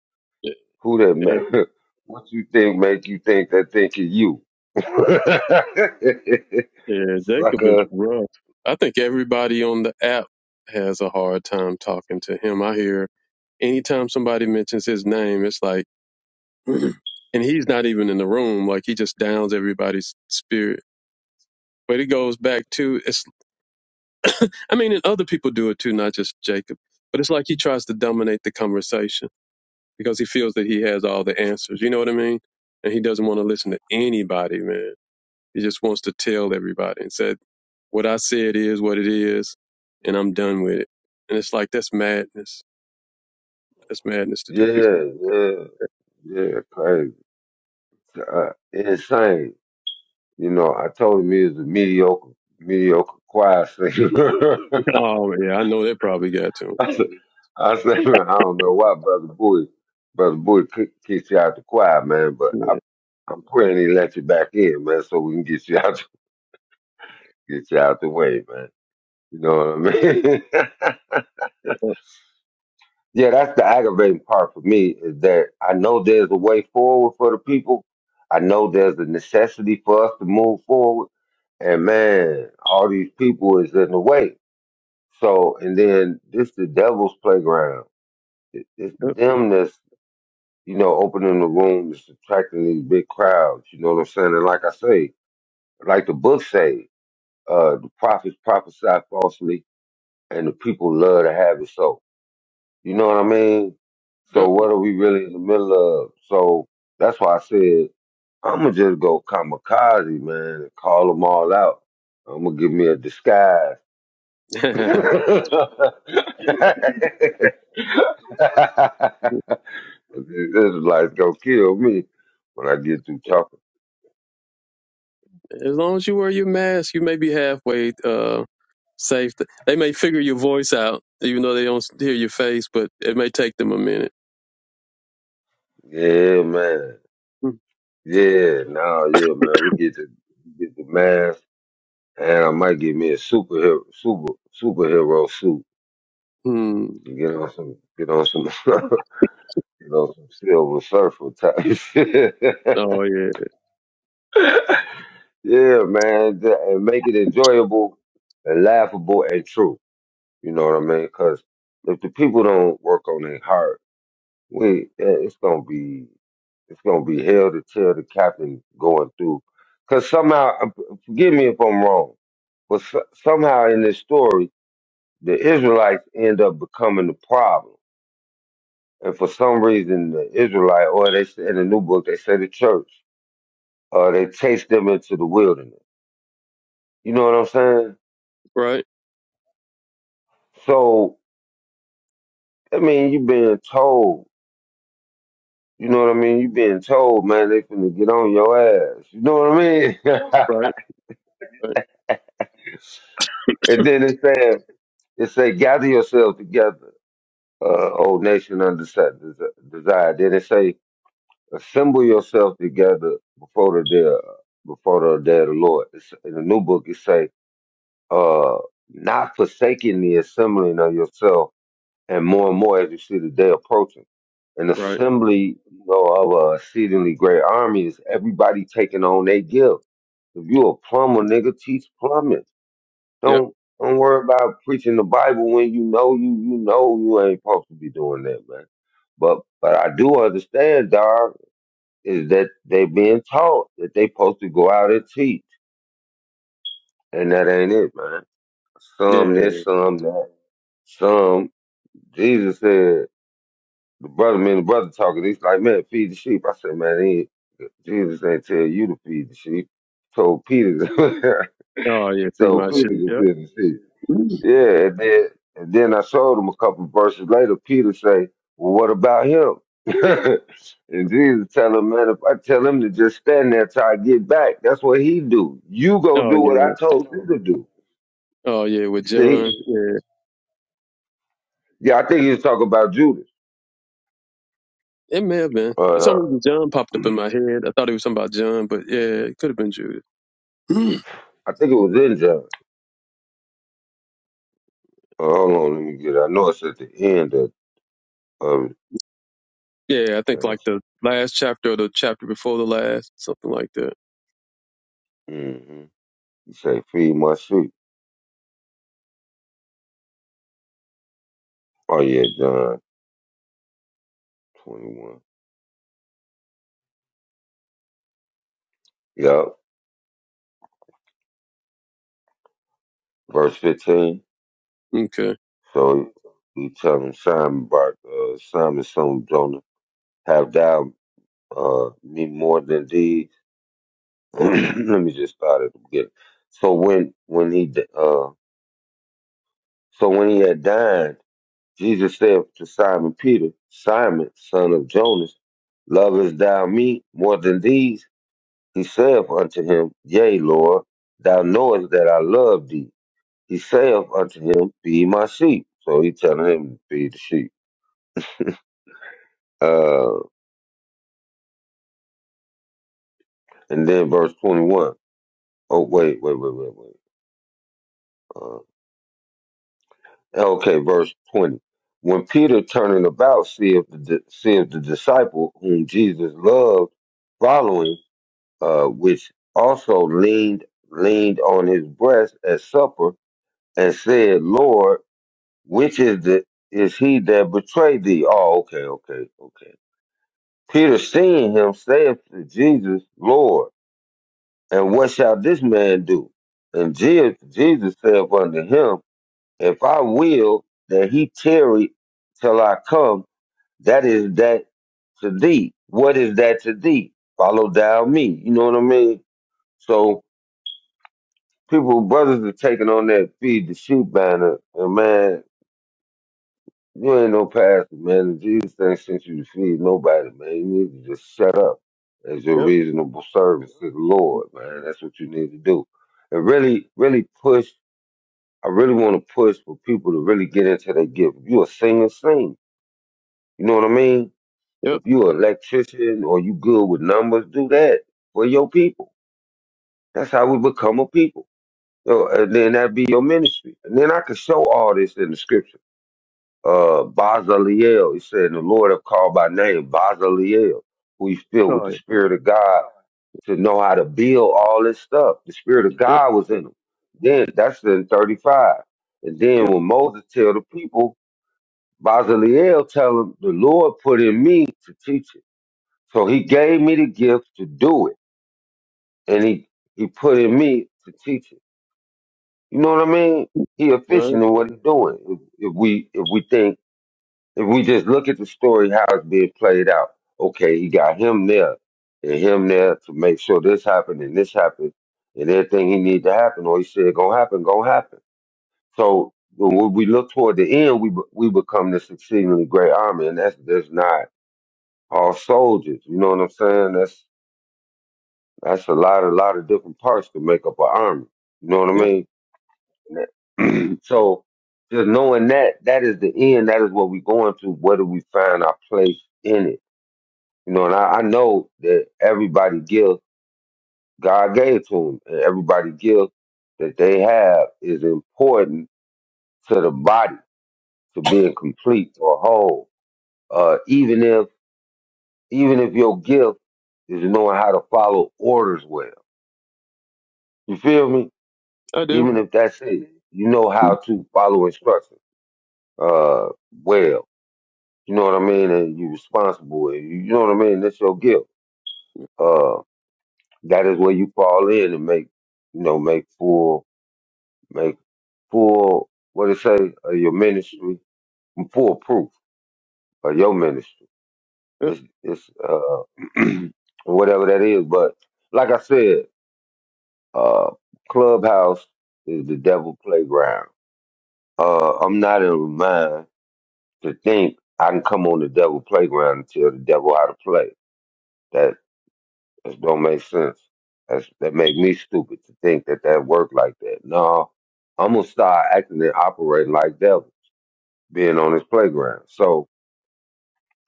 S1: Who that
S3: Yeah.
S1: man? What you think make you think that think of you?
S3: Yeah, Jacob is
S1: Sucker.
S3: rough. I think everybody on the app has a hard time talking to him. I hear anytime somebody mentions his name, it's like, and he's not even in the room. Like he just downs everybody's spirit. But it goes back to it's. I mean, and other people do it too, not just Jacob. But it's like he tries to dominate the conversation because he feels that he has all the answers. You know what I mean? And he doesn't want to listen to anybody, man. He just wants to tell everybody and said, what I said is what it is, and I'm done with it. And it's like, that's madness. That's madness to do people.
S1: Yeah, yeah, yeah. Crazy. Uh, insane. You know, I told him he was a mediocre, mediocre choir singer.
S3: Oh, yeah, I know that probably got to him.
S1: I said, I said, man, I don't know why Brother Bowie, Brother Bowie kick- kicks you out the choir, man, but I,
S3: Yeah.
S1: I'm praying he let you back in, man, so we can get you out, get you out the way, man. You know what I mean? yeah, that's the aggravating part for me is that I know there's a way forward for the people. I know there's a necessity for us to move forward. And man, all these people is in the way. So, and then this the devil's playground. It, it's
S3: Yep,
S1: them that's you know, opening the room is attracting these big crowds. You know what I'm saying? And like I say, like the book say, uh, the prophets prophesy falsely, and the people love to have it so. You know what I mean? So
S3: yep.
S1: what are we really in the middle of? So that's why I said I'm gonna just go kamikaze, man, and call them all out. I'm gonna give me a disguise.
S3: as
S1: this is like gonna kill me when I get through talking.
S3: long as you wear your mask, you may be halfway uh, safe. They may figure your voice out, even though they don't hear your face, but it may take them a minute.
S1: Yeah, man. Yeah, now, yeah, man. We get the we get the mask, and I might get me a superhero super superhero suit.
S3: Hmm.
S1: and Get on some, get on some, get on some silver surfer type shit.
S3: Oh, yeah.
S1: yeah, man, th- and make it enjoyable and laughable and true. You know what I mean? Because if the people don't work on their heart, we eh, it's gonna be It's gonna be hell to tell the captain going through. Cause somehow, uh, forgive me if I'm wrong, but so, somehow in this story, the Israelites end up becoming the problem. And for some reason, the Israelite, or they say- in the new book, they say the church, uh, they chase them into the wilderness. You know what I'm saying?
S3: Right,
S1: So, I mean, you being told, you know what I mean? You being told, man, they finna get on your ass. You know what I mean?
S3: right, right,
S1: and then it says, it say, gather yourselves together. uh, old nation under such desire. Then it say, assemble yourself together before the day, before the day of the Lord. It's, in the new book, it say, uh, not forsaking the assembling of yourself, and more and more as you see the day approaching. An
S3: right.
S1: assembly, you know, of a exceedingly great army is everybody taking on they give. If you a plumber, nigga, teach plumbing.
S3: Yep.
S1: Don't don't worry about preaching the Bible when you know you you know you ain't supposed to be doing that, man. But but I do understand, dog, is that they being taught that they supposed to go out and teach, and that ain't it, man. Some
S3: Yeah.
S1: this, some that, some. Jesus said the brother, man, the brother talking. He's like, man, feed the sheep. I said, man, he, Jesus ain't tell you to feed the sheep. He told Peter, to,
S3: Oh, yeah.
S1: he
S3: See
S1: told
S3: my
S1: Peter
S3: shit.
S1: to feed the sheep.
S3: Yep.
S1: Yeah, and then and then I showed him a couple verses later. Peter say, "Well, what about him?" and Jesus tell him, "Man, if I tell him to just stand there till I get back, that's what he do. You go
S3: Oh
S1: do what I
S3: yeah.
S1: told you to do."
S3: Oh yeah, with
S1: See?
S3: John. Yeah.
S1: Yeah, I think he was talking about Judas.
S3: It may have been. For some
S1: Uh,
S3: reason John popped up in my head. I thought it was something about John, but yeah, it could have been Judas.
S1: I think it was in John. Uh, hold on, let me get. It. I know it's at the end of, of the
S3: yeah, I think like
S1: council.
S3: the last chapter or the chapter before the last, something like that.
S1: Mm-hmm. He say, "Feed my sheep." Oh yeah, John twenty-one. Yup, verse fifteen.
S3: Okay.
S1: So he tell him Simon Bar, uh, Simon, son of Jonah, have thou uh, me more than these? Let me just start at the beginning. So when when he d- uh, so when he had dined, Jesus said to Simon Peter, Simon, son of Jonas, lovest thou me more than these? He saith unto him, Yea, Lord, thou knowest that I love thee. He saith unto him, Feed my sheep. So he telling him to feed the sheep. Uh, And then verse 21. Oh, wait, wait, wait, wait, wait. Uh, okay, verse 20. When Peter turning about seeth the, di- seeth the disciple whom Jesus loved following, uh, which also leaned, leaned on his breast at supper and said, Lord, which is the, is he that betrayed thee? Oh, okay, okay, okay. Peter seeing him saith to Jesus, Lord, and what shall this man do? And Je- Jesus saith unto him, If I will that he tarry till I come, that is that to thee. What is that to thee? Follow thou me. You know what I mean? So people, brothers are taking on that feed the sheep banner. And man, you ain't no pastor, man. Jesus ain't sent you to feed nobody, man. You need to just shut up as your
S3: Yep.
S1: reasonable service to the Lord, man. That's what you need to do. And really, really push. I really want to push for people to really get into their gift. If you a singer, sing You know what I mean?
S3: Yep.
S1: If you an electrician or you good with numbers, do that for your people. That's how we become a people. So, and then that be your ministry. And then I can show all this in the scripture. Uh, Bazaleel, it said, the Lord have called by name, Bazaleel, who is filled with
S3: All
S1: the
S3: right.
S1: Spirit of God to know how to build all this stuff. The Spirit of
S3: Yep.
S1: God was in him. Then, that's in 35. And then
S3: Yep.
S1: when Moses tell the people, Bazaleel tell them, the Lord put in me to teach it. So he gave me the gift to do it, and he he put in me to teach it. You know what I mean? He
S3: All right.
S1: efficient in what he's doing. If, if we if we think if we just look at the story how it's being played out, okay, he got him there and him there to make sure this happened and this happened and everything he need to happen, or he said gonna happen, gonna happen. So when we look toward the end, we be- we become this exceedingly great army, and that's that's not all soldiers. You know what I'm saying? That's That's a lot, a lot of different parts to make up an army. You know what
S3: Yep.
S1: I mean? so just knowing that, that is the end. That is what we're going to. Where do we find our place in it? You know, and I, I know that everybody gives, God gave to them, and everybody gives that they have is important to the body, to being complete or whole. Uh, even if, even if your gift is knowing how to follow orders well. You feel me?
S3: I do.
S1: even if that's it, you know how to follow instructions uh, well. You know what I mean? And you're responsible. And you, you know what I mean? That's your guilt. Uh, that is where you fall in and make, you know, make full, make full, what it say, uh, your ministry, full proof of your ministry.
S3: Yep.
S1: It's, it's uh, whatever that is. But like I said, uh, Clubhouse is the devil playground. Uh, I'm not in mind to think I can come on the devil playground and tell the devil how to play. That, that don't make sense. That's, that made me stupid to think that that worked like that. No, I'm gonna start acting and operating like devil, being on this playground. So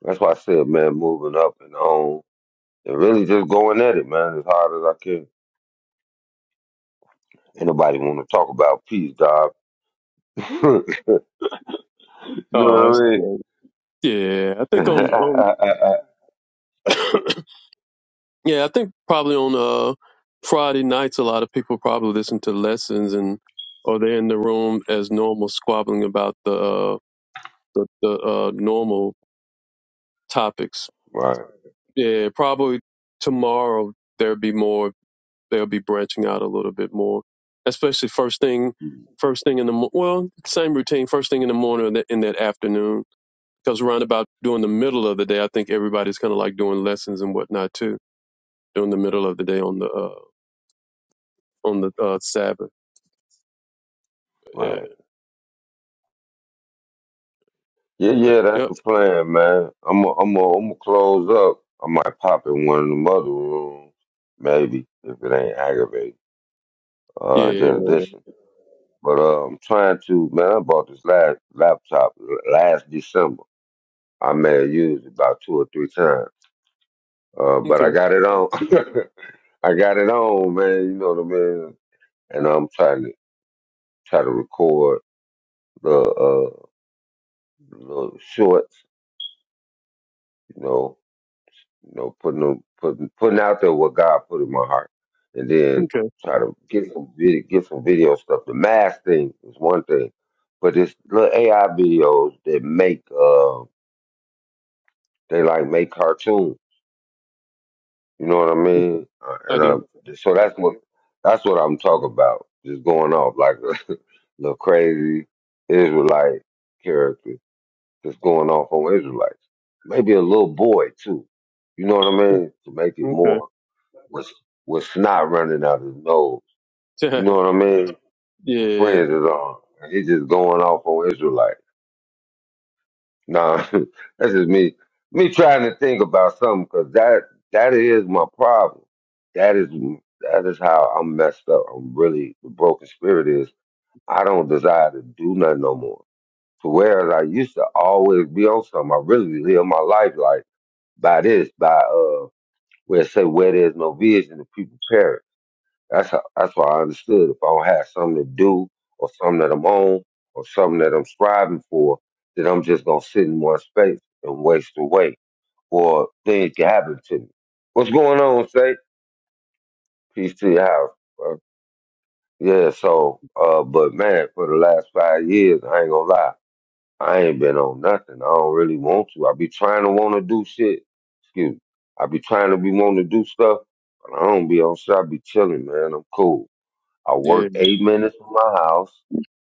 S1: that's why I said, man, moving up and on and really just going at it, man, as hard as I can. Ain't nobody want to talk about peace, dog. you know what
S3: Oh, that's
S1: I
S3: great. Yeah. I
S1: mean?
S3: think on on yeah, I think probably on uh Friday nights a lot of people probably listen to lessons and or they're in the room as normal squabbling about the uh, the, the uh, normal topics.
S1: right,
S3: Yeah, probably tomorrow there'll be more. They'll be branching out a little bit more, especially first thing,
S1: Mm,
S3: first thing in the mo- well, same routine. First thing in the morning and that, in that afternoon, because around about during the middle of the day, I think everybody's kind of like doing lessons and whatnot too during the middle of the day on the uh, on the uh, Sabbath. Yeah.
S1: right, Yeah, yeah, that's
S3: Yep.
S1: the plan, man. I'm i I'm i am I'm gonna close up. I might pop in one of the other rooms, maybe if it ain't aggravating. Uh,
S3: Yeah.
S1: just listen. But uh, I'm trying to, man. I bought this last laptop last December. I may have used it about two or three times. Uh, but
S3: Okay.
S1: I got it on. I got it on, man. You know what I mean. And I'm trying to try to record the uh little shorts, you know. you know, putting them, putting putting out there what God put in my heart, and then
S3: Okay.
S1: try to get some video, get some video stuff. The mask thing is one thing, but it's little AI videos that make uh they like make cartoons. You know what I mean? Uh,
S3: I
S1: and
S3: do.
S1: uh, so that's what that's what I'm talking about. Just going off like a little crazy Israelite character, just going off on Israelites. Maybe a little boy too. You know what I mean? To make it
S3: Okay.
S1: more was was snot running out his nose. You know what I mean? With
S3: yeah.
S1: friends is on. And he just going off on Israelite. Nah, that's just me me trying to think about something because that that is my problem. That is that is how I'm messed up. I'm really the broken spirit is I don't desire to do nothing no more. So whereas I used to always be on something, I really live my life like by this, by uh where it say where there's no vision the people perish. That's how, that's what I understood. If I don't have something to do or something that I'm on or something that I'm striving for, then I'm just gonna sit in one space and waste away, or things can happen to me. What's going on, say? Peace to your house. bro. Yeah. So, uh, but man, for the last five years, I ain't gonna lie, I ain't been on nothing. I don't really want to. I be trying to want to do shit. Excuse me. I be trying to be wanting to do stuff, but I don't be on shit. I be chilling, man. I'm cool. I
S3: Yeah.
S1: work eight minutes from my house.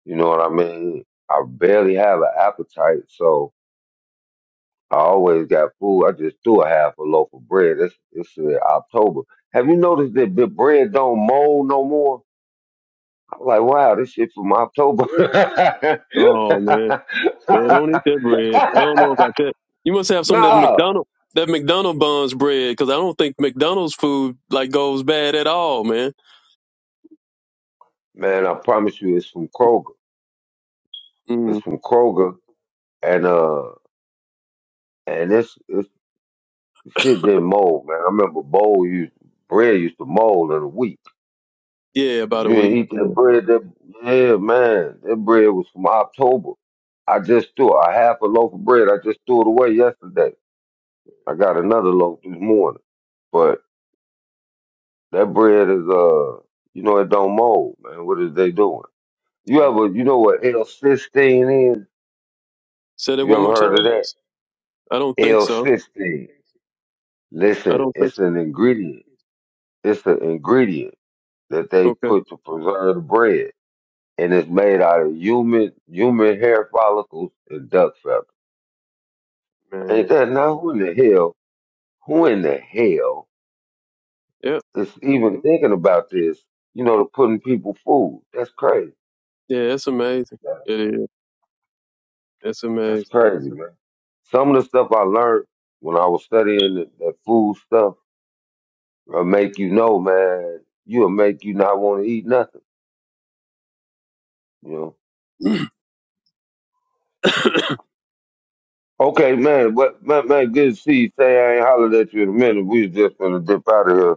S1: You know what I mean? I barely have an appetite, so I always got food. I just threw a half a loaf of bread. It's it's uh, October. Have you noticed that the bread don't mold no more? I'm like, wow, this shit from October.
S3: Oh man. Yeah, don't eat that bread. I don't know about that. You must have some of that
S1: nah,
S3: McDonald that McDonald buns bread because I don't think McDonald's food like goes bad at all, man.
S1: man, I promise you, it's from Kroger. It's
S3: Mm,
S1: from Kroger, and uh, and it's it's Shit didn't mold, man. I remember bowl used bread used to mold in a week.
S3: yeah,
S1: If
S3: about a
S1: you didn't
S3: week.
S1: eat
S3: Yeah.
S1: that bread, that yeah, man, that bread was from October. I just threw a half a loaf of bread. I just threw it away yesterday. I got another loaf this morning, but that bread is uh, you know, it don't mold, man. What is they doing? You
S3: yeah.
S1: ever, you know what L16 is?
S3: Said it
S1: You
S3: one
S1: ever
S3: more
S1: heard
S3: time.
S1: of that?
S3: I don't think so.
S1: L16.
S3: I
S1: Listen,
S3: don't think
S1: it's
S3: so.
S1: an ingredient. It's an ingredient that they
S3: Okay,
S1: put to preserve the bread, and it's made out of human human hair follicles and duck feathers.
S3: man.
S1: Ain't that now? Who in the hell? Who in the hell
S3: Yep.
S1: is even thinking about this? You know, to putting people food. That's crazy.
S3: Yeah, that's amazing.
S1: man.
S3: It is. That's
S1: That's
S3: amazing.
S1: crazy, man. Some of the stuff I learned when I was studying that, that food stuff will make you know, man. You'll make you not want to eat nothing. You know.
S3: yes,
S1: Okay, man, but man, man, good to see you. Say I ain't hollered at you in a minute. We was just gonna dip out of here.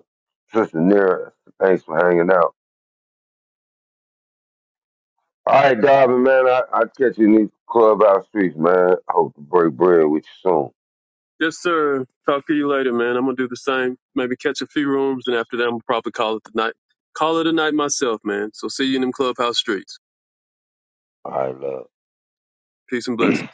S1: Sister Nera, thanks for hanging out. All right, Darvin, man, I I catch you in these clubhouse streets, man. I hope to break bread with you soon. All
S3: sir. Talk to you later, man. I'm gonna do the same. Maybe catch a few rooms, and after that, I'm gonna probably call it the night. Call it a night myself, man. So see you in them clubhouse streets.
S1: right, love.
S3: Peace and blessings.